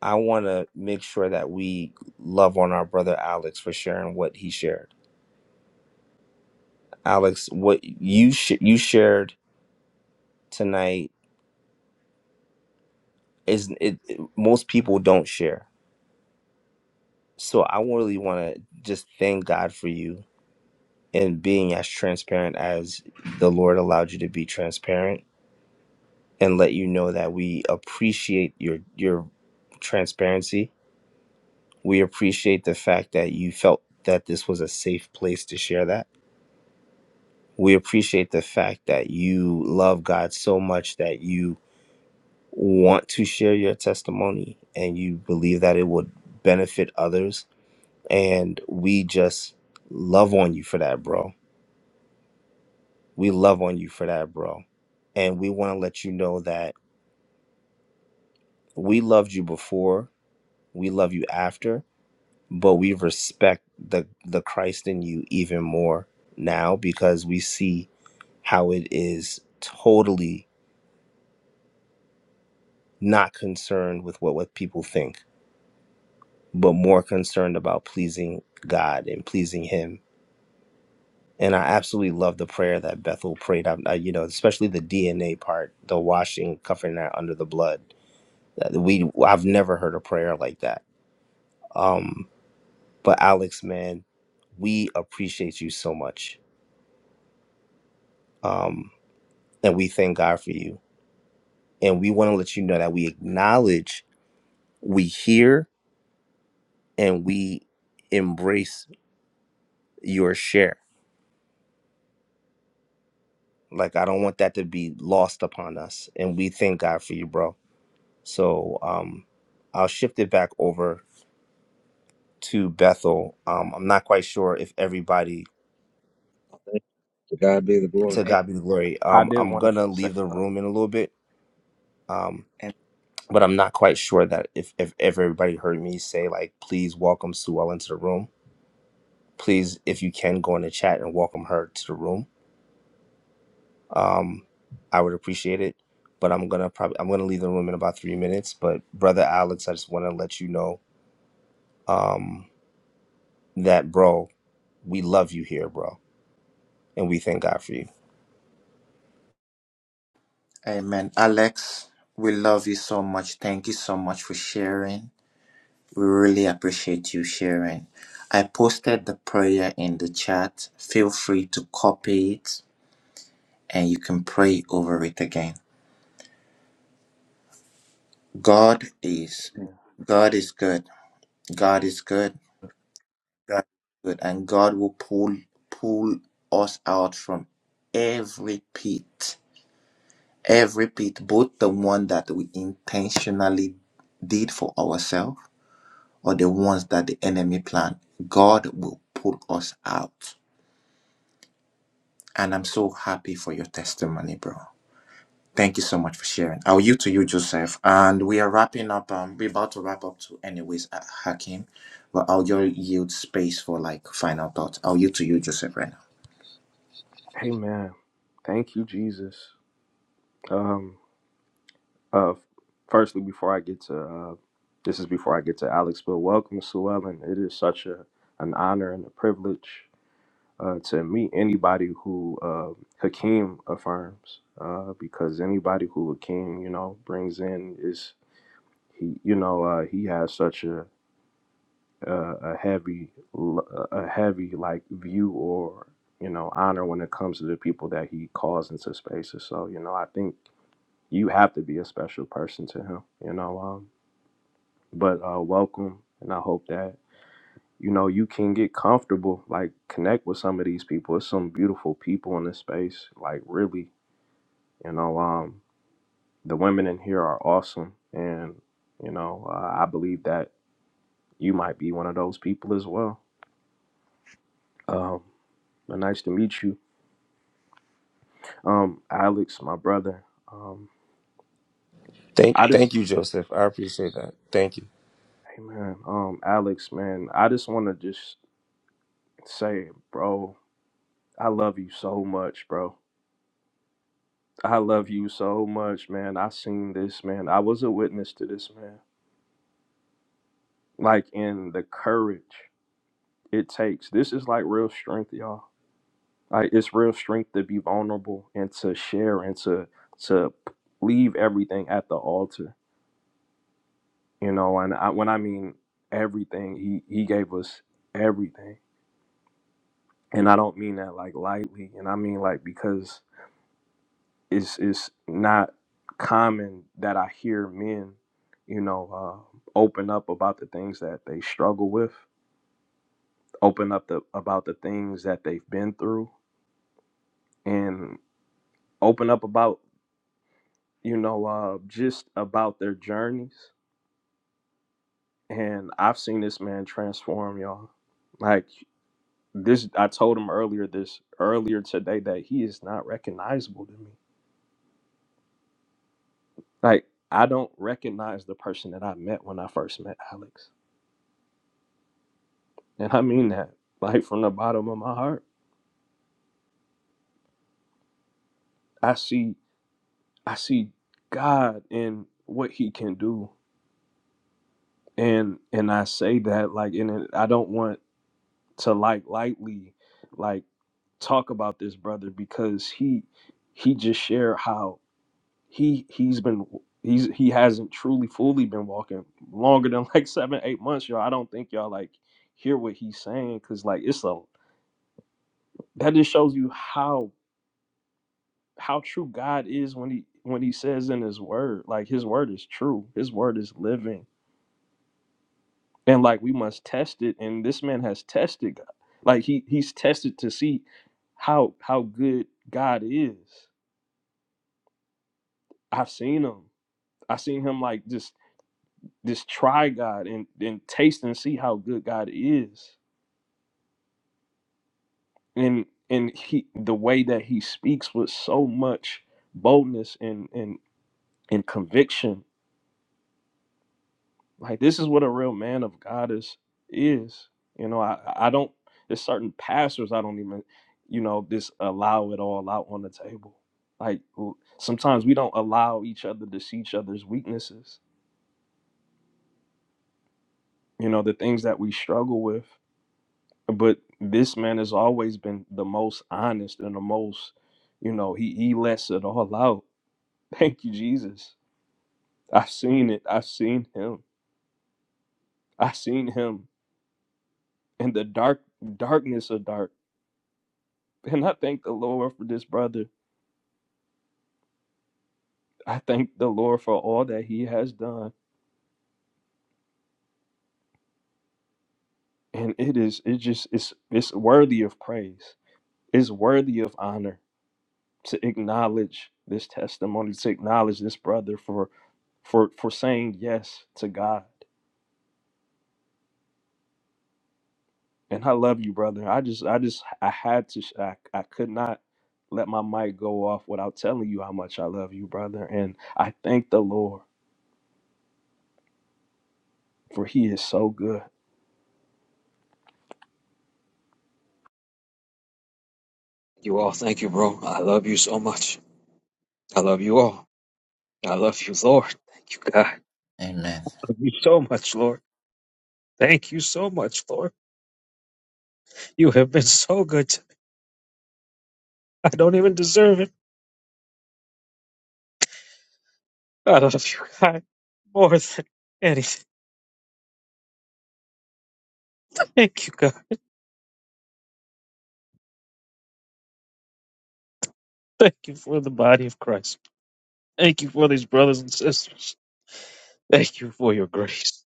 S3: I want to make sure that we love on our brother Alex for sharing what he shared. Alex, what you sh- you shared tonight is it, it- most people don't share. So I really want to just thank God for you and being as transparent as the Lord allowed you to be transparent and let you know that we appreciate your your transparency. We appreciate the fact that you felt that this was a safe place to share that. We appreciate the fact that you love God so much that you want to share your testimony and you believe that it would benefit others and we just love on you for that, bro. We love on you for that, bro. And we want to let you know that we loved you before, we love you after, but we respect the the Christ in you even more now because we see how it is totally not concerned with what what people think, but more concerned about pleasing God and pleasing him And I absolutely love the prayer that Bethel prayed. I, I, you know, especially the DNA part, the washing, covering that under the blood. That We, I've never heard a prayer like that. Um, but Alex, man, we appreciate you so much, um, and we thank God for you. And we want to let you know that we acknowledge, we hear, and we embrace your share. Like I don't want that to be lost upon us. And we thank God for you, bro. So um, I'll shift it back over to Bethel. Um, I'm not quite sure if everybody.
S4: Thank- you. To God be the glory.
S3: To God be the glory.
S5: I
S3: Um,
S5: did
S3: I'm
S5: want us
S3: gonna
S5: to say
S3: leave the
S5: something.
S3: room in a little bit. Um,
S1: Amen.
S3: but I'm not quite sure that if if, if everybody heard me say like, please welcome Sue Ellen into the room. Please, if you can, go in the chat and welcome her to the room. Um, I would appreciate it. But I'm gonna probably I'm gonna leave the room in about three minutes. But brother Alex, I just want to let you know um, that bro, we love you here, bro, and we thank God for you.
S1: Amen. Alex, we love you so much. Thank you so much for sharing. We really appreciate you sharing. I posted the prayer in the chat. Feel free to copy it and you can pray over it again. God is
S5: man.
S1: God is good. God is good. God is good, and God will pull pull us out from every pit, every pit, both the one that we intentionally did for ourselves or the ones that the enemy planned. God will pull us out, and I'm so happy for your testimony, bro. Thank you so much for sharing. I'll yield to you, Joseph. And we are wrapping up. Um, we're about to wrap up to anyways, uh, Hakim. But I'll just yield space for like final thoughts. I'll yield to you, Joseph, right now.
S5: Amen. Thank you, Jesus. Um. Uh, firstly, before I get to uh, this is before I get to Alex, but welcome, Sue Ellen. It is such a an honor and a privilege uh, to meet anybody who uh, Hakeem affirms, uh, because anybody who Hakeem you know brings in is he you know uh, he has such a a, a heavy l- a heavy like view or you know honor when it comes to the people that he calls into spaces. So you know I think you have to be a special person to him. You know, um, but uh, welcome. And I hope that you know you can get comfortable, like connect with some of these people. It's some beautiful people in this space, like really. You know, um, the women in here are awesome, and you know uh, I believe that you might be one of those people as well. Um, but nice to meet you, um, Alex, my brother. Um,
S3: Thank,
S5: I just,
S3: thank you, Joseph. I appreciate that. Thank you.
S5: hey man, um, Alex, man, I just want to just say, bro, I love you so much, bro I love you so much, man. I seen this, man. I was a witness to this, man. Like in the courage it takes. This is like real strength, y'all. Like it's real strength to be vulnerable and to share and to to leave everything at the altar, you know. And I, when I mean everything, he he gave us everything, and I don't mean that like lightly. And I mean like because it's it's not common that I hear men, you know, uh, open up about the things that they struggle with, open up the about the things that they've been through, and open up about you know uh, just about their journeys. And I've seen this man transform, y'all. Like this, I told him earlier this earlier today that he is not recognizable to me. Like I don't recognize the person that I met when I first met Alex. And I mean that, like from the bottom of my heart. I see I see God in what he can do. And and I say that like and it, I don't want to like lightly like talk about this brother because he he just shared how he he's been he's he hasn't truly fully been walking longer than like 7 8 months y'all. I don't think y'all like hear what he's saying cuz like it's a that just shows you how how true God is when he when he says in his word, like his word is true. His word is living. And like we must test it. And this man has tested God. Like he he's tested to see how how good God is. I've seen him. I've seen him like just just try God and and taste and see how good God is. And and he the way that he speaks with so much boldness and and and conviction like this is what a real man of God is is. You know, I I don't there's certain pastors I don't even you know just allow it all out on the table. Like w- sometimes we don't allow each other to see each other's weaknesses. You know, the things that we struggle with. But this man has always been the most honest and the most, you know, he he lets it all out. Thank you, Jesus. I've seen it. I've seen him. I've seen him in the dark darkness of dark. And I thank the Lord for this brother. I thank the Lord for all that he has done. And it is it just it's it's worthy of praise. It's worthy of honor to acknowledge this testimony, to acknowledge this brother for for for saying yes to God. And I love you, brother. I just I just I had to sh- I, I could not let my mic go off without telling you how much I love you, brother. And I thank the Lord for he is so good.
S4: You all, thank you, bro. I love you so much. I love you all. I love you, Lord. Thank you, God. I
S1: Amen.
S4: love you so much, Lord. Thank you so much, Lord. You have been so good to me. I don't even deserve it. I love you, God, more than anything. Thank you, God. Thank you for the body of Christ. Thank you for these brothers and sisters. Thank you for your grace.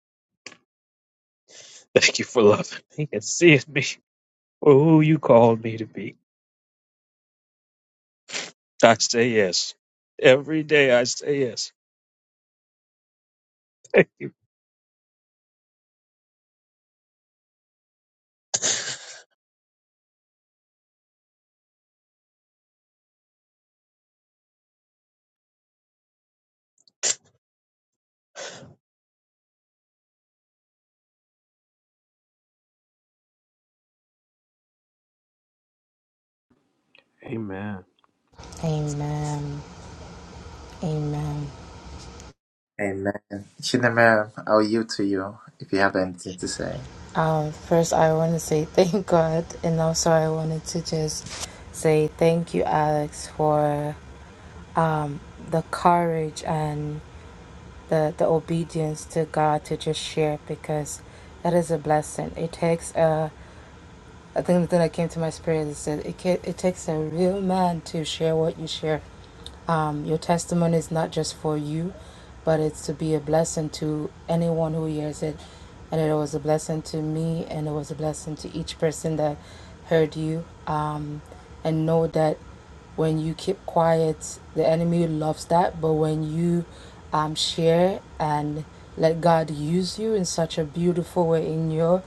S4: Thank you for loving me and seeing me. for who you called me to be. I say yes. Every day I say yes. Thank you.
S5: Amen.
S9: Amen. Amen.
S1: Amen. Shinamere, I'll yield to you if you have anything to say.
S9: Um, first, I want to say thank God, and also I wanted to just say thank you, Alex, for um, the courage and the the obedience to God to just share because that is a blessing. It takes a I think the thing that came to my spirit is that said, it, ca- it takes a real man to share what you share. Um, your testimony is not just for you, but it's to be a blessing to anyone who hears it. And it was a blessing to me, and it was a blessing to each person that heard you. Um, and know that when you keep quiet, the enemy loves that. But when you um, share and let God use you in such a beautiful way in your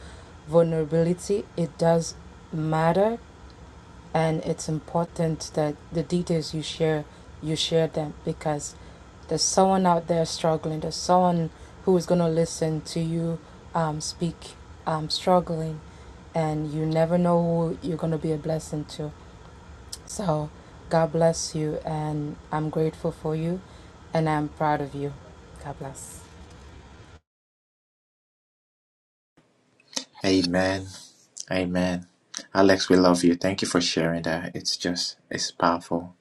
S9: vulnerability, it does matter and it's important that the details you share you share them because there's someone out there struggling there's someone who is going to listen to you um, speak um, struggling and you never know who you're going to be a blessing to so god bless you and i'm grateful for you and i'm proud of you god bless
S1: Amen. Amen. Alex, we love you. Thank you for sharing that. It's just, it's powerful.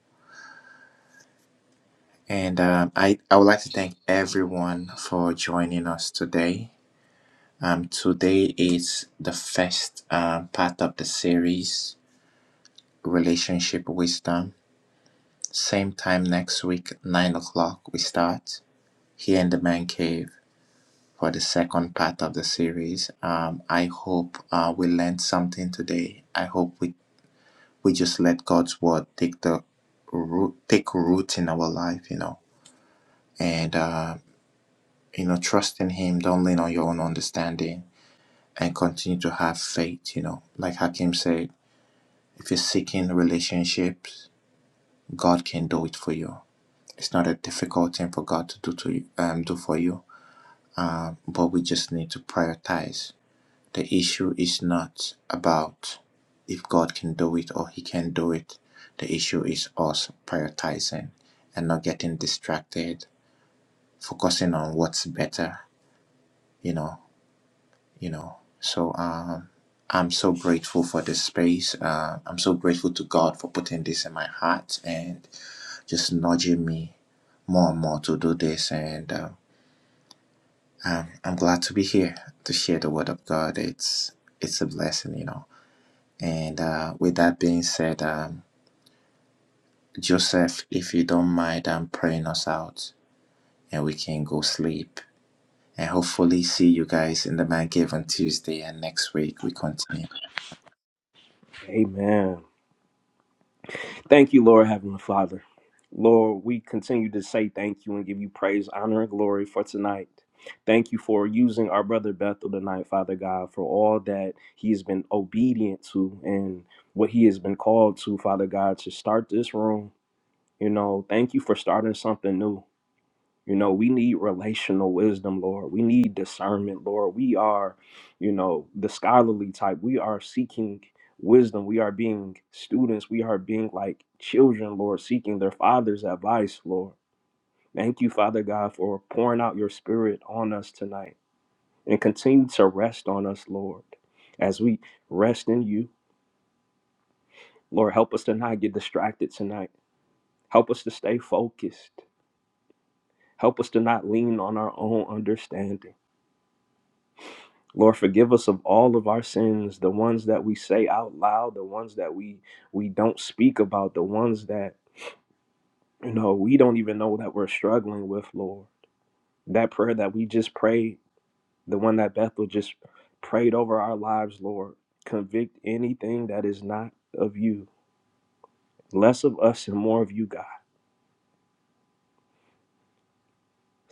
S1: And um, I, I would like to thank everyone for joining us today. Um, today is the first um, part of the series, Relationship Wisdom. Same time next week, 9 o'clock, we start here in the man cave. for the second part of the series. Um, I hope uh, we learned something today. I hope we, we just let God's word take the root, take root in our life, you know, and uh, you know, trust in Him. Don't lean on your own understanding, and continue to have faith. You know, like Hakim said, if you're seeking relationships, God can do it for you. It's not a difficult thing for God to do to you, um, do for you, um, but we just need to prioritize The issue is not about if God can do it or He can do it. The issue is us prioritizing and not getting distracted, focusing on what's better. You know, you know. So um, I'm so grateful for this space. Uh, I'm so grateful to God for putting this in my heart and just nudging me more and more to do this. And um, I'm, I'm glad to be here to share the word of God. It's it's a blessing, you know. And uh, with that being said, um, Joseph, if you don't mind, I'm praying us out and we can go sleep. And hopefully, see you guys in the Man Cave on Tuesday. And next week, we continue.
S5: Amen. Thank you, Lord, Heavenly Father. Lord, we continue to say thank you and give you praise, honor, and glory for tonight. Thank you for using our brother Bethel tonight, Father God, for all that he has been obedient to and what he has been called to, Father God, to start this room. You know, thank you for starting something new. You know, we need relational wisdom, Lord. We need discernment, Lord. We are, you know, the scholarly type. We are seeking wisdom. We are being students. We are being like children, Lord, seeking their father's advice, Lord. Thank you, Father God, for pouring out your spirit on us tonight and continue to rest on us, Lord, as we rest in you. Lord, help us to not get distracted tonight. Help us to stay focused. Help us to not lean on our own understanding. Lord, forgive us of all of our sins, the ones that we say out loud, the ones that we we don't speak about, the ones that you know we don't even know that we're struggling with, Lord. That prayer that we just prayed, the one that Bethel just prayed over our lives, Lord. Convict anything that is not of you. Less of us and more of you, God.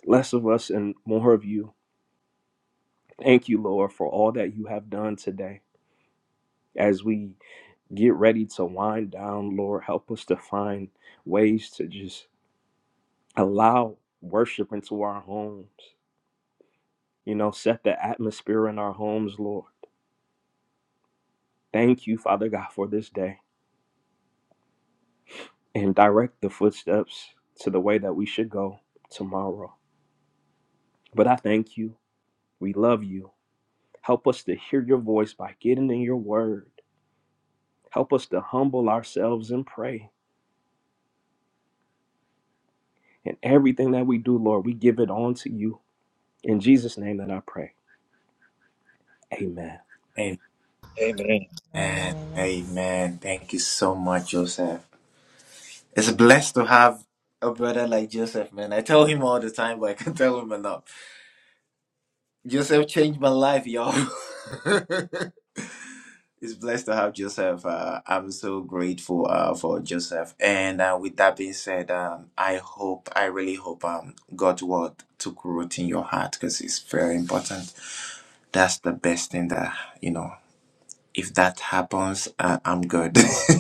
S5: Less of us and more of you. Thank you, Lord, for all that you have done today as we get ready to wind down, Lord. Help us to find ways to just allow worship into our homes. You know, set the atmosphere in our homes, Lord. Thank you, Father God, for this day and direct the footsteps to the way that we should go tomorrow. But I thank you. We love you. Help us to hear your voice by getting in your word. Help us to humble ourselves and pray. And everything that we do, Lord, we give it on to you. In Jesus' name that I pray. Amen.
S1: Amen.
S4: Amen.
S9: amen
S1: Amen. Thank you so much, Joseph. It's blessed to have a brother like Joseph, man. I tell him all the time, but I can tell him enough. Joseph changed my life, y'all. It's blessed to have Joseph. Uh, I'm so grateful uh, for Joseph. And uh, with that being said, um, I hope, I really hope um, God's word took root in your heart because it's very important. That's the best thing that, you know, if that happens, uh, I'm good.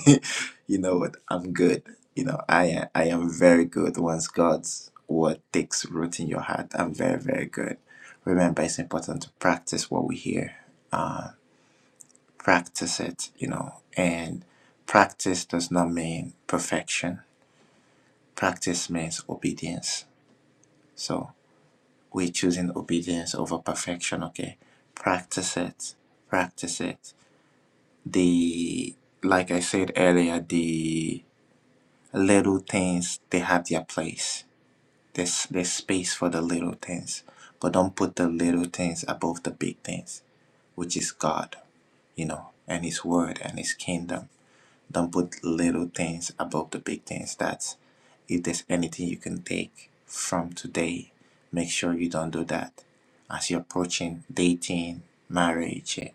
S1: you know what? I'm good. You know, I, I am very good. Once God's word takes root in your heart, I'm very, very good. Remember, it's important to practice what we hear uh, practice it, you know, and practice does not mean perfection. Practice means obedience. So we're choosing obedience over perfection, okay? Practice it. Practice it. The like I said earlier, the little things they have their place. There's there's space for the little things. But don't put the little things above the big things, which is God, you know, and his word and his kingdom Don't put little things above the big things. That if there's anything you can take from today, make sure you don't do that. As you're approaching dating, marriage, eh,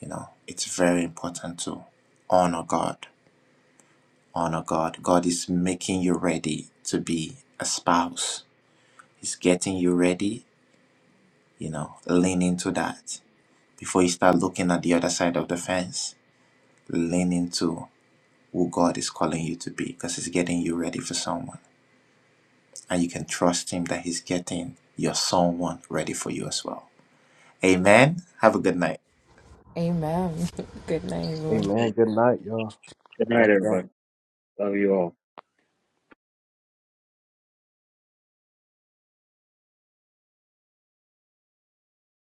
S1: you know, it's very important to honor God. Honor God. God is making you ready to be a spouse. He's getting you ready, you know, lean into that. Before you start looking at the other side of the fence, lean into who God is calling you to be because He's getting you ready for someone. and you can trust Him that He's getting your someone ready for you as well. Amen. Have a good night.
S9: amen, amen. good night everyone
S5: Amen.
S4: Amen.
S5: Good night, y'all.
S4: Good
S5: I
S4: night,
S5: love y'all.
S4: everybody. Love you all.